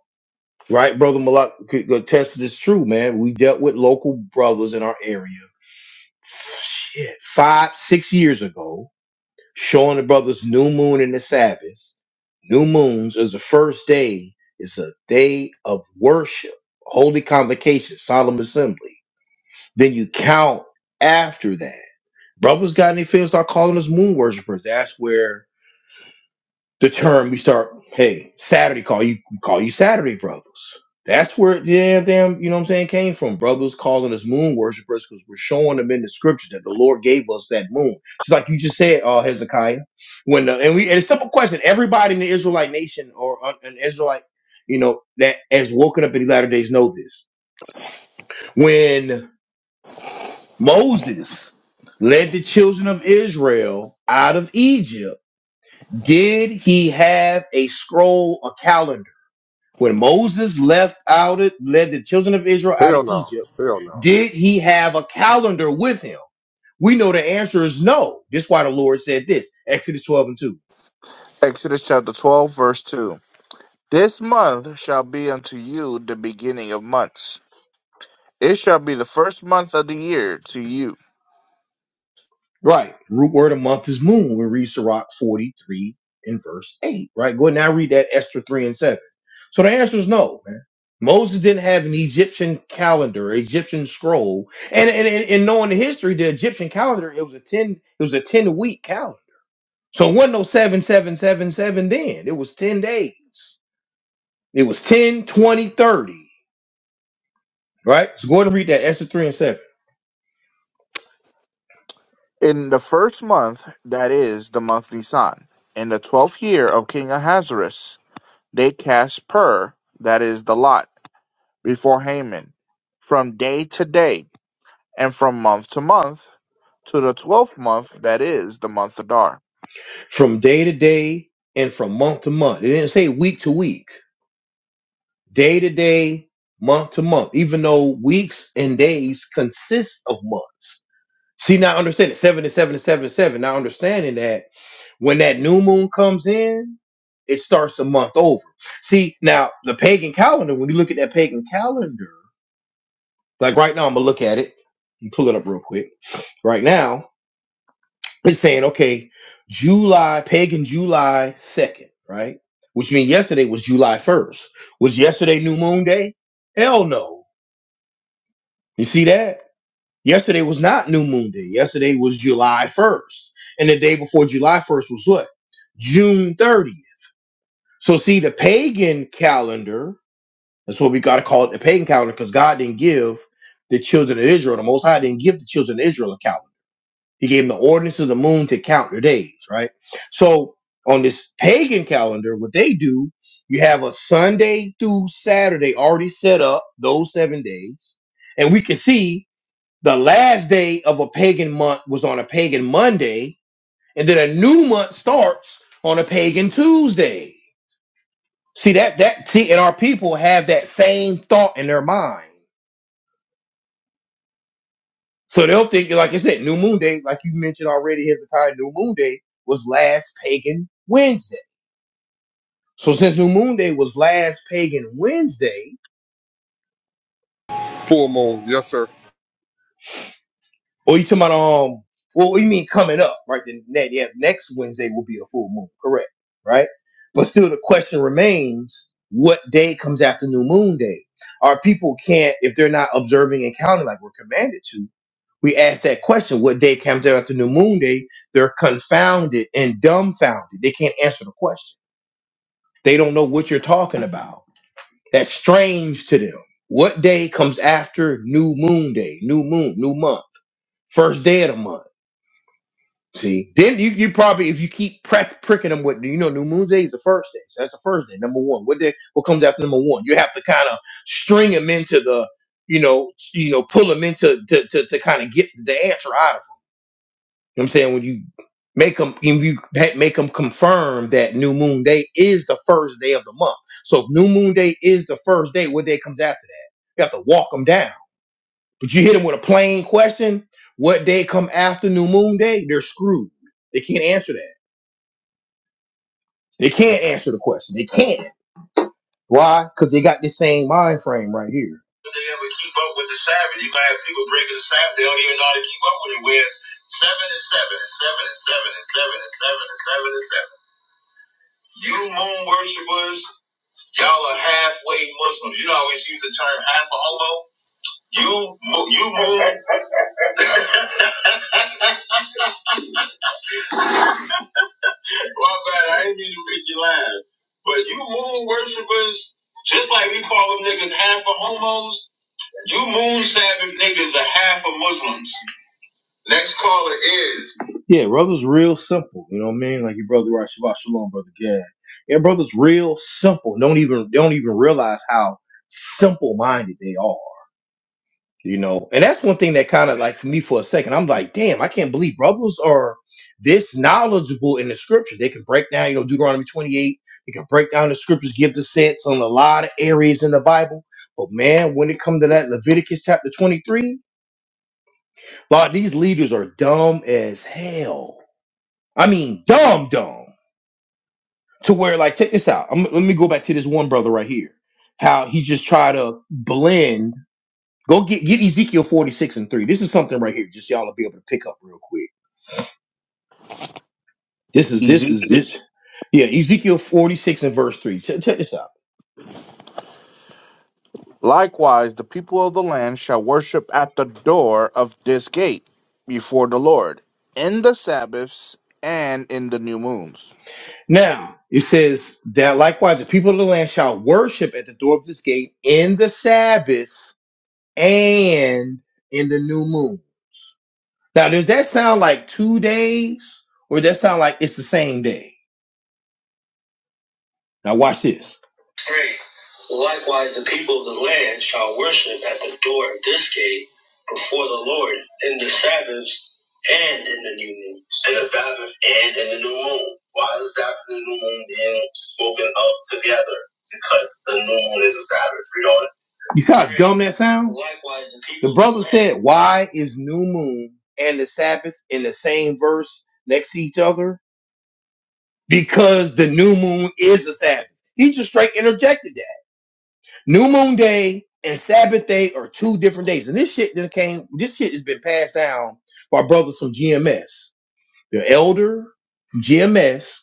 [SPEAKER 1] right, brother Malak could attest to this true man. We dealt with local brothers in our area. Shit, five six years ago showing the brothers new moon and the Sabbath. New moons is the first day. It's a day of worship, holy convocation, solemn assembly. Then you count after that. Brothers got any feelings? Start calling us moon worshipers. That's where the term we start hey saturday call you call you saturday brothers that's where the damn damn you know what i'm saying came from brothers calling us moon worshipers because we're showing them in the scripture that the lord gave us that moon just like you just said uh hezekiah when the, and we and it's a simple question everybody in the israelite nation or uh, an israelite you know that has woken up in the latter days know this when moses led the children of israel out of egypt did he have a scroll a calendar When Moses left out it, led the children of Israel out of
[SPEAKER 3] Hell no.
[SPEAKER 1] Egypt,
[SPEAKER 3] Hell no.
[SPEAKER 1] did he have a calendar with him? We know the answer is no. That's why the Lord said this. Exodus 12 and 2.
[SPEAKER 2] Exodus chapter 12, verse 2. This month shall be unto you the beginning of months. It shall be the first month of the year to you.
[SPEAKER 1] Right. Root word of month is moon. We read Sirach 43 and verse 8. Right. Go ahead now read that Esther 3 and 7. So the answer is no, man. Moses didn't have an Egyptian calendar, Egyptian scroll. And and, and, and knowing the history, the Egyptian calendar, it was a 10, it was a 10 week calendar So it wasn't no 7777 then. It was 10 days. It was 10, 20, 30, Right? So go ahead and read that Esther 3 and 7.
[SPEAKER 2] In the first month, that is the month Nisan, in the twelfth year of King Ahasuerus, they cast pur, that is the lot, before Haman, from day to day and from month to month, to the twelfth month, that is, the month Adar.
[SPEAKER 1] From day to day and from month to month. It didn't say week to week, day to day, month to month, even though weeks and days consist of months. See, now understanding seven to seven to seven to seven. Now understanding that when that new moon comes in, it starts a month over. See, now the pagan calendar, when you look at that pagan calendar, Like right now, I'm gonna look at it. You pull it up real quick. Right now, it's saying okay, July pagan July second, right? Which means yesterday was July first. Was yesterday New Moon Day? Hell no. You see that? Yesterday was not New Moon Day. Yesterday was July first, and the day before July first was what? June thirtieth. So see, the pagan calendar. That's what we gotta call it, the pagan calendar, because God didn't give the children of Israel. The Most High didn't give the children of Israel a calendar. He gave them the ordinance of the moon to count their days, right? So on this pagan calendar, what they do, you have a Sunday through Saturday already set up, those seven days. And we can see the last day of a pagan month was on a pagan Monday, and then a new month starts on a pagan Tuesday. See that that see, and our people have that same thought in their mind. So they'll think, like I said, New Moon Day, like you mentioned already, Hezekiah, New Moon Day was last pagan Wednesday. So since New Moon Day was last pagan Wednesday,
[SPEAKER 3] Full moon, yes sir.
[SPEAKER 1] or you talking about um, well, you mean coming up, right? The ne- yeah, next Wednesday will be a full moon, correct? Right? But still, the question remains: What day comes after New Moon Day? Our people can't, if they're not observing and counting like we're commanded to, we ask that question, what day comes out after new moon day, they're confounded and dumbfounded. They can't answer the question. They don't know what you're talking about. That's strange to them. What day comes after new moon day, new moon, new month, first day of the month? See, then you, you probably, if you keep prac- pricking them with, you know, new moon day is the first day. So that's the first day, number one. What day, what comes after number one? You have to kind of string them into the, you know, you know, pull them into to, to, to kind of get the answer out of 'em. You know what I'm saying when you make them, if you ha- make them confirm that New Moon Day is the first day of the month. So if New Moon Day is the first day, what day comes after that? You have to walk them down. But you hit them with a plain question: What day come after New Moon Day? They're screwed. They can't answer that. They can't answer the question. They can't. Why? Because they got this same mind frame right here. If they ever keep up with the Sabbath, you might have people breaking the Sabbath. They don't even know how to keep up with it. Whereas seven and seven and seven and seven and seven and seven and seven and seven and seven. You moon worshippers, y'all are halfway Muslims. You always use the term half a homo. You, you moon. My bad, I ain't mean to make you laugh. But you moon worshippers, just like we call them niggas half a homos, you moon Sabbath niggas are half a Muslims. Next caller is. Yeah, brother's real simple. You know what I mean? Like your brother right Shabbat Shalom, brother Gad. Yeah, brother's real simple. Don't even don't even realize how simple minded they are. You know, and that's one thing that kind of like for me for a second, I'm like, damn, I can't believe brothers are this knowledgeable in the scripture. They can break down, you know, Deuteronomy 28. They can break down the scriptures, give the sense on a lot of areas in the Bible. But man, when it comes to that Leviticus chapter 23. Like these leaders are dumb as hell. I mean, dumb, dumb. To where, like, take this out. I'm, let me go back to this one brother right here. How he just tried to blend. Go get get Ezekiel 46 and 3. This is something right here. Just y'all will be able to pick up real quick. This is this is
[SPEAKER 2] Ezekiel.
[SPEAKER 1] this. Yeah, Ezekiel 46 and verse 3. Check, check this out.
[SPEAKER 2] Likewise, the people of the land shall worship at the door of this gate before the Lord, in the Sabbaths and in the new moons.
[SPEAKER 1] Now it says that likewise the people of the land shall worship at the door of this gate in the Sabbath and in the new moon. Now, does that sound like two days, or does that sound like it's the same day? Now watch this. Three. Likewise, the people of the land shall worship at the door of this gate before the Lord in the Sabbaths and in the new moon. In the Sabbath and in the new moon. Why is the Sabbath and the new moon being spoken of together? Because the new moon is a Sabbath. Read on. You see how dumb that sounds? Likewise, the people. The brother said, Why is new moon and the Sabbath in the same verse next to each other? because the new moon is a Sabbath. He just straight interjected that. New moon day and Sabbath day are two different days. And this shit that came, this shit has been passed down by brothers from GMS. The elder, GMS,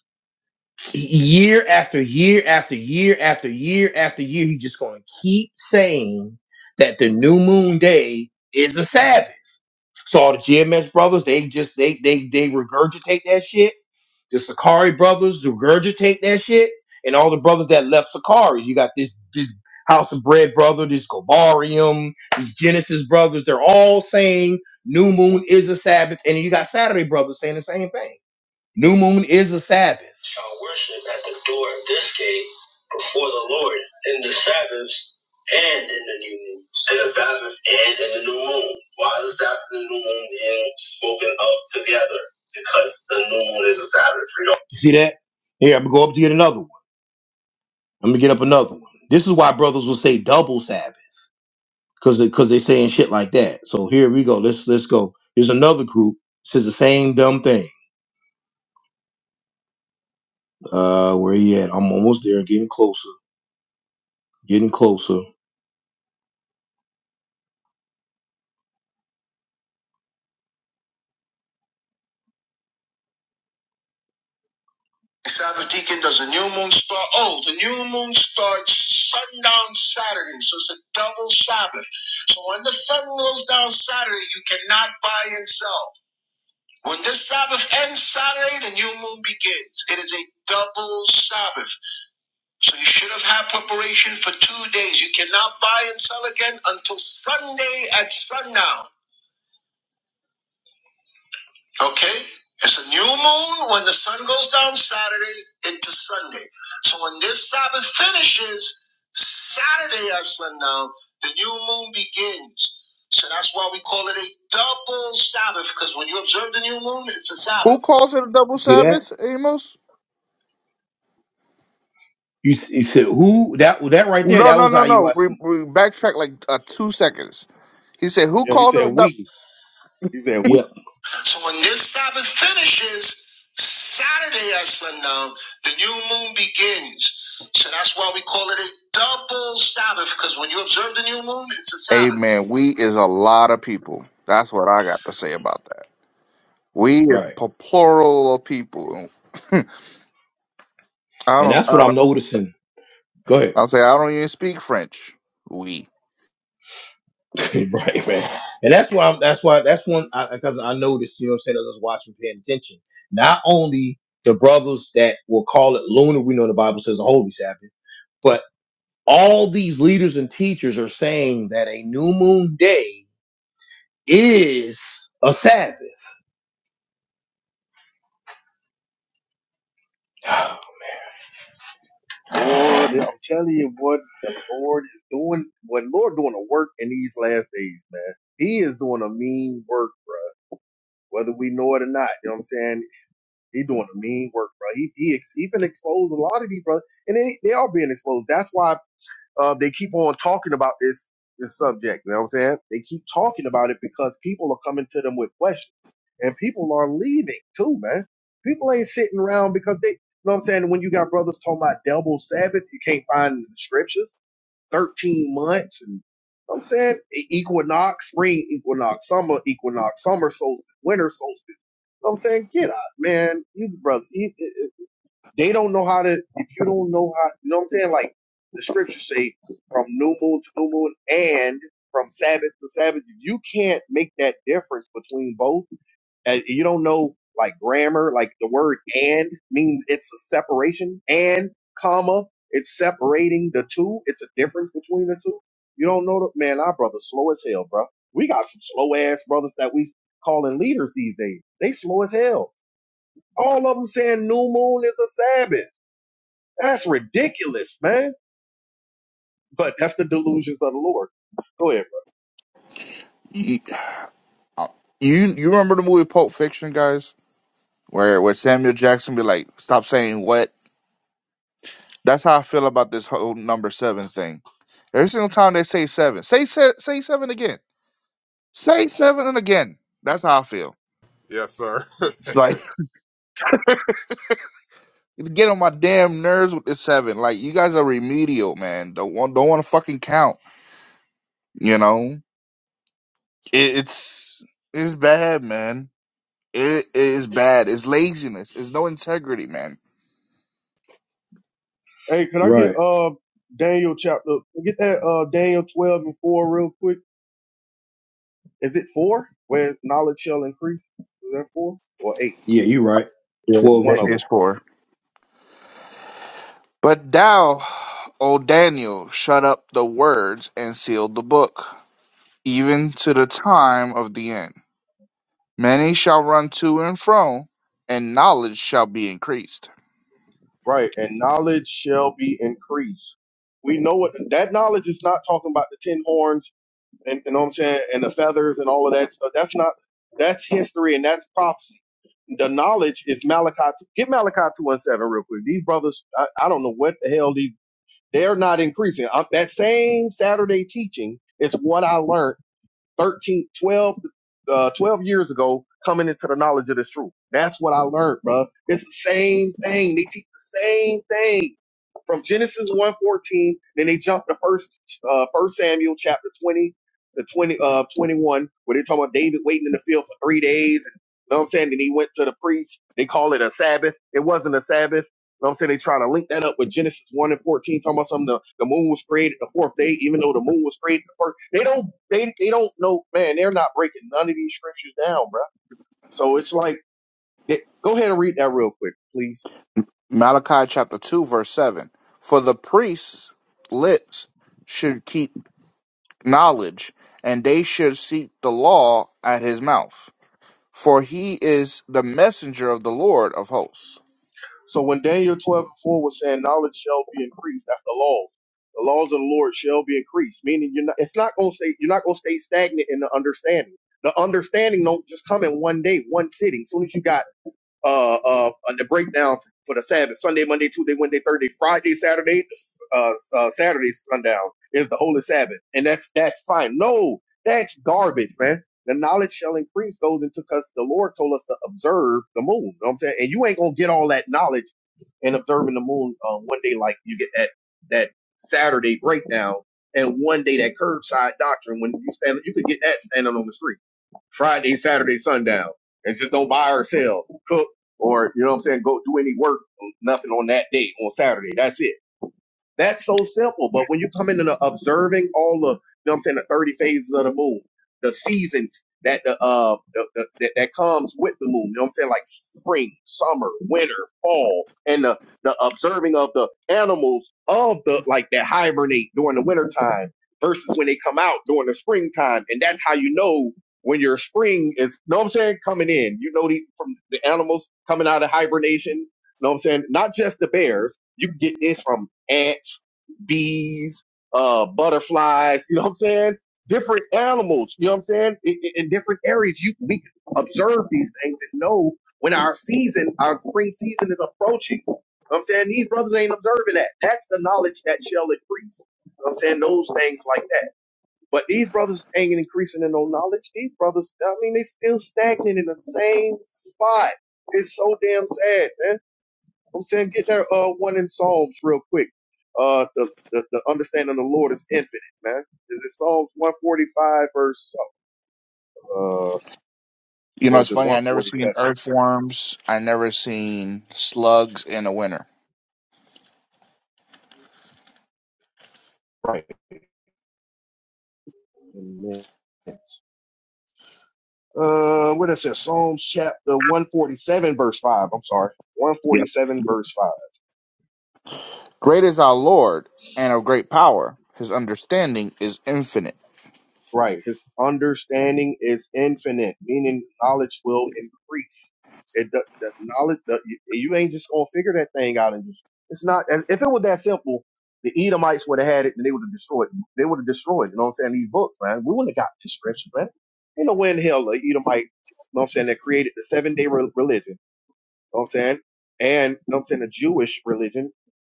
[SPEAKER 1] year after year after year after year after year, he's just going to keep saying that the new moon day is a Sabbath. So all the GMS brothers, they just they they they regurgitate that shit. The Sakari brothers regurgitate that shit, and all the brothers that left Sakari, you got this this House of Bread brother, this Gobarium, these Genesis brothers. They're all saying new moon is a Sabbath, and then you got Saturday brothers saying the same thing. New moon is a Sabbath. Shall worship at the door of this gate before the Lord in the Sabbaths and in the new moon. In the Sabbath and in the new moon. Why is the Sabbath and the new moon being spoken of together? Because the new moon is a Sabbath. You know? You see that? Here, I'm gonna go up to get another one. I'm gonna get up another one. This is why brothers will say double Sabbath, because because they saying shit like that. So here we go. Let's let's go. Here's another group says the same dumb thing. Uh, where he at? I'm almost there, getting closer. Getting closer. Sabbath Deacon does a new moon start. Oh, the new moon starts sundown Saturday, so it's a double Sabbath. So when the sun goes down Saturday, you cannot buy and sell. When this Sabbath ends Saturday, the new moon begins. It is a double Sabbath. So you should have had preparation for two days. You cannot buy and sell again until Sunday at sundown. Okay? It's a new moon when the sun goes down Saturday into Sunday. So when this Sabbath finishes, Saturday at sundown, the new moon begins. So that's why we call it a double Sabbath, because when you observe the new moon, it's a
[SPEAKER 2] Who
[SPEAKER 1] Sabbath.
[SPEAKER 2] calls it a double
[SPEAKER 1] See that?
[SPEAKER 2] Sabbath, Amos?
[SPEAKER 1] You, s- you said who that that right there?
[SPEAKER 2] No,
[SPEAKER 1] That
[SPEAKER 2] no,
[SPEAKER 1] was
[SPEAKER 2] no, no.
[SPEAKER 1] IUIC.
[SPEAKER 2] We, we backtrack like uh, two seconds. He said, "Who
[SPEAKER 4] Yeah, he
[SPEAKER 2] calls it
[SPEAKER 4] said
[SPEAKER 2] a double?"
[SPEAKER 4] we. He said we.
[SPEAKER 1] So when this Sabbath finishes, Saturday at sundown, the new moon begins. So that's why we call it a double Sabbath, because when you observe the new moon, it's a Sabbath.
[SPEAKER 2] Amen. We is a lot of people. That's what I got to say about that. We is
[SPEAKER 1] Right.
[SPEAKER 2] a plural of people. I
[SPEAKER 1] And
[SPEAKER 2] don't.
[SPEAKER 1] that's what
[SPEAKER 2] I
[SPEAKER 1] I'm
[SPEAKER 2] don't.
[SPEAKER 1] noticing. Go ahead.
[SPEAKER 2] I say I don't even speak French. We.
[SPEAKER 1] right, man. And that's why I'm that's why that's one I because I noticed, you know what I'm saying, I was watching, paying attention. Not only the brothers that will call it lunar, we know the Bible says a holy Sabbath, but all these leaders and teachers are saying that a new moon day is a Sabbath.
[SPEAKER 4] Boy, the- I'm telling you what the Lord is doing. What Lord doing a work in these last days, man. He is doing a mean work, bro. Whether we know it or not, you know what I'm saying? He doing a mean work, bro. He he ex, even exposed a lot of these brothers, and they they are being exposed. That's why. Uh, they keep on talking about this this subject. You know what I'm saying? They keep talking about it because people are coming to them with questions, and people are leaving too, man. People ain't sitting around because they. You know what I'm saying? When you got brothers talking about double Sabbath, you can't find it in the scriptures. Thirteen months, and you know what I'm saying E- equinox, spring equinox, summer equinox, summer solstice, winter solstice. You know what I'm saying, get out, man. You brothers. They don't know how to. If you don't know how, you know what I'm saying? Like the scriptures say, from new moon to new moon, and from Sabbath to Sabbath. If you can't make that difference between both, and you don't know like grammar, like the word and means it's a separation and comma, it's separating the two. It's a difference between the two. You don't know the man, our brother's slow as hell, bro. We got some slow ass brothers that we calling leaders these days. They slow as hell. All of them saying new moon is a Sabbath. That's ridiculous, man. But that's the delusions of the Lord. Go ahead,
[SPEAKER 2] You, you you remember the movie Pulp Fiction, guys, where where Samuel Jackson be like, "Stop saying what." That's how I feel about this whole number seven thing. Every single time they say seven, say se- say seven again, say seven and again. That's how I feel.
[SPEAKER 3] Yes, sir.
[SPEAKER 2] It's like it get on my damn nerves with this seven. Like you guys are remedial, man. Don't want don't want to fucking count. You know, it, it's it's bad, man. It is bad. It's laziness. It's no integrity, man.
[SPEAKER 4] bro. Hey, can I get
[SPEAKER 1] Right.
[SPEAKER 4] uh Daniel chapter get that uh Daniel twelve and four real quick? Is it four? Where knowledge shall increase? Is that four or eight?
[SPEAKER 1] Yeah, you are right.
[SPEAKER 2] Yes,
[SPEAKER 1] Twelve
[SPEAKER 2] that
[SPEAKER 1] and
[SPEAKER 4] One of
[SPEAKER 1] four.
[SPEAKER 4] them,
[SPEAKER 2] is for. But thou, O Daniel, shut up the words and sealed the book, even to the time of the end. Many shall run to and fro, and knowledge shall be increased.
[SPEAKER 4] right? And knowledge shall be increased. We know what that knowledge is not talking about the ten horns and you know what I'm saying, and the feathers and all of that stuff. That's not that's history and that's prophecy. The knowledge is Malachi. two- Get Malachi two one seven real quick. These brothers, I, I don't know what the hell these. They're not increasing. I, that same Saturday teaching is what I learned 13, twelve, uh, 12 years ago coming into the knowledge of this truth. That's what I learned, bro. It's the same thing. They teach the same thing from Genesis one fourteen, Then they jump to first uh, First Samuel chapter 20 to 20 uh, 21, where they're talking about David waiting in the field for three days. And, you know what I'm saying? Then he went to the priest. They call it a Sabbath. It wasn't a Sabbath. You know what I'm saying? They try to link that up with Genesis 1 and 14, talking about something the, the moon was created the fourth day, even though the moon was created the first. They don't, they, they don't know, man, they're not breaking none of these scriptures down, bro. So it's like, they- go ahead and read that real quick, please.
[SPEAKER 2] Malachi chapter 2, verse 7. For the priests' lips should keep knowledge, and they should seek the law at his mouth. For he is the messenger of the Lord of hosts.
[SPEAKER 4] So when Daniel 12 and 4 was saying, knowledge shall be increased, that's the laws. The laws of the Lord shall be increased, meaning you're not, it's not going to say you're not going to stay stagnant in the understanding. The understanding don't just come in one day, one sitting. As soon as you got uh, uh, the breakdown for the Sabbath Sunday, Monday, Tuesday, Wednesday, Thursday, Friday, Saturday, uh, uh, Saturday sundown is the holy Sabbath, and that's that's fine. No, that's garbage, man. The knowledge shall increase goes into because the Lord told us to observe the moon. You know what I'm saying, and you ain't gonna get all that knowledge and observing the moon uh, one day, like you get that that Saturday breakdown, and one day that curbside doctrine when you stand, you could get that standing on the street. Friday, Saturday, sundown, and just don't buy or sell, cook, or you know what I'm saying, go do any work, nothing on that day on Saturday. That's it. That's so simple. But when you come in and uh, observing all the, you know what I'm saying, the 30 phases of the moon, the seasons that the, uh, the, the, that, that comes with the moon, you know what I'm saying, like spring, summer, winter, fall, and the, the observing of the animals of the, like that hibernate during the winter time versus when they come out during the springtime. And that's how you know when your spring is, you know what I'm saying, coming in, you know, the, from the animals coming out of hibernation know what I'm saying? Not just the bears. You can get this from ants, bees, uh, butterflies, you know what I'm saying? Different animals, you know what I'm saying? In, in in different areas, you we can observe these things and know when our season, our spring season is approaching. You know what I'm saying these brothers ain't observing that. That's the knowledge that shall increase. You know what I'm saying those things like that. But these brothers ain't increasing in no knowledge. These brothers, I mean, they still stagnant in the same spot. It's so damn sad, man. I'm saying, get that uh one in Psalms real quick? Uh, the the, the understanding of the Lord is infinite, man. Is it Psalms one forty five verse uh
[SPEAKER 2] You know,
[SPEAKER 4] or is
[SPEAKER 2] it's
[SPEAKER 4] it
[SPEAKER 2] funny.
[SPEAKER 4] one
[SPEAKER 2] I never
[SPEAKER 4] forty
[SPEAKER 2] seen
[SPEAKER 4] seven?
[SPEAKER 2] earthworms. I never seen slugs in a winter.
[SPEAKER 4] Right. Amen. Uh, what is it? Psalms chapter one forty seven verse five. I'm sorry, one forty
[SPEAKER 2] Yep.
[SPEAKER 4] seven verse five.
[SPEAKER 2] Great is our Lord and of great power. His understanding is infinite.
[SPEAKER 4] Right. His understanding is infinite, meaning knowledge will increase. It the, the knowledge the, you, you ain't just gonna figure that thing out and just it's not. If it was that simple, the Edomites would have had it and they would have destroyed. They would have destroyed. You know what I'm saying? These books, man. We wouldn't have got the scripture, man. Ain't no way in hell the Edomite. You know what I'm saying? That created the seven day religion know what I'm saying? And you know what I'm saying the Jewish religion,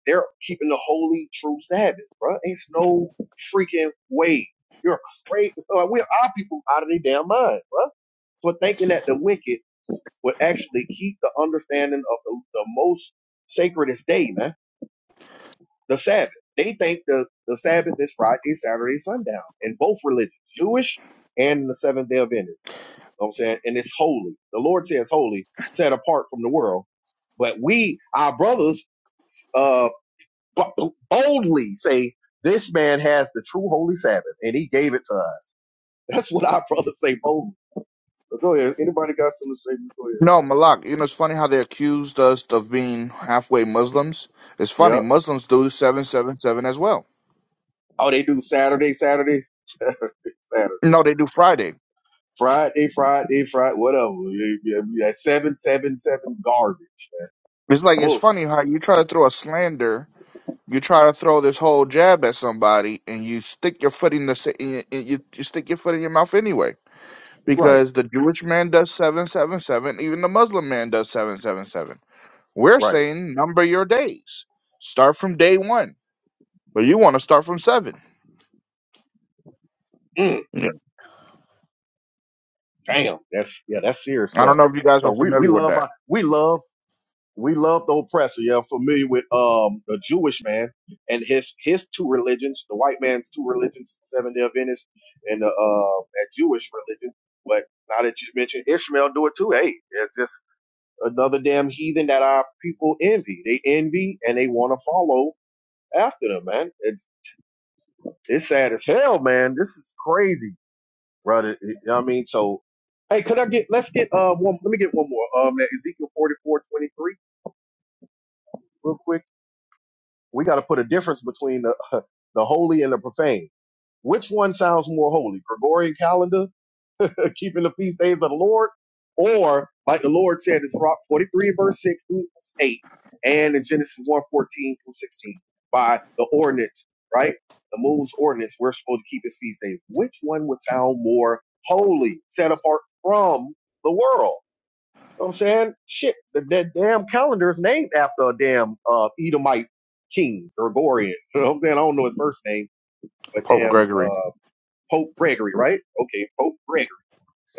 [SPEAKER 4] they're keeping the holy true Sabbath, bro. It's no freaking way. You're crazy. Like, we're our people out of their damn mind, bro. For thinking that the wicked would actually keep the understanding of the, the most sacredest day, man, the Sabbath. They think the, the Sabbath is Friday, Saturday, sundown in both religions, Jewish and the Seventh Day Adventist know what I'm saying? And it's holy. The Lord says holy, set apart from the world. But we, our brothers, uh, b- boldly say, this man has the true holy Sabbath and he gave it to us. That's what our brothers say boldly. So go ahead. Anybody got something to say? Go
[SPEAKER 2] No, Malak, you know, it's funny how they accused us of being halfway Muslims. It's
[SPEAKER 4] ahead.
[SPEAKER 2] funny.
[SPEAKER 4] Yep.
[SPEAKER 2] Muslims do 777 as well.
[SPEAKER 4] Oh, they do Saturday, Saturday, Saturday, Saturday,
[SPEAKER 2] No, they do Friday.
[SPEAKER 4] Friday, Friday, Friday, whatever. Yeah, yeah, yeah. Seven, seven, seven garbage.
[SPEAKER 2] It's like, it's
[SPEAKER 4] Bullshit.
[SPEAKER 2] funny how you try to throw a slander, you try to throw this whole jab at somebody, and you stick your foot in the, sa- in- in- you, you stick your foot in your mouth anyway.
[SPEAKER 4] Right,
[SPEAKER 2] because the Jewish man does 777, even the Muslim man does 777. We're
[SPEAKER 4] right.
[SPEAKER 2] saying number your days. Start from day one, but you want to start from seven.
[SPEAKER 4] Mm.
[SPEAKER 2] Yeah.
[SPEAKER 4] Damn, that's yeah, that's serious
[SPEAKER 2] I don't
[SPEAKER 4] stuff.
[SPEAKER 2] know if you guys
[SPEAKER 4] So
[SPEAKER 2] are
[SPEAKER 4] we we
[SPEAKER 2] familiar with
[SPEAKER 4] love
[SPEAKER 2] that.
[SPEAKER 4] our- we love we love the oppressor. Yeah, I'm familiar with um the Jewish man and his his two religions, the white man's two religions, Seven Day Adventist, and the uh that Jewish religion. But now that you mentioned Ishmael, do it too. Hey, it's just another damn heathen that our people envy. They envy and they want to follow after them, man. It's it's sad as hell, man. This is crazy. Right. It- it- You know what I mean? So, hey, could I get, let's get, uh, one, let me get one more. Um, that Ezekiel 44 23, real quick. We got to put a difference between the, the holy and the profane. Which one sounds more holy? Gregorian calendar keeping the feast days of the Lord, or like the Lord said in Psalm 43, verse 6 through 8, and in Genesis One 14 through 16, by the ordinance, right? The moon's ordinance, we're supposed to keep his feast days. Which one would sound more holy, set apart from the world? You know what I'm saying? Shit, that, that damn calendar is named after a damn uh, Edomite king, Gregorian. You know what I'm saying? I don't know his first name, but
[SPEAKER 2] Pope
[SPEAKER 4] damn
[SPEAKER 2] Gregory.
[SPEAKER 4] uh, Pope Gregory, right? Okay, Pope Gregory.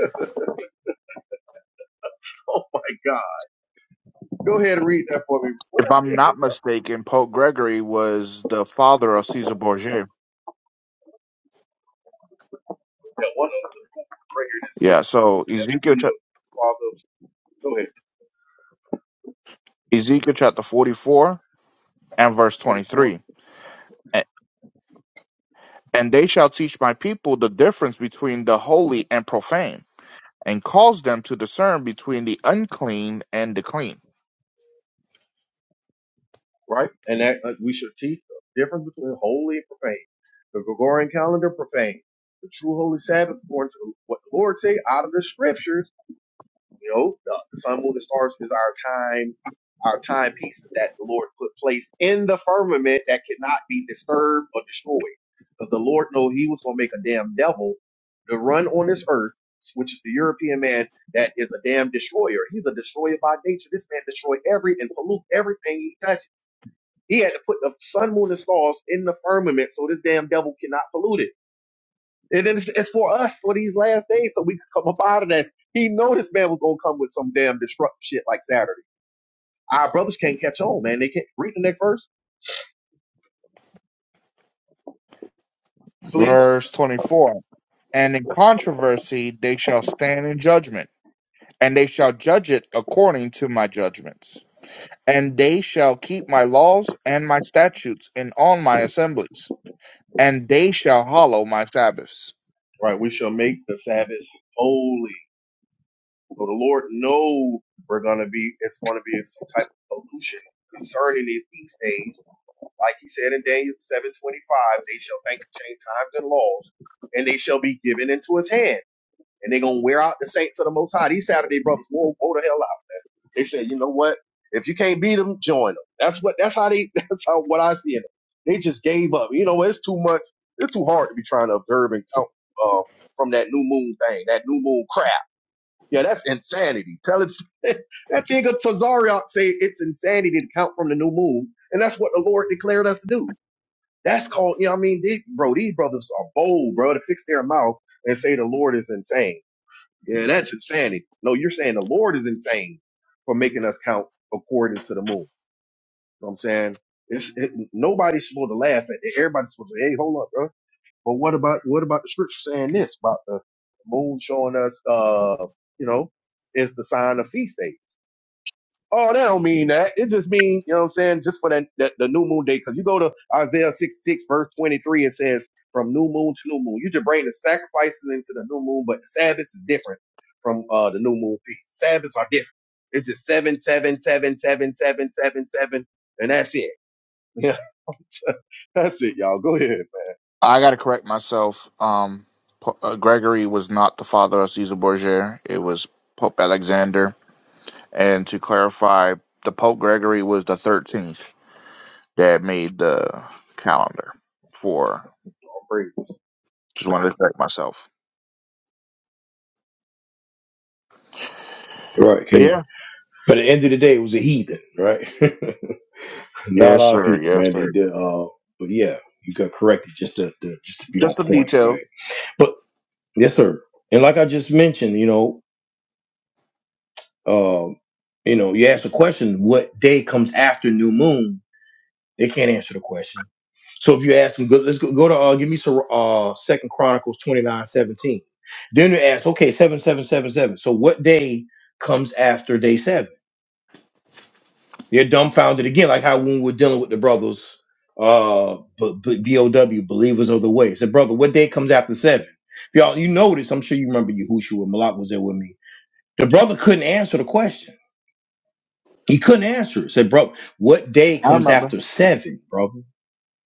[SPEAKER 4] Oh my God. Go ahead and read that for me. What did
[SPEAKER 2] If
[SPEAKER 4] I say
[SPEAKER 2] I'm
[SPEAKER 4] again?
[SPEAKER 2] not
[SPEAKER 4] Bro?
[SPEAKER 2] mistaken, Pope Gregory was the father of Caesar Borgia.
[SPEAKER 4] Yeah, 106. It
[SPEAKER 2] Yeah, so
[SPEAKER 4] was
[SPEAKER 2] Ezekiel,
[SPEAKER 4] definitely
[SPEAKER 2] chap-
[SPEAKER 4] the father. of- Go ahead.
[SPEAKER 2] Ezekiel chapter 44 and verse
[SPEAKER 4] 44.
[SPEAKER 2] 23. A- And they shall teach my people the difference between the holy and profane and caused them to discern between the unclean and the clean.
[SPEAKER 4] Right? And that uh, we should teach the difference between holy and profane. The Gregorian calendar, profane. The true holy Sabbath, according to what the Lord say out of the scriptures You know, the the sun, moon, and stars is our time, our timepieces that the Lord put placed in the firmament that cannot be disturbed or destroyed. Because the Lord know He was gonna make a damn devil to run on this earth, which is the European man that is a damn destroyer. He's a destroyer by nature. This man destroyed every and pollute everything he touches. He had to put the sun, moon, and stars in the firmament so this damn devil cannot pollute it. And it's, it's for us for these last days so we can come up out of that. He know this man was going to come with some damn disruptive shit like Saturday. Our brothers can't catch on, man. They can't. Read the next verse, please.
[SPEAKER 2] Verse 24 And in controversy they shall stand in judgment, and they shall judge it according to my judgments. And they shall keep my laws and my statutes in all my assemblies, and they shall hallow my Sabbaths.
[SPEAKER 4] All Right, we shall make the Sabbath holy. So the Lord knows we're going to be, it's going to be some type of pollution concerning these feast days. Like he said in Daniel 7.25, they shall think to change times and laws, and they shall be given into his hand. And they're going to wear out the saints of the Most High. These Saturday brothers, whoa, whoa the hell out They said, you know what? If you can't beat them, join them. That's what. That's how they. That's how what I see it. They just gave up. You know, what? it's too much. It's too hard to be trying to observe and count um, from that new moon thing. That new moon crap. Yeah, that's insanity. Tell it that thing of Tazariot say it's insanity to count from the new moon, and that's what the Lord declared us to do. That's called, you know, what I mean, they, bro, these brothers are bold, bro, to fix their mouth and say the Lord is insane. Yeah, that's insanity. No, you're saying the Lord is insane for making us count according to the moon. You know what I'm saying? It's it, nobody's supposed to laugh at it. Everybody's supposed to, say, hey, hold up, bro. But what about what about the scripture saying this about the moon showing us uh, you know, it's the sign of feast day. Oh, that don't mean that. It just mean, you know what I'm saying, just for that, that the new moon day. Because you go to Isaiah 66, verse 23, it says, from new moon to new moon. You just bring the sacrifices into the new moon, but the Sabbaths is different from uh the new moon feast. Sabbaths are different. It's just seven, seven, seven, seven, seven, seven, seven, and that's it. Yeah, that's it, y'all. Go ahead, man.
[SPEAKER 2] I got to correct myself. Um, Po- uh, Gregory was not the father of Caesar Borgia, it was Pope Alexander. And to clarify, the Pope Gregory was the 13th that made the calendar for.
[SPEAKER 4] Praise.
[SPEAKER 2] Just wanted to thank myself.
[SPEAKER 1] Right,
[SPEAKER 2] But yeah,
[SPEAKER 1] King. But at the end of the day, it was a heathen, right? Not
[SPEAKER 2] yes
[SPEAKER 1] our
[SPEAKER 2] sir,
[SPEAKER 1] people,
[SPEAKER 2] yes
[SPEAKER 1] man. They
[SPEAKER 2] sir.
[SPEAKER 1] did. Uh, but yeah, you got corrected just to, to just to be on
[SPEAKER 2] Just the
[SPEAKER 1] point,
[SPEAKER 2] details.
[SPEAKER 1] right? But yes, sir. And like I just mentioned, you know, um, you know, you asked a question: What day comes after new moon? They can't answer the question. So if you ask them, go, let's go, go to uh, give me some uh, Second Chronicles twenty nine seventeen. Then you ask, okay, seven seven seven seven. So what day comes after day seven? They're dumbfounded again, like how when we we're dealing with the brothers, uh, B- B.O.W. believers of the way. Said, brother, what day comes after seven? If y'all, you know this. I'm sure you remember Yahushua Malak was there with me. The brother couldn't answer the question. He couldn't answer it. Said, bro, what day
[SPEAKER 2] I
[SPEAKER 1] comes
[SPEAKER 2] remember.
[SPEAKER 1] after seven, brother?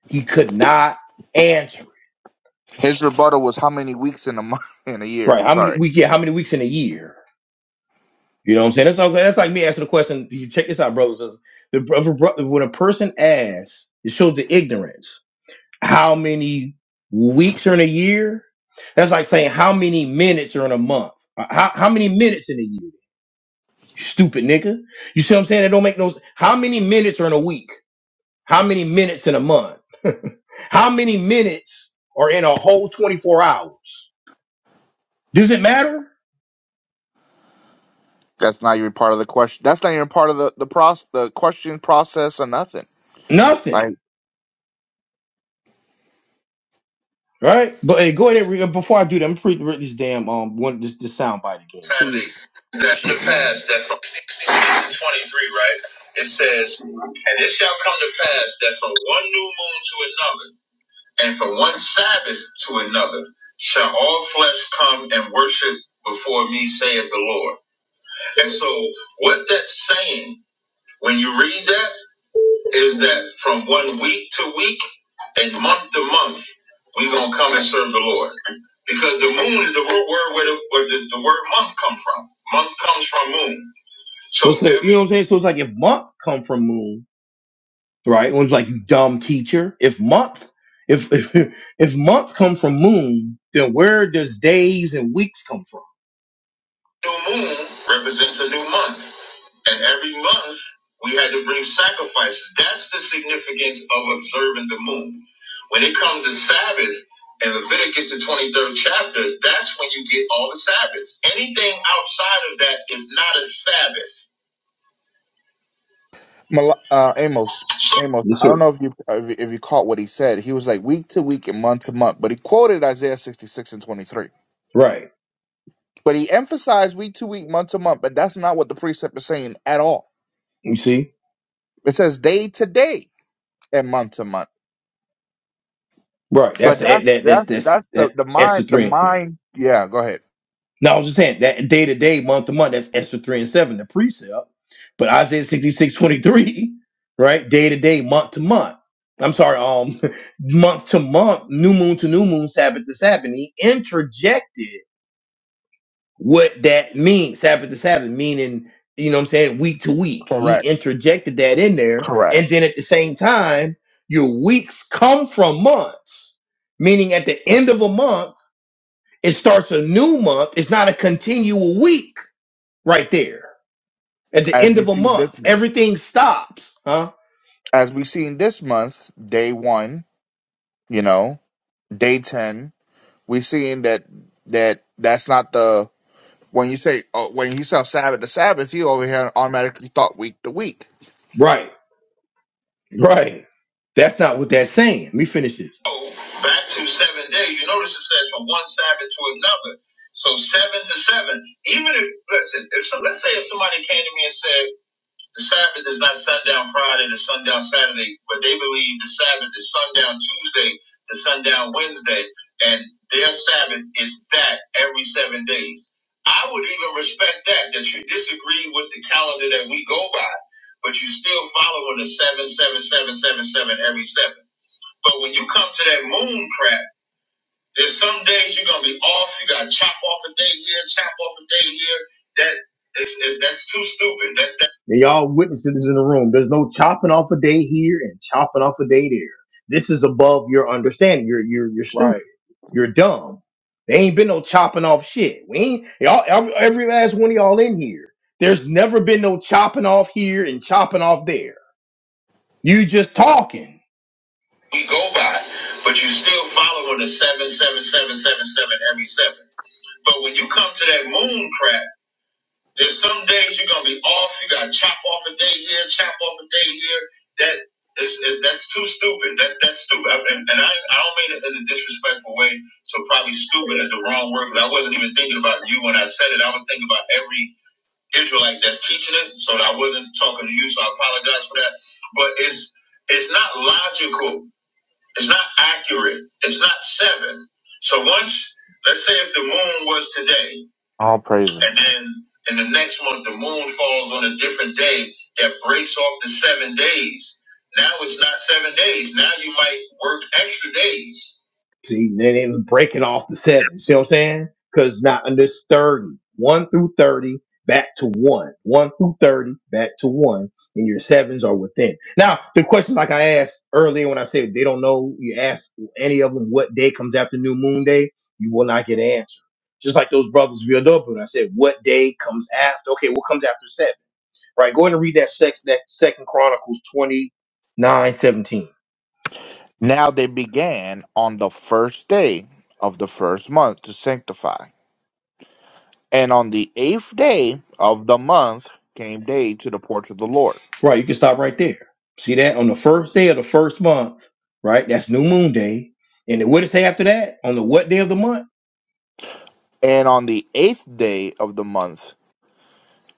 [SPEAKER 1] He could not answer.
[SPEAKER 2] His rebuttal was how many weeks in a month in a year.
[SPEAKER 1] Right. How many
[SPEAKER 2] Sorry,
[SPEAKER 1] week? Yeah. How many weeks in a year? You know what I'm saying? That's okay. That's like me asking the question. You check this out, brothers. The brother, bro- when a person asks, it shows the ignorance. How many weeks are in a year? That's like saying how many minutes are in a month. Uh, How how many minutes in a year? You stupid nigga. You see what I'm saying? It don't make no. s- How many minutes are in a week? How many minutes in a month? how many minutes are in a whole 24 hours? Does it matter?
[SPEAKER 2] that's not even part of the question. That's not even part of the the process, the question process or nothing.
[SPEAKER 1] Nothing.
[SPEAKER 2] Like
[SPEAKER 1] Right? But hey, go ahead and read. Before I do that, I'm free to read this damn um one this this soundbite again. Sandy, that's the past, That's from 66 to 23, right? It says, and it shall come to pass that from one new moon to another, and from one Sabbath to another, shall all flesh come and worship before me, saith the Lord. And so, what that's saying, when you read that is that from one week to week and month to month, we gonna come and serve the Lord. Because the moon is the word word where the, where the, the word month come from. Month comes from moon. So So it's like, you know what I'm saying? So it's like if month come from moon, right? it's like you dumb teacher. If month, if if, if month come from moon, then where does days and weeks come from? New moon represents a new month. And every month, we had to bring sacrifices. That's the significance of observing the moon. When it comes to Sabbath, in Leviticus, the 23rd chapter, that's when you get all the Sabbaths. Anything outside of that is not a Sabbath.
[SPEAKER 2] Mal- uh, Amos,
[SPEAKER 1] So-
[SPEAKER 2] Amos.
[SPEAKER 1] yes,
[SPEAKER 2] I don't
[SPEAKER 1] sir.
[SPEAKER 2] know if you if you if you caught what he said. He was like week to week and month to month, but he quoted Isaiah sixty six and twenty three.
[SPEAKER 1] Right.
[SPEAKER 2] But he emphasized week to week, month to month. But that's not what the precept is saying at all
[SPEAKER 1] You see?
[SPEAKER 2] It says day to day and month to month.
[SPEAKER 1] Right. That's
[SPEAKER 2] But
[SPEAKER 1] that.
[SPEAKER 2] that's
[SPEAKER 1] that that's
[SPEAKER 2] that's
[SPEAKER 1] that's
[SPEAKER 2] that's the
[SPEAKER 1] that.
[SPEAKER 2] the
[SPEAKER 1] Esther
[SPEAKER 2] mind the
[SPEAKER 1] three.
[SPEAKER 2] mind. Yeah, go ahead.
[SPEAKER 1] No, I was just saying that day to day, month to month, that's Esther 3 and 7, the precept. But Isaiah 66 23, right? Day to day, month to month. I'm sorry, um, month to month, new moon to new moon, Sabbath to Sabbath. He interjected what that means, Sabbath to Sabbath, meaning, you know what I'm saying, week to week. He
[SPEAKER 2] Correct,
[SPEAKER 1] interjected that in there.
[SPEAKER 2] correct.
[SPEAKER 1] And then at the same time, your weeks come from months, meaning at the end of a month, it starts a new month. It's not a continual week right there. At the
[SPEAKER 2] As
[SPEAKER 1] end
[SPEAKER 2] we
[SPEAKER 1] of a
[SPEAKER 2] see this
[SPEAKER 1] month,
[SPEAKER 2] month,
[SPEAKER 1] everything stops. Huh?
[SPEAKER 2] as we see in this month, day one, you know, day ten, we seeing that that that's not the when you say oh, when you saw Sabbath the Sabbath, you over here automatically thought week to week.
[SPEAKER 1] Right. Right. That's not what that's saying. Let me finish this. So back to seven days. you notice it says from one Sabbath to another. So seven to seven. Even if listen, if so, let's say if somebody came to me and said The Sabbath is not sundown Friday to sundown Saturday, but they believe the Sabbath is sundown Tuesday to sundown Wednesday, and their Sabbath is that every seven days. I would even respect that, that you disagree with the calendar that we go by, but you still following the seven, seven, seven, seven, seven every seven. But when you come to that moon crap, there's some days you're gonna be off. You gotta chop off a day here, chop off a day here. That it's, it, that's too stupid. That, that and y'all witnesses in the room. There's no chopping off a day here and chopping off a day there. This is above your understanding. You're you're you're
[SPEAKER 4] Right.
[SPEAKER 1] stupid. You're dumb. There ain't been no chopping off shit. We ain't y'all every, every last one of y'all in here. There's never been no chopping off here and chopping off there. You just talking you go by, but you still following the seven, seven, seven, seven, seven every seven. But when you come to that moon crap, there's some days you're gonna be off. You gotta chop off a day here, chop off a day here. That is it- that's too stupid. That that's stupid. I- And, and I I don't mean it in a disrespectful way. So probably stupid is the wrong word. 'cause I wasn't even thinking about you when I said it. I was thinking about every Israelite that's teaching it. So I wasn't talking to you. So I apologize for that. But it's it's not logical it's not accurate. It's not seven. So once, let's say if the moon was today,
[SPEAKER 2] All praises.
[SPEAKER 1] and then in the next month, the moon falls on a different day that breaks off the seven days. Now it's not seven days. Now you might work extra days. See, then it was breaking off the seven. See what I'm saying? Because now under thirty, one through 30, back to 1. 1 through 30, back to 1. And your sevens are within. Now, the questions like I asked earlier when I said they don't know, you ask any of them what day comes after New Moon Day, you will not get an answer. Just like those brothers of Yodopun. I said, what day comes after? Okay, what comes after seven? Right. Go ahead and read that sec that second Chronicles twenty nine seventeen.
[SPEAKER 2] Now they began on the first day of the first month to sanctify. And on the eighth day of the month came they to the porch of the Lord.
[SPEAKER 1] Right, you can stop right there. See that? On the first day of the first month, right? That's new moon day. And then what did it say after that? On the what day of the month?
[SPEAKER 2] And on the eighth day of the month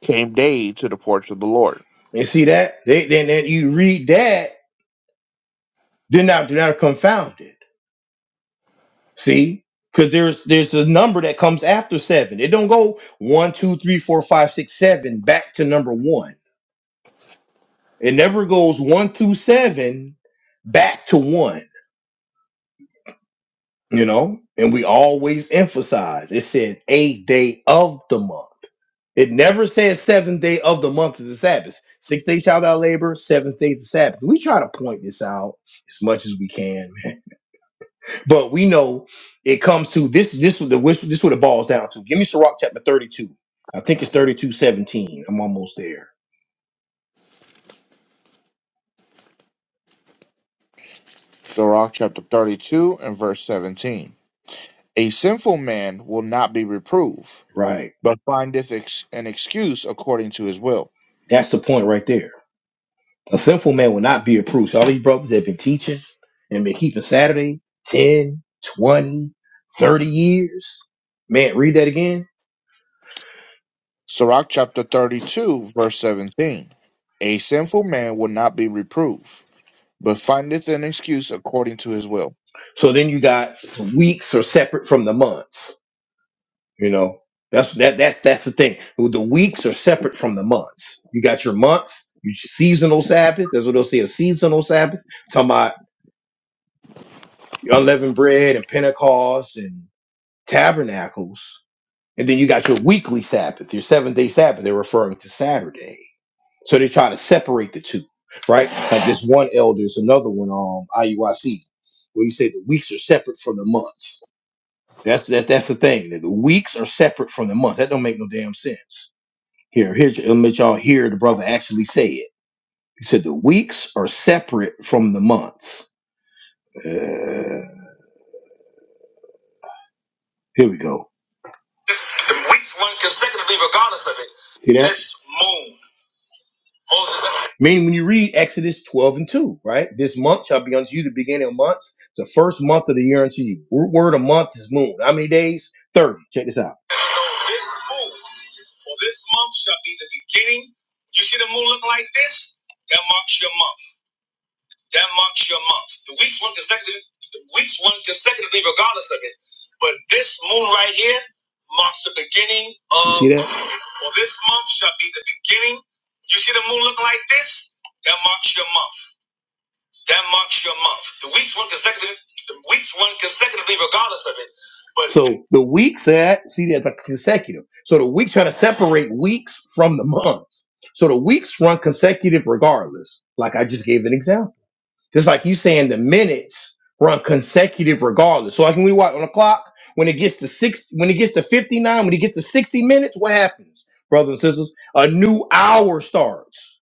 [SPEAKER 2] came they to the porch of the Lord.
[SPEAKER 1] And see that? They then then you read that, then now they're not confounded. See? Because there's there's a number that comes after seven. It don't go one, two, three, four, five, six, seven back to number one. It never goes one through seven back to one, you know? And we always emphasize it said a day of the month. It never said seventh day of the month is the Sabbath. Six days shall thou labor, seventh day is the Sabbath. We try to point this out as much as we can, man. But we know it comes to this this is the this is what it boils down to. Give me Sirach chapter 32. I think it's thirty-two seventeen. I'm almost there.
[SPEAKER 2] Sirach chapter 32 and verse 17. A sinful man will not be reproved,
[SPEAKER 1] Right.
[SPEAKER 2] but findeth ex- an excuse according to his will.
[SPEAKER 1] That's the point right there. A sinful man will not be approved. So all these brothers that have been teaching and been keeping Saturday 10, 20, 30 years. Man, read that again.
[SPEAKER 2] Sirach chapter 32, verse 17. A sinful man will not be reproved but findeth an excuse according to his will.
[SPEAKER 1] So then you got weeks are separate from the months. You know, that's that that's that's the thing. The weeks are separate from the months. You got your months, your seasonal Sabbath. That's what they'll say, a seasonal Sabbath. Talking about your unleavened bread and Pentecost and tabernacles. And then you got your weekly Sabbath, your seven day Sabbath. They're referring to Saturday So they try to separate the two, right? Like this one elder is another one um IUIC, where you say the weeks are separate from the months. That's that that's the thing. That the weeks are separate from the months. That don't make no damn sense. Here, here let me let y'all hear the brother actually say it. He said the weeks are separate from the months. Uh, here we go. The weeks run consecutively regardless of it. See that? This moon. Meaning, when you read Exodus 12 and 2, right? This month shall be unto you the beginning of months, the first month of the year unto you. Root word a month is moon. How many days? 30. Check this out. This moon or this month shall be the beginning. You see the moon look like this? That marks your month. That marks your month. The weeks run consecutively. The weeks run consecutively, regardless of it. But this moon right here marks the beginning of. You see that? Well, this month shall be the beginning. You see the moon looking like this? That marks your month. That marks your month. The weeks run consecutively. The weeks run consecutively, regardless of it. But so the weeks at see that's a consecutive. So the weeks try to separate weeks from the months. So the weeks run consecutive regardless. Like I just gave an example. Just like you saying the minutes run consecutive regardless. So like when we watch on the clock, when it gets to six, when it gets to 59, when it gets to 60 minutes, what happens, brothers and sisters? A new hour starts.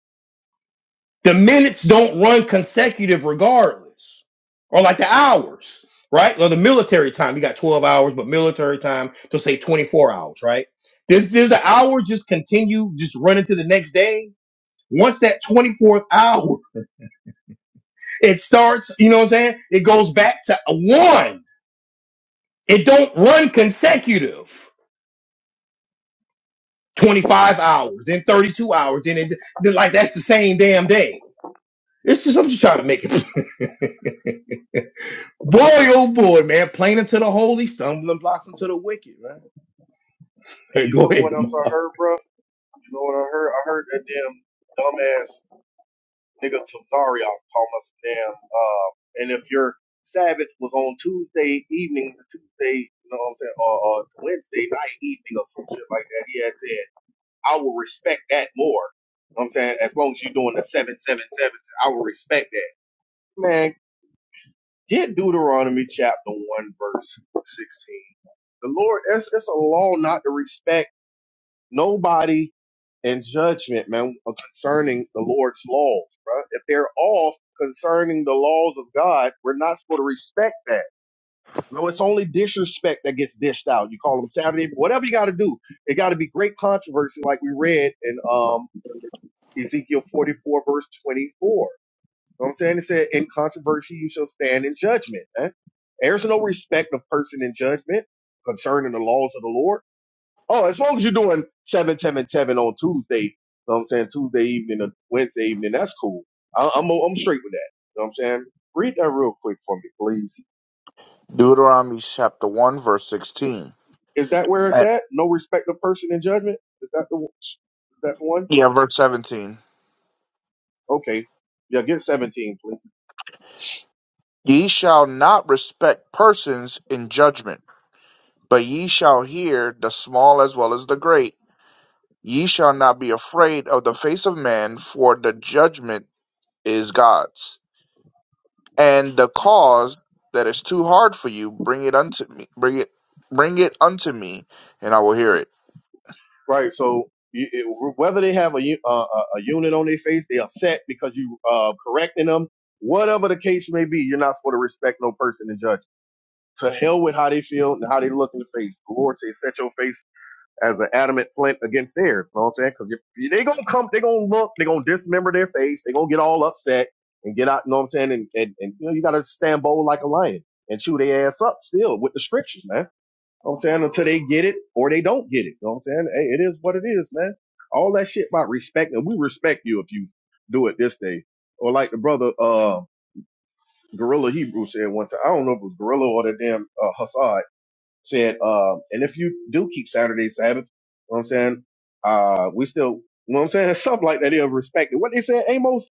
[SPEAKER 1] The minutes don't run consecutive regardless. Or like the hours, right? Well, the military time, you got 12 hours, but military time, they'll say 24 hours, right? Does, does the hour just continue, just running to the next day? Once that 24th hour it starts, you know what I'm saying? It goes back to one. It don't run consecutive. 25 hours, then 32 hours, then it, then like that's the same damn day. It's just, I'm just trying to make it. boy, oh boy, man. Plain into the holy, stumbling blocks into the wicked, man.
[SPEAKER 4] And you
[SPEAKER 1] Go
[SPEAKER 4] know
[SPEAKER 1] ahead,
[SPEAKER 4] what else I
[SPEAKER 1] Ma.
[SPEAKER 4] heard, bro? You know what I heard? I heard that damn dumbass. Nigga, I'm so sorry I call my damn. Uh, and if your Sabbath was on Tuesday evening, Tuesday, you know what I'm saying, or, or Wednesday night evening or some shit like that, he had said, I will respect that more. You know what I'm saying, as long as you're doing the 777, I will respect that. Man, get Deuteronomy chapter 1, verse 16. The Lord, that's, that's a law not to respect nobody and judgment, man, concerning the Lord's laws, right? If they're off concerning the laws of God, we're not supposed to respect that. No, it's only disrespect that gets dished out. You call them Saturday, whatever you got to do. It got to be great controversy, like we read in um, Ezekiel 44, verse 24. You know what I'm saying? It said, in controversy, you shall stand in judgment. man. There's no respect of person in judgment concerning the laws of the Lord. Oh, as long as you're doing seven, seven, seven on Tuesday, you know what I'm saying Tuesday evening or Wednesday evening, that's cool. I, I'm I'm straight with that. You know what I'm saying? Read that real quick for me, please.
[SPEAKER 2] Deuteronomy chapter 1, verse 16.
[SPEAKER 4] Is that where it's
[SPEAKER 2] Uh,
[SPEAKER 4] at? No respect of person in judgment. Is that the is that the one?
[SPEAKER 2] Yeah, verse 17.
[SPEAKER 4] Okay, yeah, get 17, please.
[SPEAKER 2] Ye shall not respect persons in judgment, but ye shall hear the small as well as the great. Ye shall not be afraid of the face of man, for the judgment is God's. And the cause that is too hard for you, bring it unto me. Bring it, bring it unto me, and I will hear it.
[SPEAKER 4] Right. So you- it, whether they have a u- uh, a a unit on their face, they upset because you uh correcting them. Whatever the case may be, you're not supposed to respect no person in judgment. To hell with how they feel and how they look in the face. The Lord says, set your face as an adamant flint against theirs. You know what I'm saying? Because they're going to come, they're going to look, they're going to dismember their face, they're going to get all upset and get out, you know what I'm saying? And, and, and you know, you got to stand bold like a lion and chew their ass up still with the scriptures, man. You know what I'm saying? Until they get it or they don't get it. You know what I'm saying? Hey, it is what it is, man. All that shit about respect, and we respect you if you do it this day. Or like the brother, uh, Gorilla Hebrew said one time. I don't know if it was Gorilla or the damn uh, Hassad. Said, uh, and if you do keep Saturday Sabbath, you know what I'm saying? Uh, we still, you know what I'm saying? Something like that. They'll respect it. What they said, Amos,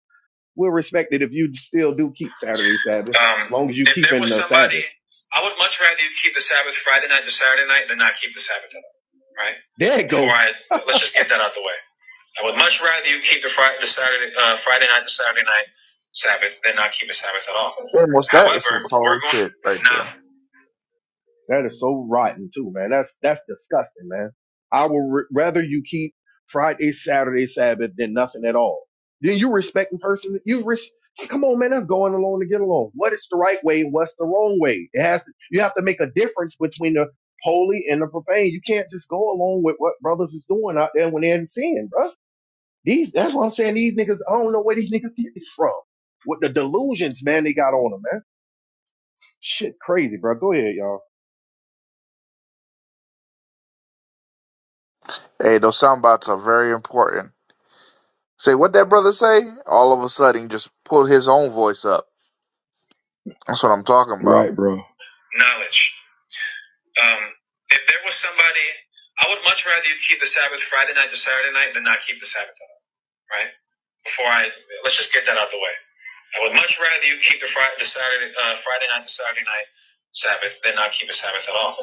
[SPEAKER 4] we'll respect it if you still do keep Saturday Sabbath,
[SPEAKER 1] Um,
[SPEAKER 4] as long as you
[SPEAKER 1] if there
[SPEAKER 4] keeping
[SPEAKER 1] was
[SPEAKER 4] the
[SPEAKER 1] somebody,
[SPEAKER 4] Sabbath.
[SPEAKER 1] I would much rather you keep the Sabbath Friday night to Saturday night than not keep the Sabbath at all, right?
[SPEAKER 4] There it
[SPEAKER 1] Before
[SPEAKER 4] go.
[SPEAKER 1] I, let's just get that out the way. I would much rather you keep the Friday, the Saturday, uh, Friday night to Saturday night Sabbath than not keep a Sabbath at all.
[SPEAKER 2] Almost that is some
[SPEAKER 1] However, we're
[SPEAKER 2] cold
[SPEAKER 1] going
[SPEAKER 2] shit right
[SPEAKER 1] to now
[SPEAKER 2] there.
[SPEAKER 4] That is so rotten too, man. That's that's disgusting, man. I would r- rather you keep Friday, Saturday, Sabbath than nothing at all. Then you respecting person. You res- come on, man. That's going along to get along. What is the right way? What's the wrong way? It has. To, you have to make a difference between the holy and the profane. You can't just go along with what brothers is doing out there when they're in sin, bro. These. That's what I'm saying. These niggas. I don't know where these niggas get this from. With the delusions, man, they got on them, man. Shit, crazy, bro. Go ahead, y'all.
[SPEAKER 2] Hey, those sound bites are very important. Say what that brother say? All of a sudden, he just pulled his own voice up. That's what I'm talking about.
[SPEAKER 1] Right, bro. knowledge. Um, if there was somebody, I would much rather you keep the Sabbath Friday night to Saturday night than not keep the Sabbath at all. Right? Before I let's just get that out the way. I would much rather you keep the Friday, the Saturday, uh, Friday night to Saturday night Sabbath than not keep a Sabbath at all.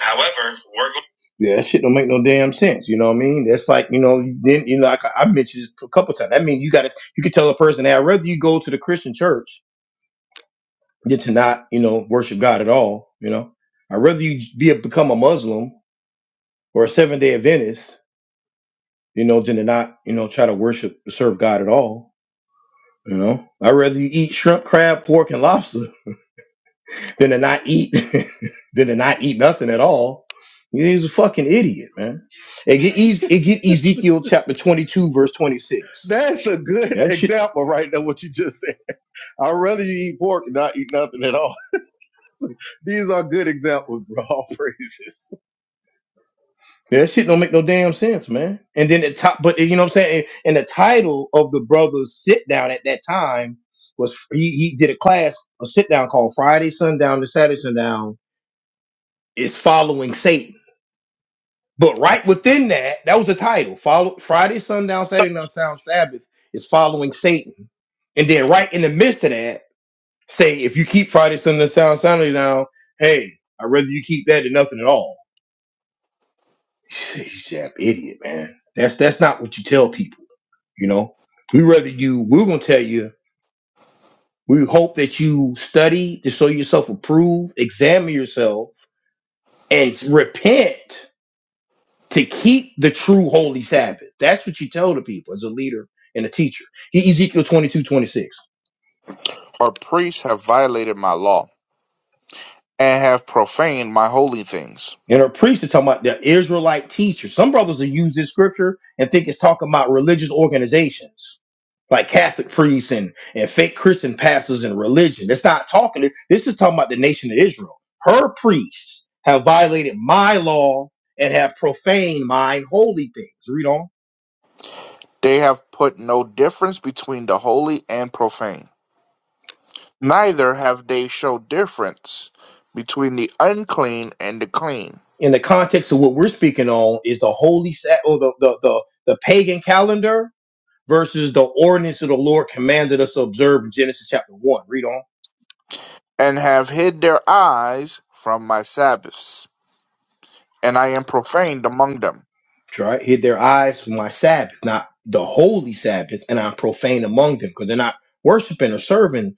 [SPEAKER 1] However, we're going Yeah, that shit don't make no damn sense. You know what I mean? That's like you know, then you know, like I I mentioned this a couple times. I mean, you got to you can tell a person, hey, I'd rather you go to the Christian church than to not, you know, worship God at all. You know, I'd rather you be a, become a Muslim or a Seven Day Adventist, you know, than to not, you know, try to worship serve God at all. You know, I'd rather you eat shrimp, crab, pork, and lobster than to not eat than to not eat nothing at all. Yeah, He's a fucking idiot, man. It get, Ez- it get Ezekiel chapter twenty two verse twenty six.
[SPEAKER 4] That's a good
[SPEAKER 1] That shit,
[SPEAKER 4] example right there, what you just said. I'd rather you eat pork than not eat nothing at all. These are good examples, bro. All praises.
[SPEAKER 1] that shit don't make no damn sense, man. And then the top, but you know what I'm saying. And the title of the brothers sit down at that time was he, he did a class, a sit down called Friday Sundown to Saturday Sundown is following Satan But right within that, that was the title. Follow Friday, sundown, Saturday, night, sound Sabbath is following Satan. And then right in the midst of that, say if you keep Friday, sundown, sound Saturday down, hey, I'd rather you keep that than nothing at all. You damn idiot, man. That's that's not what you tell people, you know. We rather you we're gonna tell you, we hope that you study to show yourself approved, examine yourself, and repent to keep the true holy Sabbath. That's what you tell the people as a leader and a teacher. E- Ezekiel twenty-two twenty-six.
[SPEAKER 2] Our priests have violated my law and have profaned my holy things.
[SPEAKER 1] And her priest is talking about the Israelite teachers. Some brothers will use this scripture and think it's talking about religious organizations like Catholic priests and, and fake Christian pastors and religion. It's not talking, this is talking about the nation of Israel. Her priests have violated my law and have profaned mine holy things. Read on.
[SPEAKER 2] They have put no difference between the holy and profane. Neither have they showed difference between the unclean and the clean,
[SPEAKER 1] in the context of what we're speaking on is the holy set or the, the the the pagan calendar versus the ordinance of the Lord commanded us to observe in Genesis chapter one. Read on.
[SPEAKER 2] and have hid their eyes from my Sabbaths, and I am profaned among them.
[SPEAKER 1] Right, hid their eyes from my Sabbath, not the holy Sabbath, and I'm profane among them because they're not worshiping or serving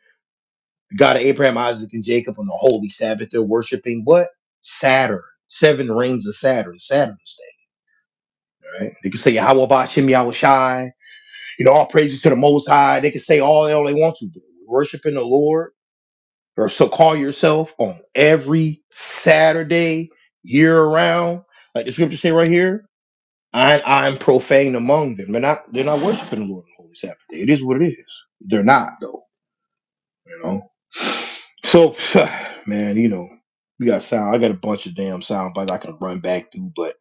[SPEAKER 1] the God of Abraham, Isaac, and Jacob on the holy Sabbath. They're worshiping what Saturn, seven rings of Saturn, Saturn's day. Right? They can say Yahweh Bashim Yahweh Shai, You know, all praises to the Most High. They can say all hell they want to, but worshiping the Lord or so call yourself on every Saturday year round, like the scripture say right here. I I am profane among them. They're not they're not worshiping the Lord on the Holy Sabbath day. It is what it is. They're not though, you know. So man, you know, we got sound. I got a bunch of damn sound bites I can run back through, but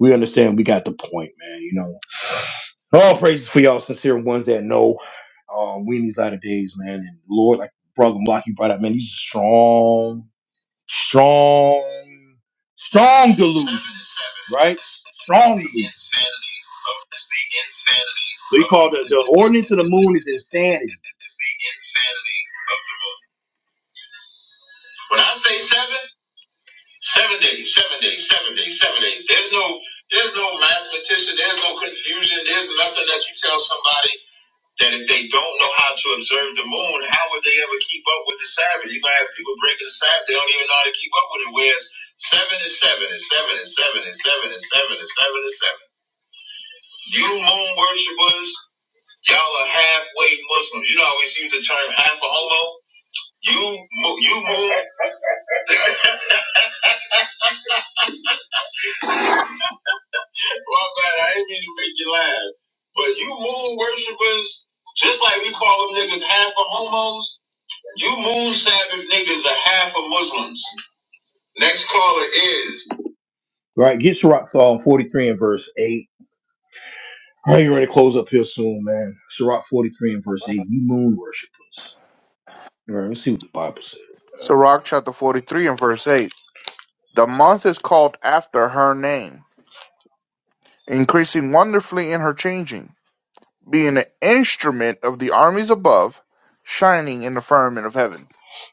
[SPEAKER 1] we understand we got the point, man. You know. All praises for y'all sincere ones that know. Um, we in these latter days, man. And Lord, like brother Block, you brought up, man, these are strong, strong, strong delusions, right? Strong delusions. They call the, the ordinance of the moon is insanity. When I say seven, seven days, seven days, seven days, seven days. There's no, there's no mathematician. There's no confusion. There's nothing that you tell somebody. that if they don't know how to observe the moon, how would they ever keep up with the Sabbath? You're gonna have people breaking the Sabbath, they don't even know how to keep up with it. Whereas seven is seven and seven and seven and seven and seven and seven and seven. You moon worshippers, y'all are halfway Muslims. You know I always use the term half a homo. You mo- you moon My bad, I didn't mean to make you laugh. But you moon worshippers, just like we call them niggas half a homos. You moon Sabbath niggas are half of Muslims. Next caller is. Right, get Sirach Psalm 43 and verse 8. I ain't ready to close up here soon, man. Sirach 43 and verse 8. You moon worshipers. All right, let's see what the Bible says.
[SPEAKER 2] Sirach chapter 43 and verse 8. The month is called after her name, increasing wonderfully in her changing, being an instrument of the armies above, shining in the firmament of heaven.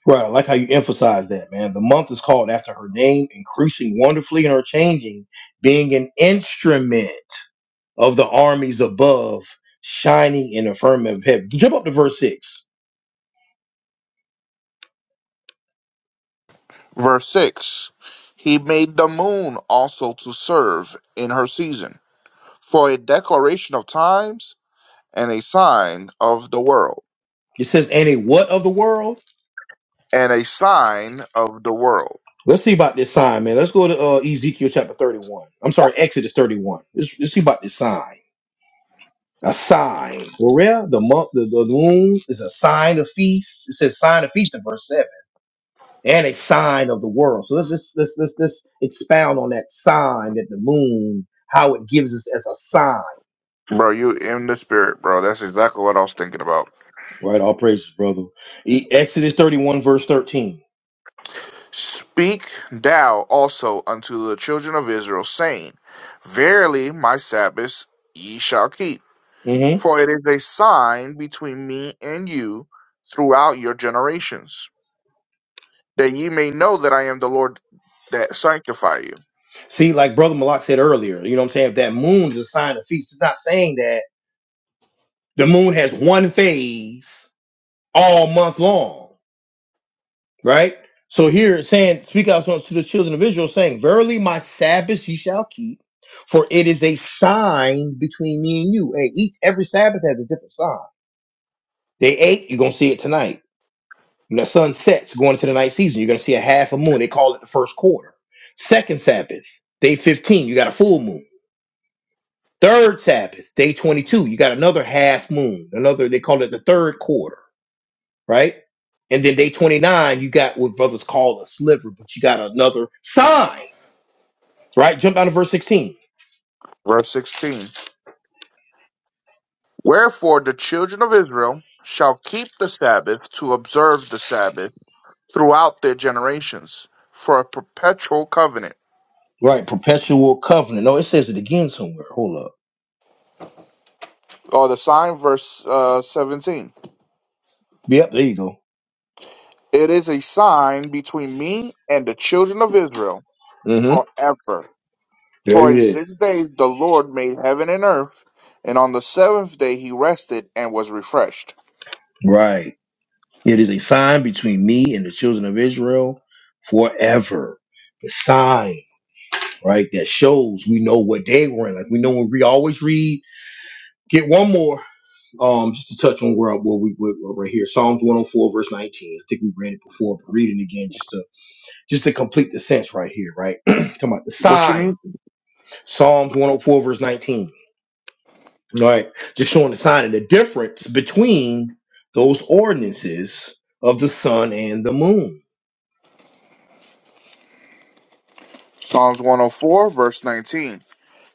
[SPEAKER 1] Right, I like how you emphasize that, man. The month is called after her name, increasing wonderfully and her changing, being an instrument of the armies above, shining in the firmament of heaven. Jump up to verse 6.
[SPEAKER 2] Verse 6 He made the moon also to serve in her season, for a declaration of times, and a sign of the world.
[SPEAKER 1] It says, And a what of the world?
[SPEAKER 2] And a sign of the world.
[SPEAKER 1] Let's see about this sign, man. Let's go to uh, Ezekiel chapter 31. I'm sorry, Exodus 31. Let's, let's see about this sign. A sign. Where the month, the, the moon is a sign of feast. It says sign of feast in verse 7 and a sign of the world. So let's just let's, let's, let's expound on that sign that the moon, how it gives us as a sign.
[SPEAKER 2] Bro, you in the spirit, bro. That's exactly what I was thinking about.
[SPEAKER 1] Right. All praises, brother. E- Exodus 31, verse 13.
[SPEAKER 2] Speak thou also unto the children of Israel, saying, Verily my Sabbaths ye shall keep,
[SPEAKER 1] hmm
[SPEAKER 2] for it is a sign between me and you throughout your generations, that ye may know that I am the Lord that sanctify you.
[SPEAKER 1] See, like Brother Malak said earlier, you know what I'm saying? If that moon is a sign of feast, it's not saying that. The moon has one phase all month long, right? So here it's saying, speak out to the children of Israel, saying, Verily my Sabbath ye shall keep, for it is a sign between me and you. And each every Sabbath has a different sign. Day 8 you're gonna see it tonight. When the sun sets going into the night season, you're gonna see a half a moon. They call it the first quarter. Second Sabbath, day 15, you got a full moon. Third Sabbath, day 22, you got another half moon. Another, they call it the third quarter right? And then day 29, you got what brothers call a sliver, but you got another sign, right? Jump down to verse 16,
[SPEAKER 2] Verse 16 Wherefore the children of Israel shall keep the Sabbath to observe the Sabbath throughout their generations for a perpetual covenant.
[SPEAKER 1] right? Perpetual covenant. No, it says it again somewhere. Hold up.
[SPEAKER 2] Or the sign, verse uh, 17.
[SPEAKER 1] Yep, there you go.
[SPEAKER 2] It is a sign between me and the children of Israel
[SPEAKER 1] Mm-hmm.
[SPEAKER 2] forever. For
[SPEAKER 1] There
[SPEAKER 2] in
[SPEAKER 1] it is.
[SPEAKER 2] six days the Lord made heaven and earth, and on the seventh day he rested and was refreshed.
[SPEAKER 1] Right. It is a sign between me and the children of Israel forever. The sign, right? That shows we know what day we're in. Like we know when we always read, get one more. um, just to touch on where where we were right here, Psalms 104 verse 19. I think we read it before, but reading again just to just to complete the sense right here, right? Talking about the
[SPEAKER 2] What you
[SPEAKER 1] sign,
[SPEAKER 2] need?
[SPEAKER 1] Psalms 104 verse 19. All right, just showing the sign and the difference between those ordinances of the sun and the moon.
[SPEAKER 2] Psalms 104, verse 19.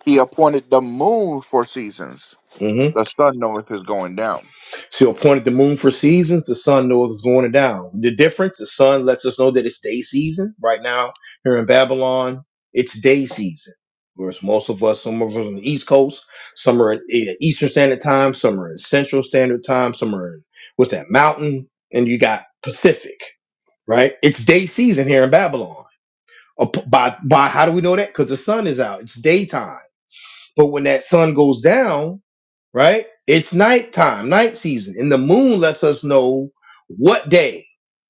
[SPEAKER 2] He appointed the moon for seasons.
[SPEAKER 1] Mm-hmm.
[SPEAKER 2] The sun knoweth his going down.
[SPEAKER 1] She appointed the moon for seasons. The sun knows it's going down. The difference, the sun lets us know that it's day season. Right now, here in Babylon, it's day season. Whereas most of us, some of us on the East Coast, some are in in Eastern Standard Time, some are in Central Standard Time, some are in, what's that, Mountain, and you got Pacific, right? It's day season here in Babylon. Uh, p- By, by how do we know that? Because the sun is out. It's daytime but when that sun goes down, right? It's nighttime, night season, and the moon lets us know what day.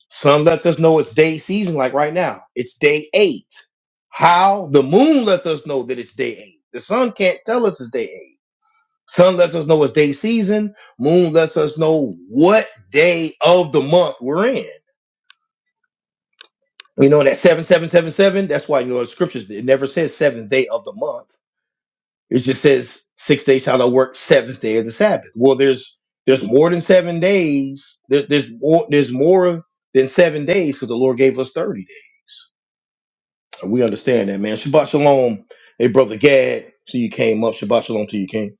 [SPEAKER 1] Sun lets us know it's day season, like right now. It's day eight. How the moon lets us know that it's day eight. The sun can't tell us it's day eight. Sun lets us know it's day season. Moon lets us know what day of the month we're in. You know that seven seven seven seven. That's why you know the scriptures. It never says seventh day of the month It just says six days shall thou work, seventh day is the Sabbath. Well, there's there's more than seven days. There, there's more there's more than seven days because the Lord gave us thirty days. We understand that, man. Shabbat shalom, hey brother Gad. Till you came up, Shabbat shalom till you came,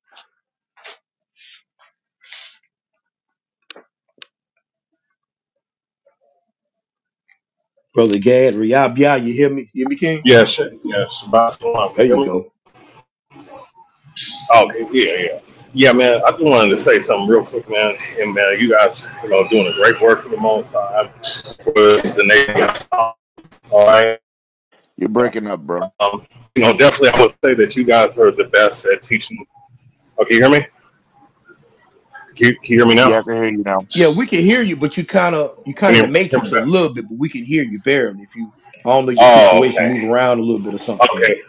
[SPEAKER 1] brother Gad. Riyab Yah, you hear me? You hear me, King?
[SPEAKER 6] Yes, yes, Barcelona.
[SPEAKER 1] There you
[SPEAKER 6] Really?
[SPEAKER 1] go.
[SPEAKER 6] Okay, yeah, yeah. Yeah, man, I just wanted to say something real quick, man. And man, you guys, you know, doing a great work for the most time for the nation. All right.
[SPEAKER 2] You're breaking up, bro.
[SPEAKER 6] Um, you know, definitely I would say that you guys are the best at teaching. Okay, you hear me? Can you, can you hear me
[SPEAKER 2] Yeah, I
[SPEAKER 6] now?
[SPEAKER 2] can hear you now.
[SPEAKER 1] Yeah, we can hear you, but you kind of you
[SPEAKER 6] Can
[SPEAKER 1] kind of
[SPEAKER 6] you
[SPEAKER 1] the
[SPEAKER 6] hear me
[SPEAKER 1] matrix a
[SPEAKER 6] better?
[SPEAKER 1] little bit, but we can hear you barely. If you I don't know your
[SPEAKER 6] Oh,
[SPEAKER 1] situation, move
[SPEAKER 6] okay.
[SPEAKER 1] around a little bit or something, King.
[SPEAKER 6] Okay.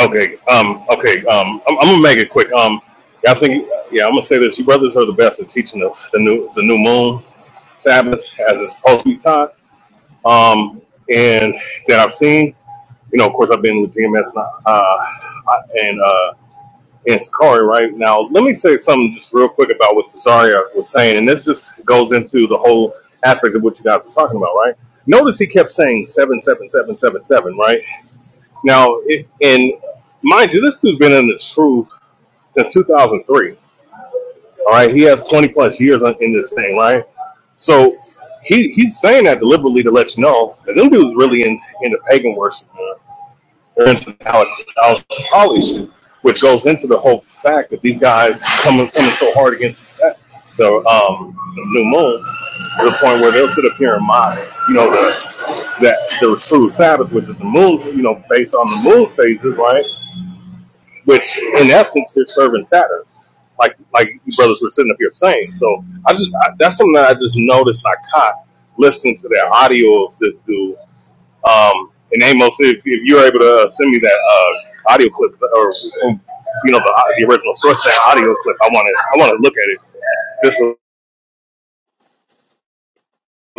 [SPEAKER 6] Okay. Um, okay. Um, I'm, I'm gonna make it quick. Um, I think, yeah, I'm gonna say this. You brothers are the best at teaching the, the new the new moon. Sabbath as it's supposed to be taught, um, and that I've seen. You know, of course, I've been with GMS uh, and uh, and Sakari right now. Let me say something just real quick about what Cesaria was saying, and this just goes into the whole aspect of what you guys were talking about, right? Notice he kept saying seven, seven, seven, seven, seven, right? Now, it, and mind you, this dude's been in this truth since 2003. All right, he has 20 plus years on- in this thing, right? So he he's saying that deliberately to let you know that them dudes really in into pagan worship. They're into Holly shit, which goes into the whole fact that these guys coming coming so hard against that the um the new moon to the point where they'll sit up here and mock, you know, the that the true Sabbath, which is the moon, you know, based on the moon phases, right? which in essence is serving Saturn, like like you brothers were sitting up here saying. So I just I, that's something that I just noticed I caught listening to that audio of this dude. Um, and Amos, if, if you're able to uh, send me that uh, audio clip or um, you know the, uh, the original source of that audio clip, I want to I want to look at it just to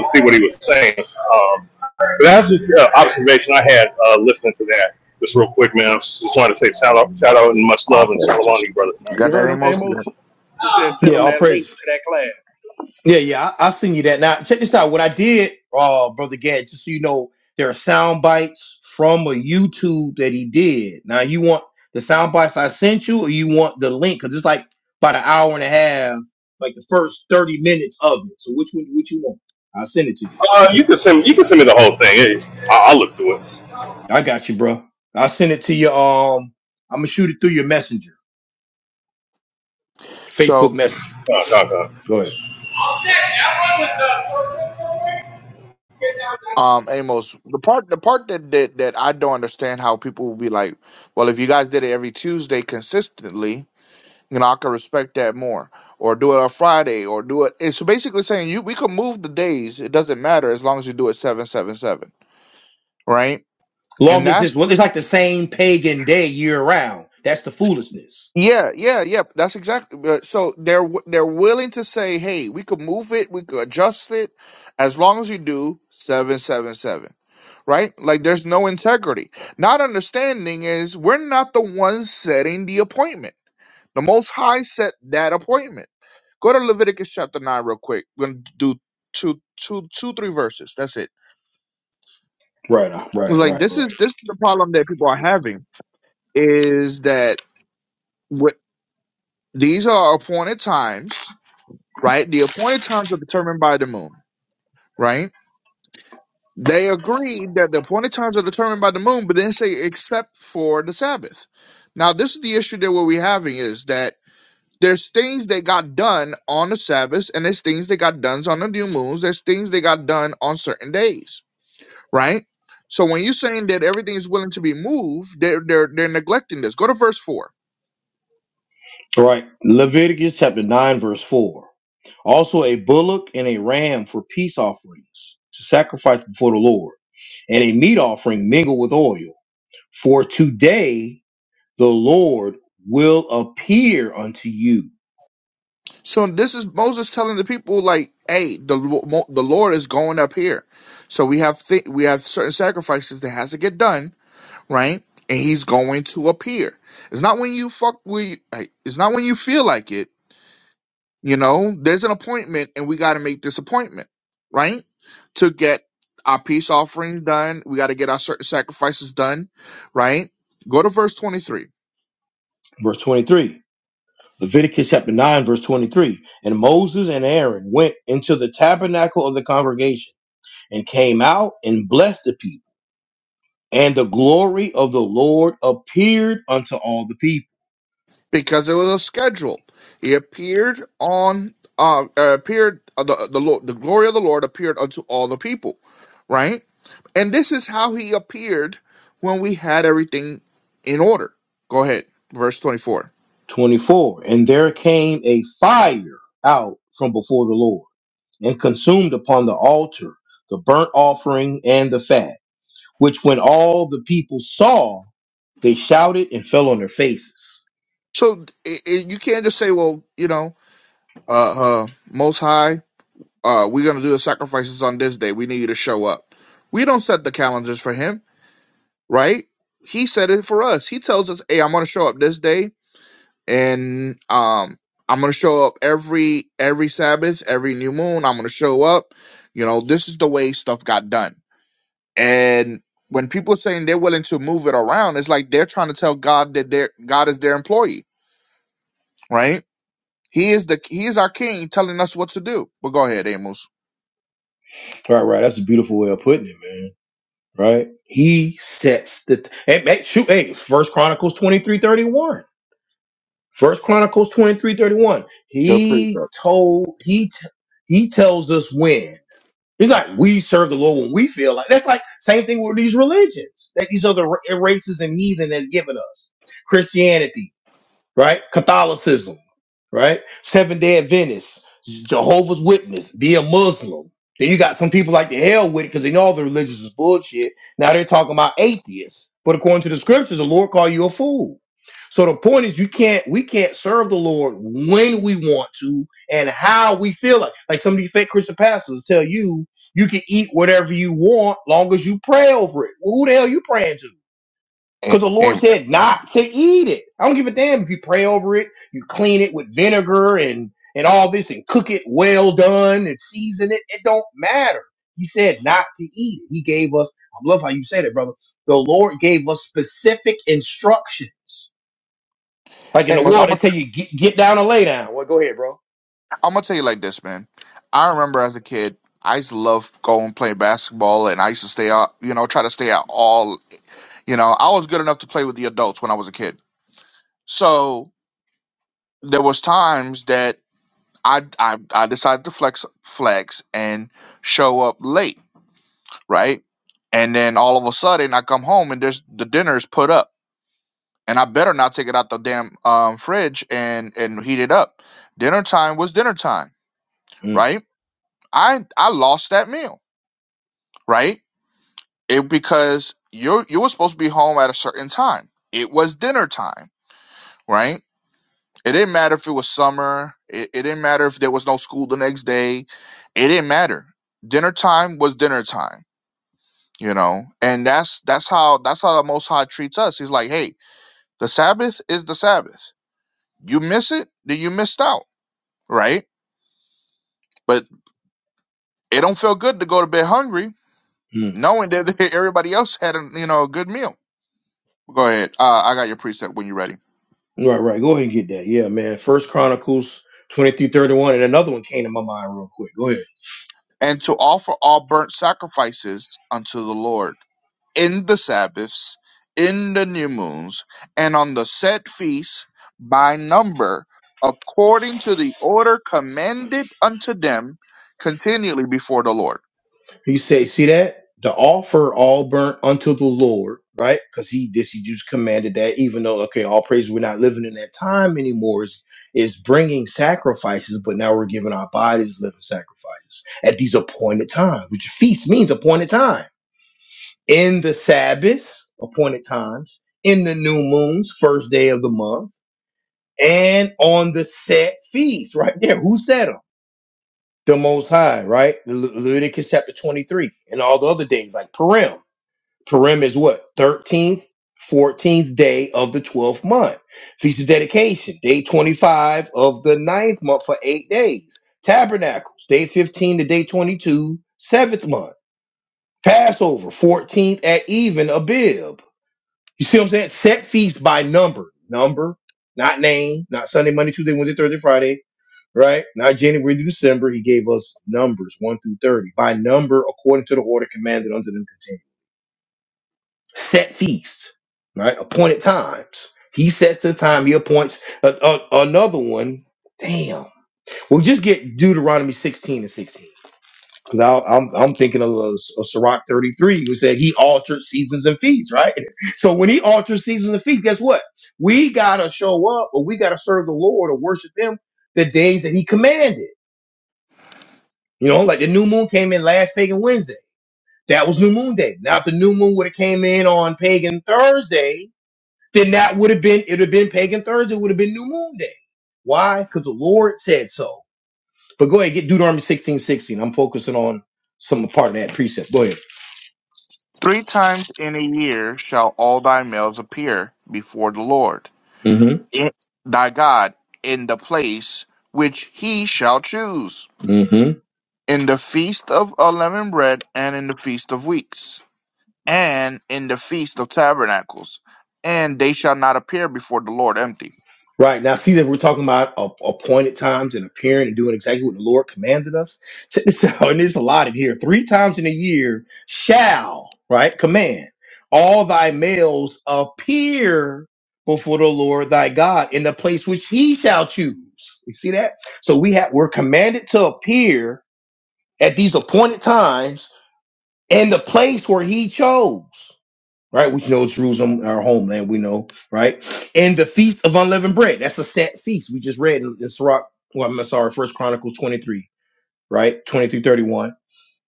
[SPEAKER 6] see what he was saying. Um, but that's just an uh, observation I had uh, listening to that. Just real quick, man. Just wanted to say shout out, shout out, and much
[SPEAKER 2] All
[SPEAKER 6] love, and so long
[SPEAKER 2] praises.
[SPEAKER 6] to you,
[SPEAKER 2] You
[SPEAKER 6] brother.
[SPEAKER 4] You
[SPEAKER 2] got that,
[SPEAKER 4] heard him,
[SPEAKER 2] Amos?
[SPEAKER 4] Amos?
[SPEAKER 2] Yeah.
[SPEAKER 4] He said, send
[SPEAKER 1] Yeah,
[SPEAKER 4] him
[SPEAKER 1] all
[SPEAKER 4] that
[SPEAKER 1] praise.
[SPEAKER 4] link to that class.
[SPEAKER 1] Yeah, yeah, I, I'll send you that. Now, check this out. What I did, uh, brother Gad, just so you know, there are sound bites from a YouTube that he did. Now, you want the sound bites I sent you, or you want the link? Because it's like about an hour and a half, like the first thirty minutes of it. So, which one? Which you want? I'll send it to you.
[SPEAKER 6] Uh, you can send you can send me the whole thing. Hey, I- I'll look through it.
[SPEAKER 1] I got you, bro. I'll send it to you. Um, I'm gonna shoot it through your messenger,
[SPEAKER 2] So
[SPEAKER 1] Facebook Messenger.
[SPEAKER 6] Come on, come on,
[SPEAKER 1] Go ahead.
[SPEAKER 6] come on.
[SPEAKER 2] Um, Amos, the part the part that, that that I don't understand how people will be like, well, if you guys did it every Tuesday consistently, you know, I could respect that more. Or do it on Friday, or do it. It's basically saying you we could move the days. It doesn't matter as long as you do it seven seven seven, right? And
[SPEAKER 1] Long as
[SPEAKER 2] that's
[SPEAKER 1] this, well, it's like the same pagan day year round. That's the foolishness.
[SPEAKER 2] Yeah, yeah, yeah. That's exactly. but- So they're w- they're willing to say, "Hey, we could move it, we could adjust it, as long as you do seven, seven, seven, right?" Like there's no integrity. Not understanding is we're not the ones setting the appointment. The Most High set that appointment. Go to Leviticus chapter nine real quick. We're gonna do two, two, two, three verses. That's it.
[SPEAKER 1] Right, uh,
[SPEAKER 2] It's
[SPEAKER 1] right,
[SPEAKER 2] like
[SPEAKER 1] right,
[SPEAKER 2] this
[SPEAKER 1] right.
[SPEAKER 2] is this is the problem that people are having is that what these are appointed times right? The appointed times are determined by the moon, right? They agreed that the appointed times are determined by the moon, but then say except for the Sabbath. Now, this is the issue that we're having is that there's things that got done on the Sabbath, and there's things that got done on the new moons. There's things that got done on certain days, right? So when you're saying that everything is willing to be moved, they're they're they're neglecting this. Go to verse four.
[SPEAKER 1] All right. Leviticus chapter 9, verse 4. Also a bullock and a ram for peace offerings to sacrifice before the Lord, and a meat offering mingled with oil. For today the Lord will appear unto you.
[SPEAKER 2] So this is Moses telling the people, like, hey, the Lo- Mo- the Lord is going up here, so we have th- we have certain sacrifices that has to get done, right? And He's going to appear. It's not when you fuck with. You, like, it's not when you feel like it. You know, there's an appointment, and we got to make this appointment, right? To get our peace offering done, we got to get our certain sacrifices done, right? Go to verse twenty three.
[SPEAKER 1] Verse 23. Leviticus chapter 9, verse 23. And Moses and Aaron went into the tabernacle of the congregation and came out and blessed the people. And the glory of the Lord appeared unto all the people.
[SPEAKER 2] because it was a schedule. He appeared on uh, uh, appeared uh, the the Lord, the glory of the Lord appeared unto all the people, right? And this is how he appeared when we had everything in order. Go ahead, verse twenty four.
[SPEAKER 1] 24 and there came a fire out from before the lord and consumed upon the altar the burnt offering and the fat which when all the people saw they shouted and fell on their faces
[SPEAKER 2] So it, it, you can't just say, well, you know, uh, uh, Most High, uh, we're gonna do the sacrifices on this day. We need you to show up. We don't set the calendars for him, right? He set it for us. He tells us, hey, I'm gonna show up this day and um I'm gonna show up every every Sabbath, every new moon. I'm gonna show up. You know, this is the way stuff got done. And when people are saying they're willing to move it around, it's like they're trying to tell God that their God is their employee, right? He is the he is our king, telling us what to do. But go ahead, Amos.
[SPEAKER 1] right right that's a beautiful way of putting it man right he sets the hey, hey, shoot hey first chronicles twenty-three thirty-one. first chronicles 23 31.
[SPEAKER 2] Yep.
[SPEAKER 1] he told he t- he tells us when It's like we serve the Lord when we feel like that's like same thing with these religions that these other ra- races and heathen have given us. Christianity right? Catholicism, right? Seventh Day Adventists, Jehovah's Witness, be a Muslim. Then you got some people like the hell with it because they know all the religious is bullshit. Now they're talking about atheists, but according to the scriptures, the Lord call you a fool. So the point is, you can't we can't serve the Lord when we want to and how we feel like. Like some of these fake Christian pastors tell you you can eat whatever you want long as you pray over it. Well, who the hell you praying to? Because
[SPEAKER 2] A-
[SPEAKER 1] the Lord
[SPEAKER 2] Am-
[SPEAKER 1] said not to eat it. I don't give a damn if you pray over it, you clean it with vinegar and, and all this and cook it well done and season it. It don't matter. He said not to eat it. He gave us, I love how you said it, brother. The Lord gave us specific instructions. Like in the
[SPEAKER 2] Amos, I'm
[SPEAKER 1] world, they
[SPEAKER 2] gonna
[SPEAKER 1] tell
[SPEAKER 2] t-
[SPEAKER 1] you get, get down and lay down. Well, go ahead, bro.
[SPEAKER 2] I'm gonna tell you like this, man. I remember as a kid, I used to love going and play basketball, and I used to stay out, you know, try to stay out all You know, I was good enough to play with the adults when I was a kid. So there was times that I I, I decided to flex flex and show up late, right? And then all of a sudden I come home and there's the dinner's put up. And I better not take it out the damn um, fridge and and heat it up. Dinner time was dinner time,
[SPEAKER 1] Mm,
[SPEAKER 2] right? I I lost that meal, right? It because you you were supposed to be home at a certain time. It was dinner time, right? It didn't matter if it was summer. It, it didn't matter if there was no school the next day. It didn't matter. Dinner time was dinner time, you know. And that's that's how that's how the Most High treats us. He's like, hey, the Sabbath is the Sabbath. You miss it, then you missed out, right? But it don't feel good to go to bed hungry,
[SPEAKER 1] mm.
[SPEAKER 2] knowing that everybody else had a you know a good meal. Go ahead. Uh, I got your precept when you're ready.
[SPEAKER 1] Right, right. Go ahead and get that. Yeah, man. First Chronicles 23, 31. And another one came to my mind real quick. Go ahead.
[SPEAKER 2] And to offer all burnt sacrifices unto the Lord in the Sabbaths, in the new moons, and on the set feasts by number, according to the order commanded unto them continually before the Lord.
[SPEAKER 1] He say, see that? To offer all burnt unto the Lord, right? Because he this he just commanded that, even though okay, all praise we're not living in that time anymore is is bringing sacrifices, but now we're giving our bodies as living sacrifices at these appointed times, which feast means appointed time. In the Sabbaths, appointed times, in the new moons, first day of the month, and on the set feast, right there. Who set them? The Most High, right? Le- Leviticus chapter 23, and all the other days like Purim Purim is what? 13th, 14th day of the 12th month. Feast of Dedication, day 25 of the ninth month for eight days. Tabernacles, day 15 to day 22, seventh month. Passover, 14th at even, Abib. You see what I'm saying? Set feasts by number. Number, not name, not Sunday, Monday, Tuesday, Wednesday, Thursday, Friday, right? Not January to December. He gave us numbers 1 through 30 by number according to the order commanded unto them set feasts, right? Appointed times. He sets the time. He appoints a, a- another one. Damn. We'll just get Deuteronomy 16 and 16. Because I'm, I'm thinking of, of Sirach 33, who said he altered seasons and feasts, right? So when he alters seasons and feasts, guess what? We got to show up or we got to serve the Lord or worship him the days that he commanded. You know, like the new moon came in last pagan Wednesday. That was new moon day. Now, if the new moon would have came in on pagan Thursday, then that would have been it would have been pagan Thursday, It would have been New Moon Day. Why? Because the Lord said so. But go ahead, get Deuteronomy sixteen i I'm focusing on some part of that precept. Go ahead.
[SPEAKER 2] Three times in a year shall all thy males appear before the Lord,
[SPEAKER 1] hmm
[SPEAKER 2] it- thy God, in the place which he shall choose,
[SPEAKER 1] hmm
[SPEAKER 2] in the feast of unleavened bread and in the feast of weeks and in the feast of tabernacles, and they shall not appear before the Lord empty.
[SPEAKER 1] Right. Now, see that we're talking about a- appointed times and appearing and doing exactly what the Lord commanded us. Check this out. And there's a lot in here. Three times in a year shall, right? Command all thy males appear before the Lord thy God in the place which he shall choose. You see that? So we have we're commanded to appear at these appointed times in the place where he chose right? We know Jerusalem, our homeland, we know, right? And the Feast of Unleavened Bread, that's a set feast. We just read in, in Sirach, well, I'm sorry, First Chronicles 23, right? 23 31.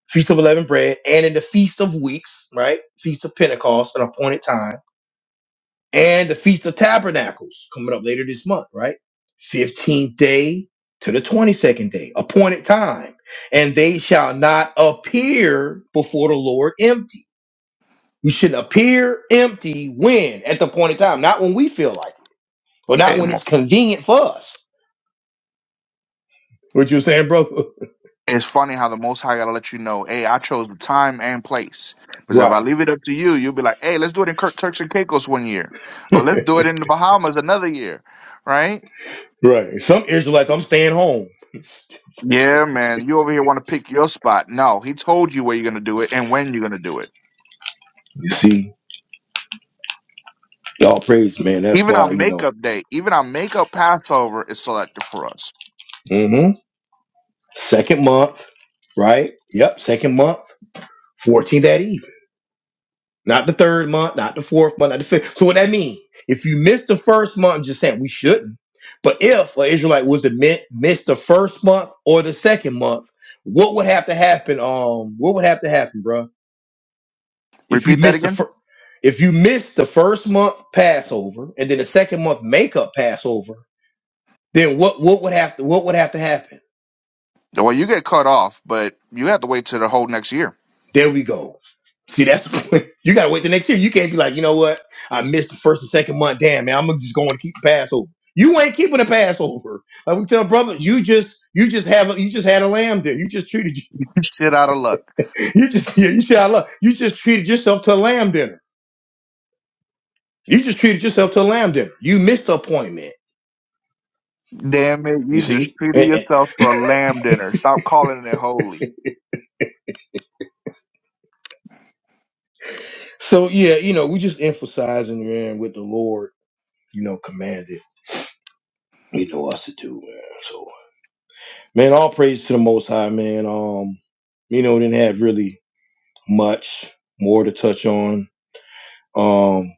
[SPEAKER 1] Feast of Unleavened Bread, and in the Feast of Weeks, right? Feast of Pentecost, an appointed time, and the Feast of Tabernacles coming up later this month, right? 15th day to the 22nd day, appointed time. And they shall not appear before the Lord empty you should appear empty when at the point in time, not when we feel like it, or not
[SPEAKER 2] Hey,
[SPEAKER 1] when
[SPEAKER 2] Mo-
[SPEAKER 1] it's convenient for us. What you were saying, brother?
[SPEAKER 2] it's funny how the Most High gotta let you know, hey, I chose the time and place. Because if I
[SPEAKER 1] Right,
[SPEAKER 2] leave it up to you, you'll be like, hey, let's do it in Cur- Turks and Caicos one year, or let's do it in the Bahamas another year, right?
[SPEAKER 1] right. Some Israelites, I'm staying home. You
[SPEAKER 2] Yeah, man, you over here want to pick your spot. No, he told you where you're gonna do it and when you're gonna do it.
[SPEAKER 1] see, y'all praise, man. That's
[SPEAKER 2] Even our
[SPEAKER 1] why you know.
[SPEAKER 2] makeup day, even our makeup Passover is selected for us.
[SPEAKER 1] hmm Second month, right? Yep, second month, 14th at even. not the third month, not the fourth month, not the fifth. So what that mean? If you miss the first month, I'm just saying we shouldn't. But if an Israelite was to mi- miss the first month or the second month, what would have to happen? Um, what would have to happen, bro? If you
[SPEAKER 2] Repeat that
[SPEAKER 1] miss the
[SPEAKER 2] again.
[SPEAKER 1] first, if you miss the first month Passover and then the second month makeup Passover, then what what would have to what would have to happen?
[SPEAKER 2] Well, you get cut off, but you have to wait till the whole next year.
[SPEAKER 1] There we go. See, that's you gotta wait the next year. You can't be like, you know what? I missed the first and second month. Damn, man, I'm just going to keep the Passover. You ain't keeping the Passover. Like we tell brothers, you just you just have a, you just had a lamb dinner. You just treated
[SPEAKER 2] You Shit out of luck.
[SPEAKER 1] you just yeah, you see I love you just treated yourself to a lamb dinner. You just treated yourself to a lamb dinner. You missed the appointment.
[SPEAKER 2] Damn it,
[SPEAKER 1] You
[SPEAKER 2] you just
[SPEAKER 1] see?
[SPEAKER 2] treated
[SPEAKER 1] And-
[SPEAKER 2] yourself to
[SPEAKER 1] and-
[SPEAKER 2] a lamb dinner. Stop calling it holy.
[SPEAKER 1] so yeah, you know, we just emphasizing, man, what the Lord, you know, commanded, you know, us to do, man. So, Man, all praise to the Most High, man. Um, you know, didn't have really much more to touch on. Um,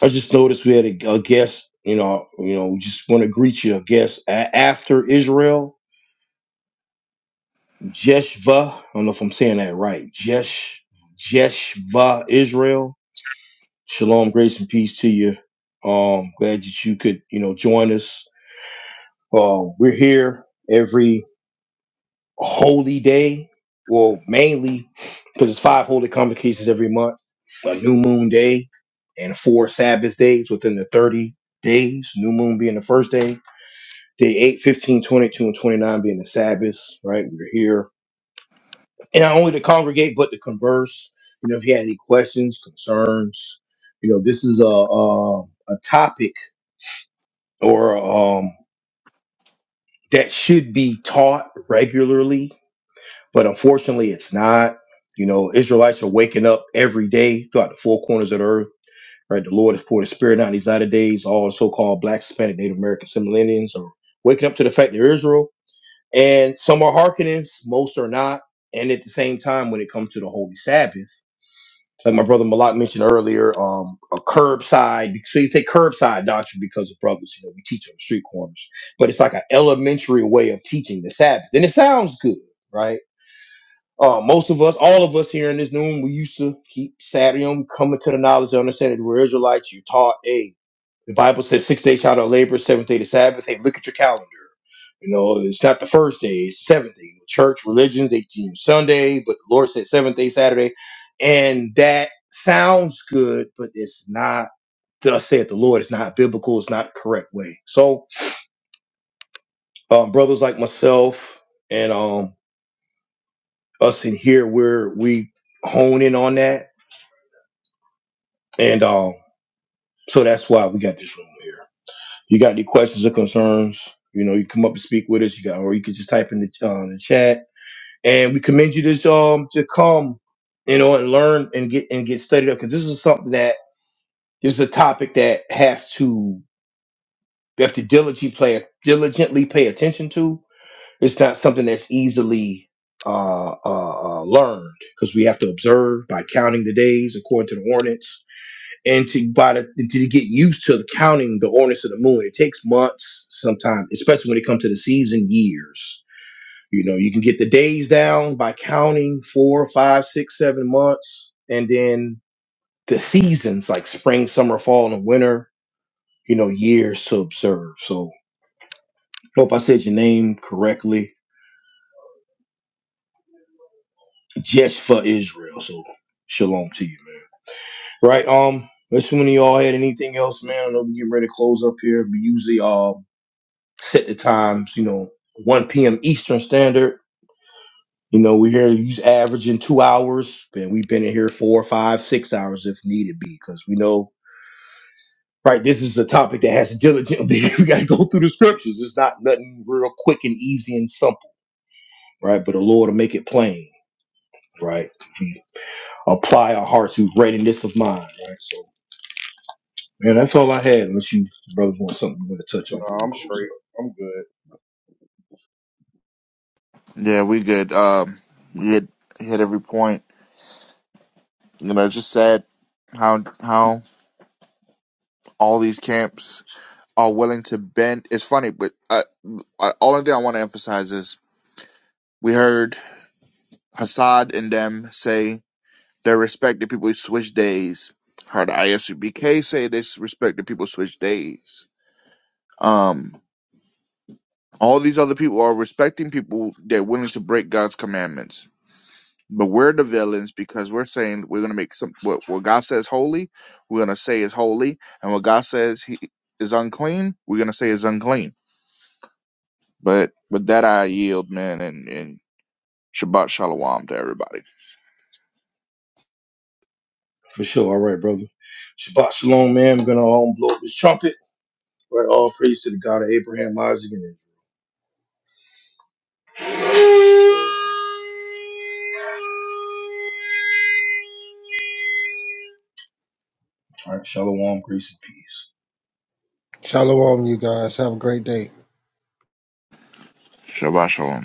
[SPEAKER 1] I just noticed we had a, a guest. You know, you know, we just want to greet you, a guest a- after Israel, Jeshva. I don't know if I'm saying that right. Jesh, Jeshva Israel. Shalom, grace and peace to you. Um, glad that you could, you know, join us. Um, we're here every holy day, well, mainly because it's five holy convocations every month, a new moon day, and four Sabbath days within the 30 days, new moon being the first day, day 8, 15, 22, and 29 being the Sabbaths, right? We're here. And not only to congregate, but to converse. You know, if you had any questions, concerns, you know, this is a, a, a topic or um, that should be taught regularly but unfortunately it's not you know israelites are waking up every day throughout the four corners of the earth right the lord has poured his spirit out in these latter days all the so-called black hispanic native american similarians are waking up to the fact they're israel and some are hearkenings most are not and at the same time when it comes to the holy sabbath like my brother malak mentioned earlier um a curbside so you take curbside doctrine because of brothers you know we teach on the street corners but it's like an elementary way of teaching the sabbath and it sounds good right uh, most of us, all of us here in this room, we used to keep Saturday on coming to the knowledge and understanding that we're Israelites. You taught, hey, the Bible says six days shall thou labor, seventh day the Sabbath. Hey, look at your calendar. You know, it's not the first day, it's seventh day. Church, religions, they teach Sunday, but the Lord said seventh day Saturday. And that sounds good, but it's not, thus saith the Lord, it's not biblical, it's not correct way. So, um, brothers like myself and um, us in here, where we hone in on that And um, so that's why we got this room here. You got any questions or concerns? You know, you come up and speak with us. You got, or you can just type in the, uh, the chat. And we commend you to um to come, you know, and learn and get and get studied up because this is something that this is a topic that has to you have to diligently play diligently pay attention to. It's not something that's easily uh, uh, uh learned because we have to observe by counting the days according to the ordinance and to by the, and to get used to counting the ordinance of the moon. It takes months sometimes, especially when it comes to the season years. You know, you can get the days down by counting four, five, six, seven months, and then the seasons like spring, summer, fall, and winter. You know, years to observe. So, hope I said your name correctly. Just for Israel. So, shalom to you, man. Right. Um. Unless one of y'all had anything else, man. I know we getting ready to close up here. We usually um set the times, you know, 1 p.m. Eastern Standard. You know, we're here he's averaging two hours, and we've been in here four, five, six hours if needed be, because we know, right, this is a topic that has to diligently, we got to go through the scriptures. It's not nothing real quick and easy and simple, right? But the Lord will make it plain, right? If we apply our hearts to readiness of mind, right? So, man, that's all I had, unless you, brothers, want something you want to touch on
[SPEAKER 4] No,
[SPEAKER 1] before we
[SPEAKER 4] I'm
[SPEAKER 1] close
[SPEAKER 4] straight.
[SPEAKER 1] up.
[SPEAKER 4] I'm good.
[SPEAKER 2] Yeah, we good. Um, we hit, hit every point. You know, it's just sad how how all these camps are willing to bend. It's funny, but uh, uh, only thing I want to emphasize is we heard Hassad and them say they respect the people who switch days. Heard ISUBK say they respect the people switch days. Um, All these other people are respecting people that are willing to break God's commandments. But we're the villains because we're saying we're going to make some what, what God says holy, we're going to say is holy, and what God says he is unclean, we're going to say is unclean. But with that, I yield, man, and, and Shabbat Shalom to everybody.
[SPEAKER 1] For sure. All right, brother. Shabbat shalom, man. I'm going to um, blow up this trumpet. Right, all praise to the God of Abraham, Isaac, and Israel. All right, shalom, grace, and peace.
[SPEAKER 5] Shalom, you guys. Have a great day.
[SPEAKER 2] Shabbat shalom.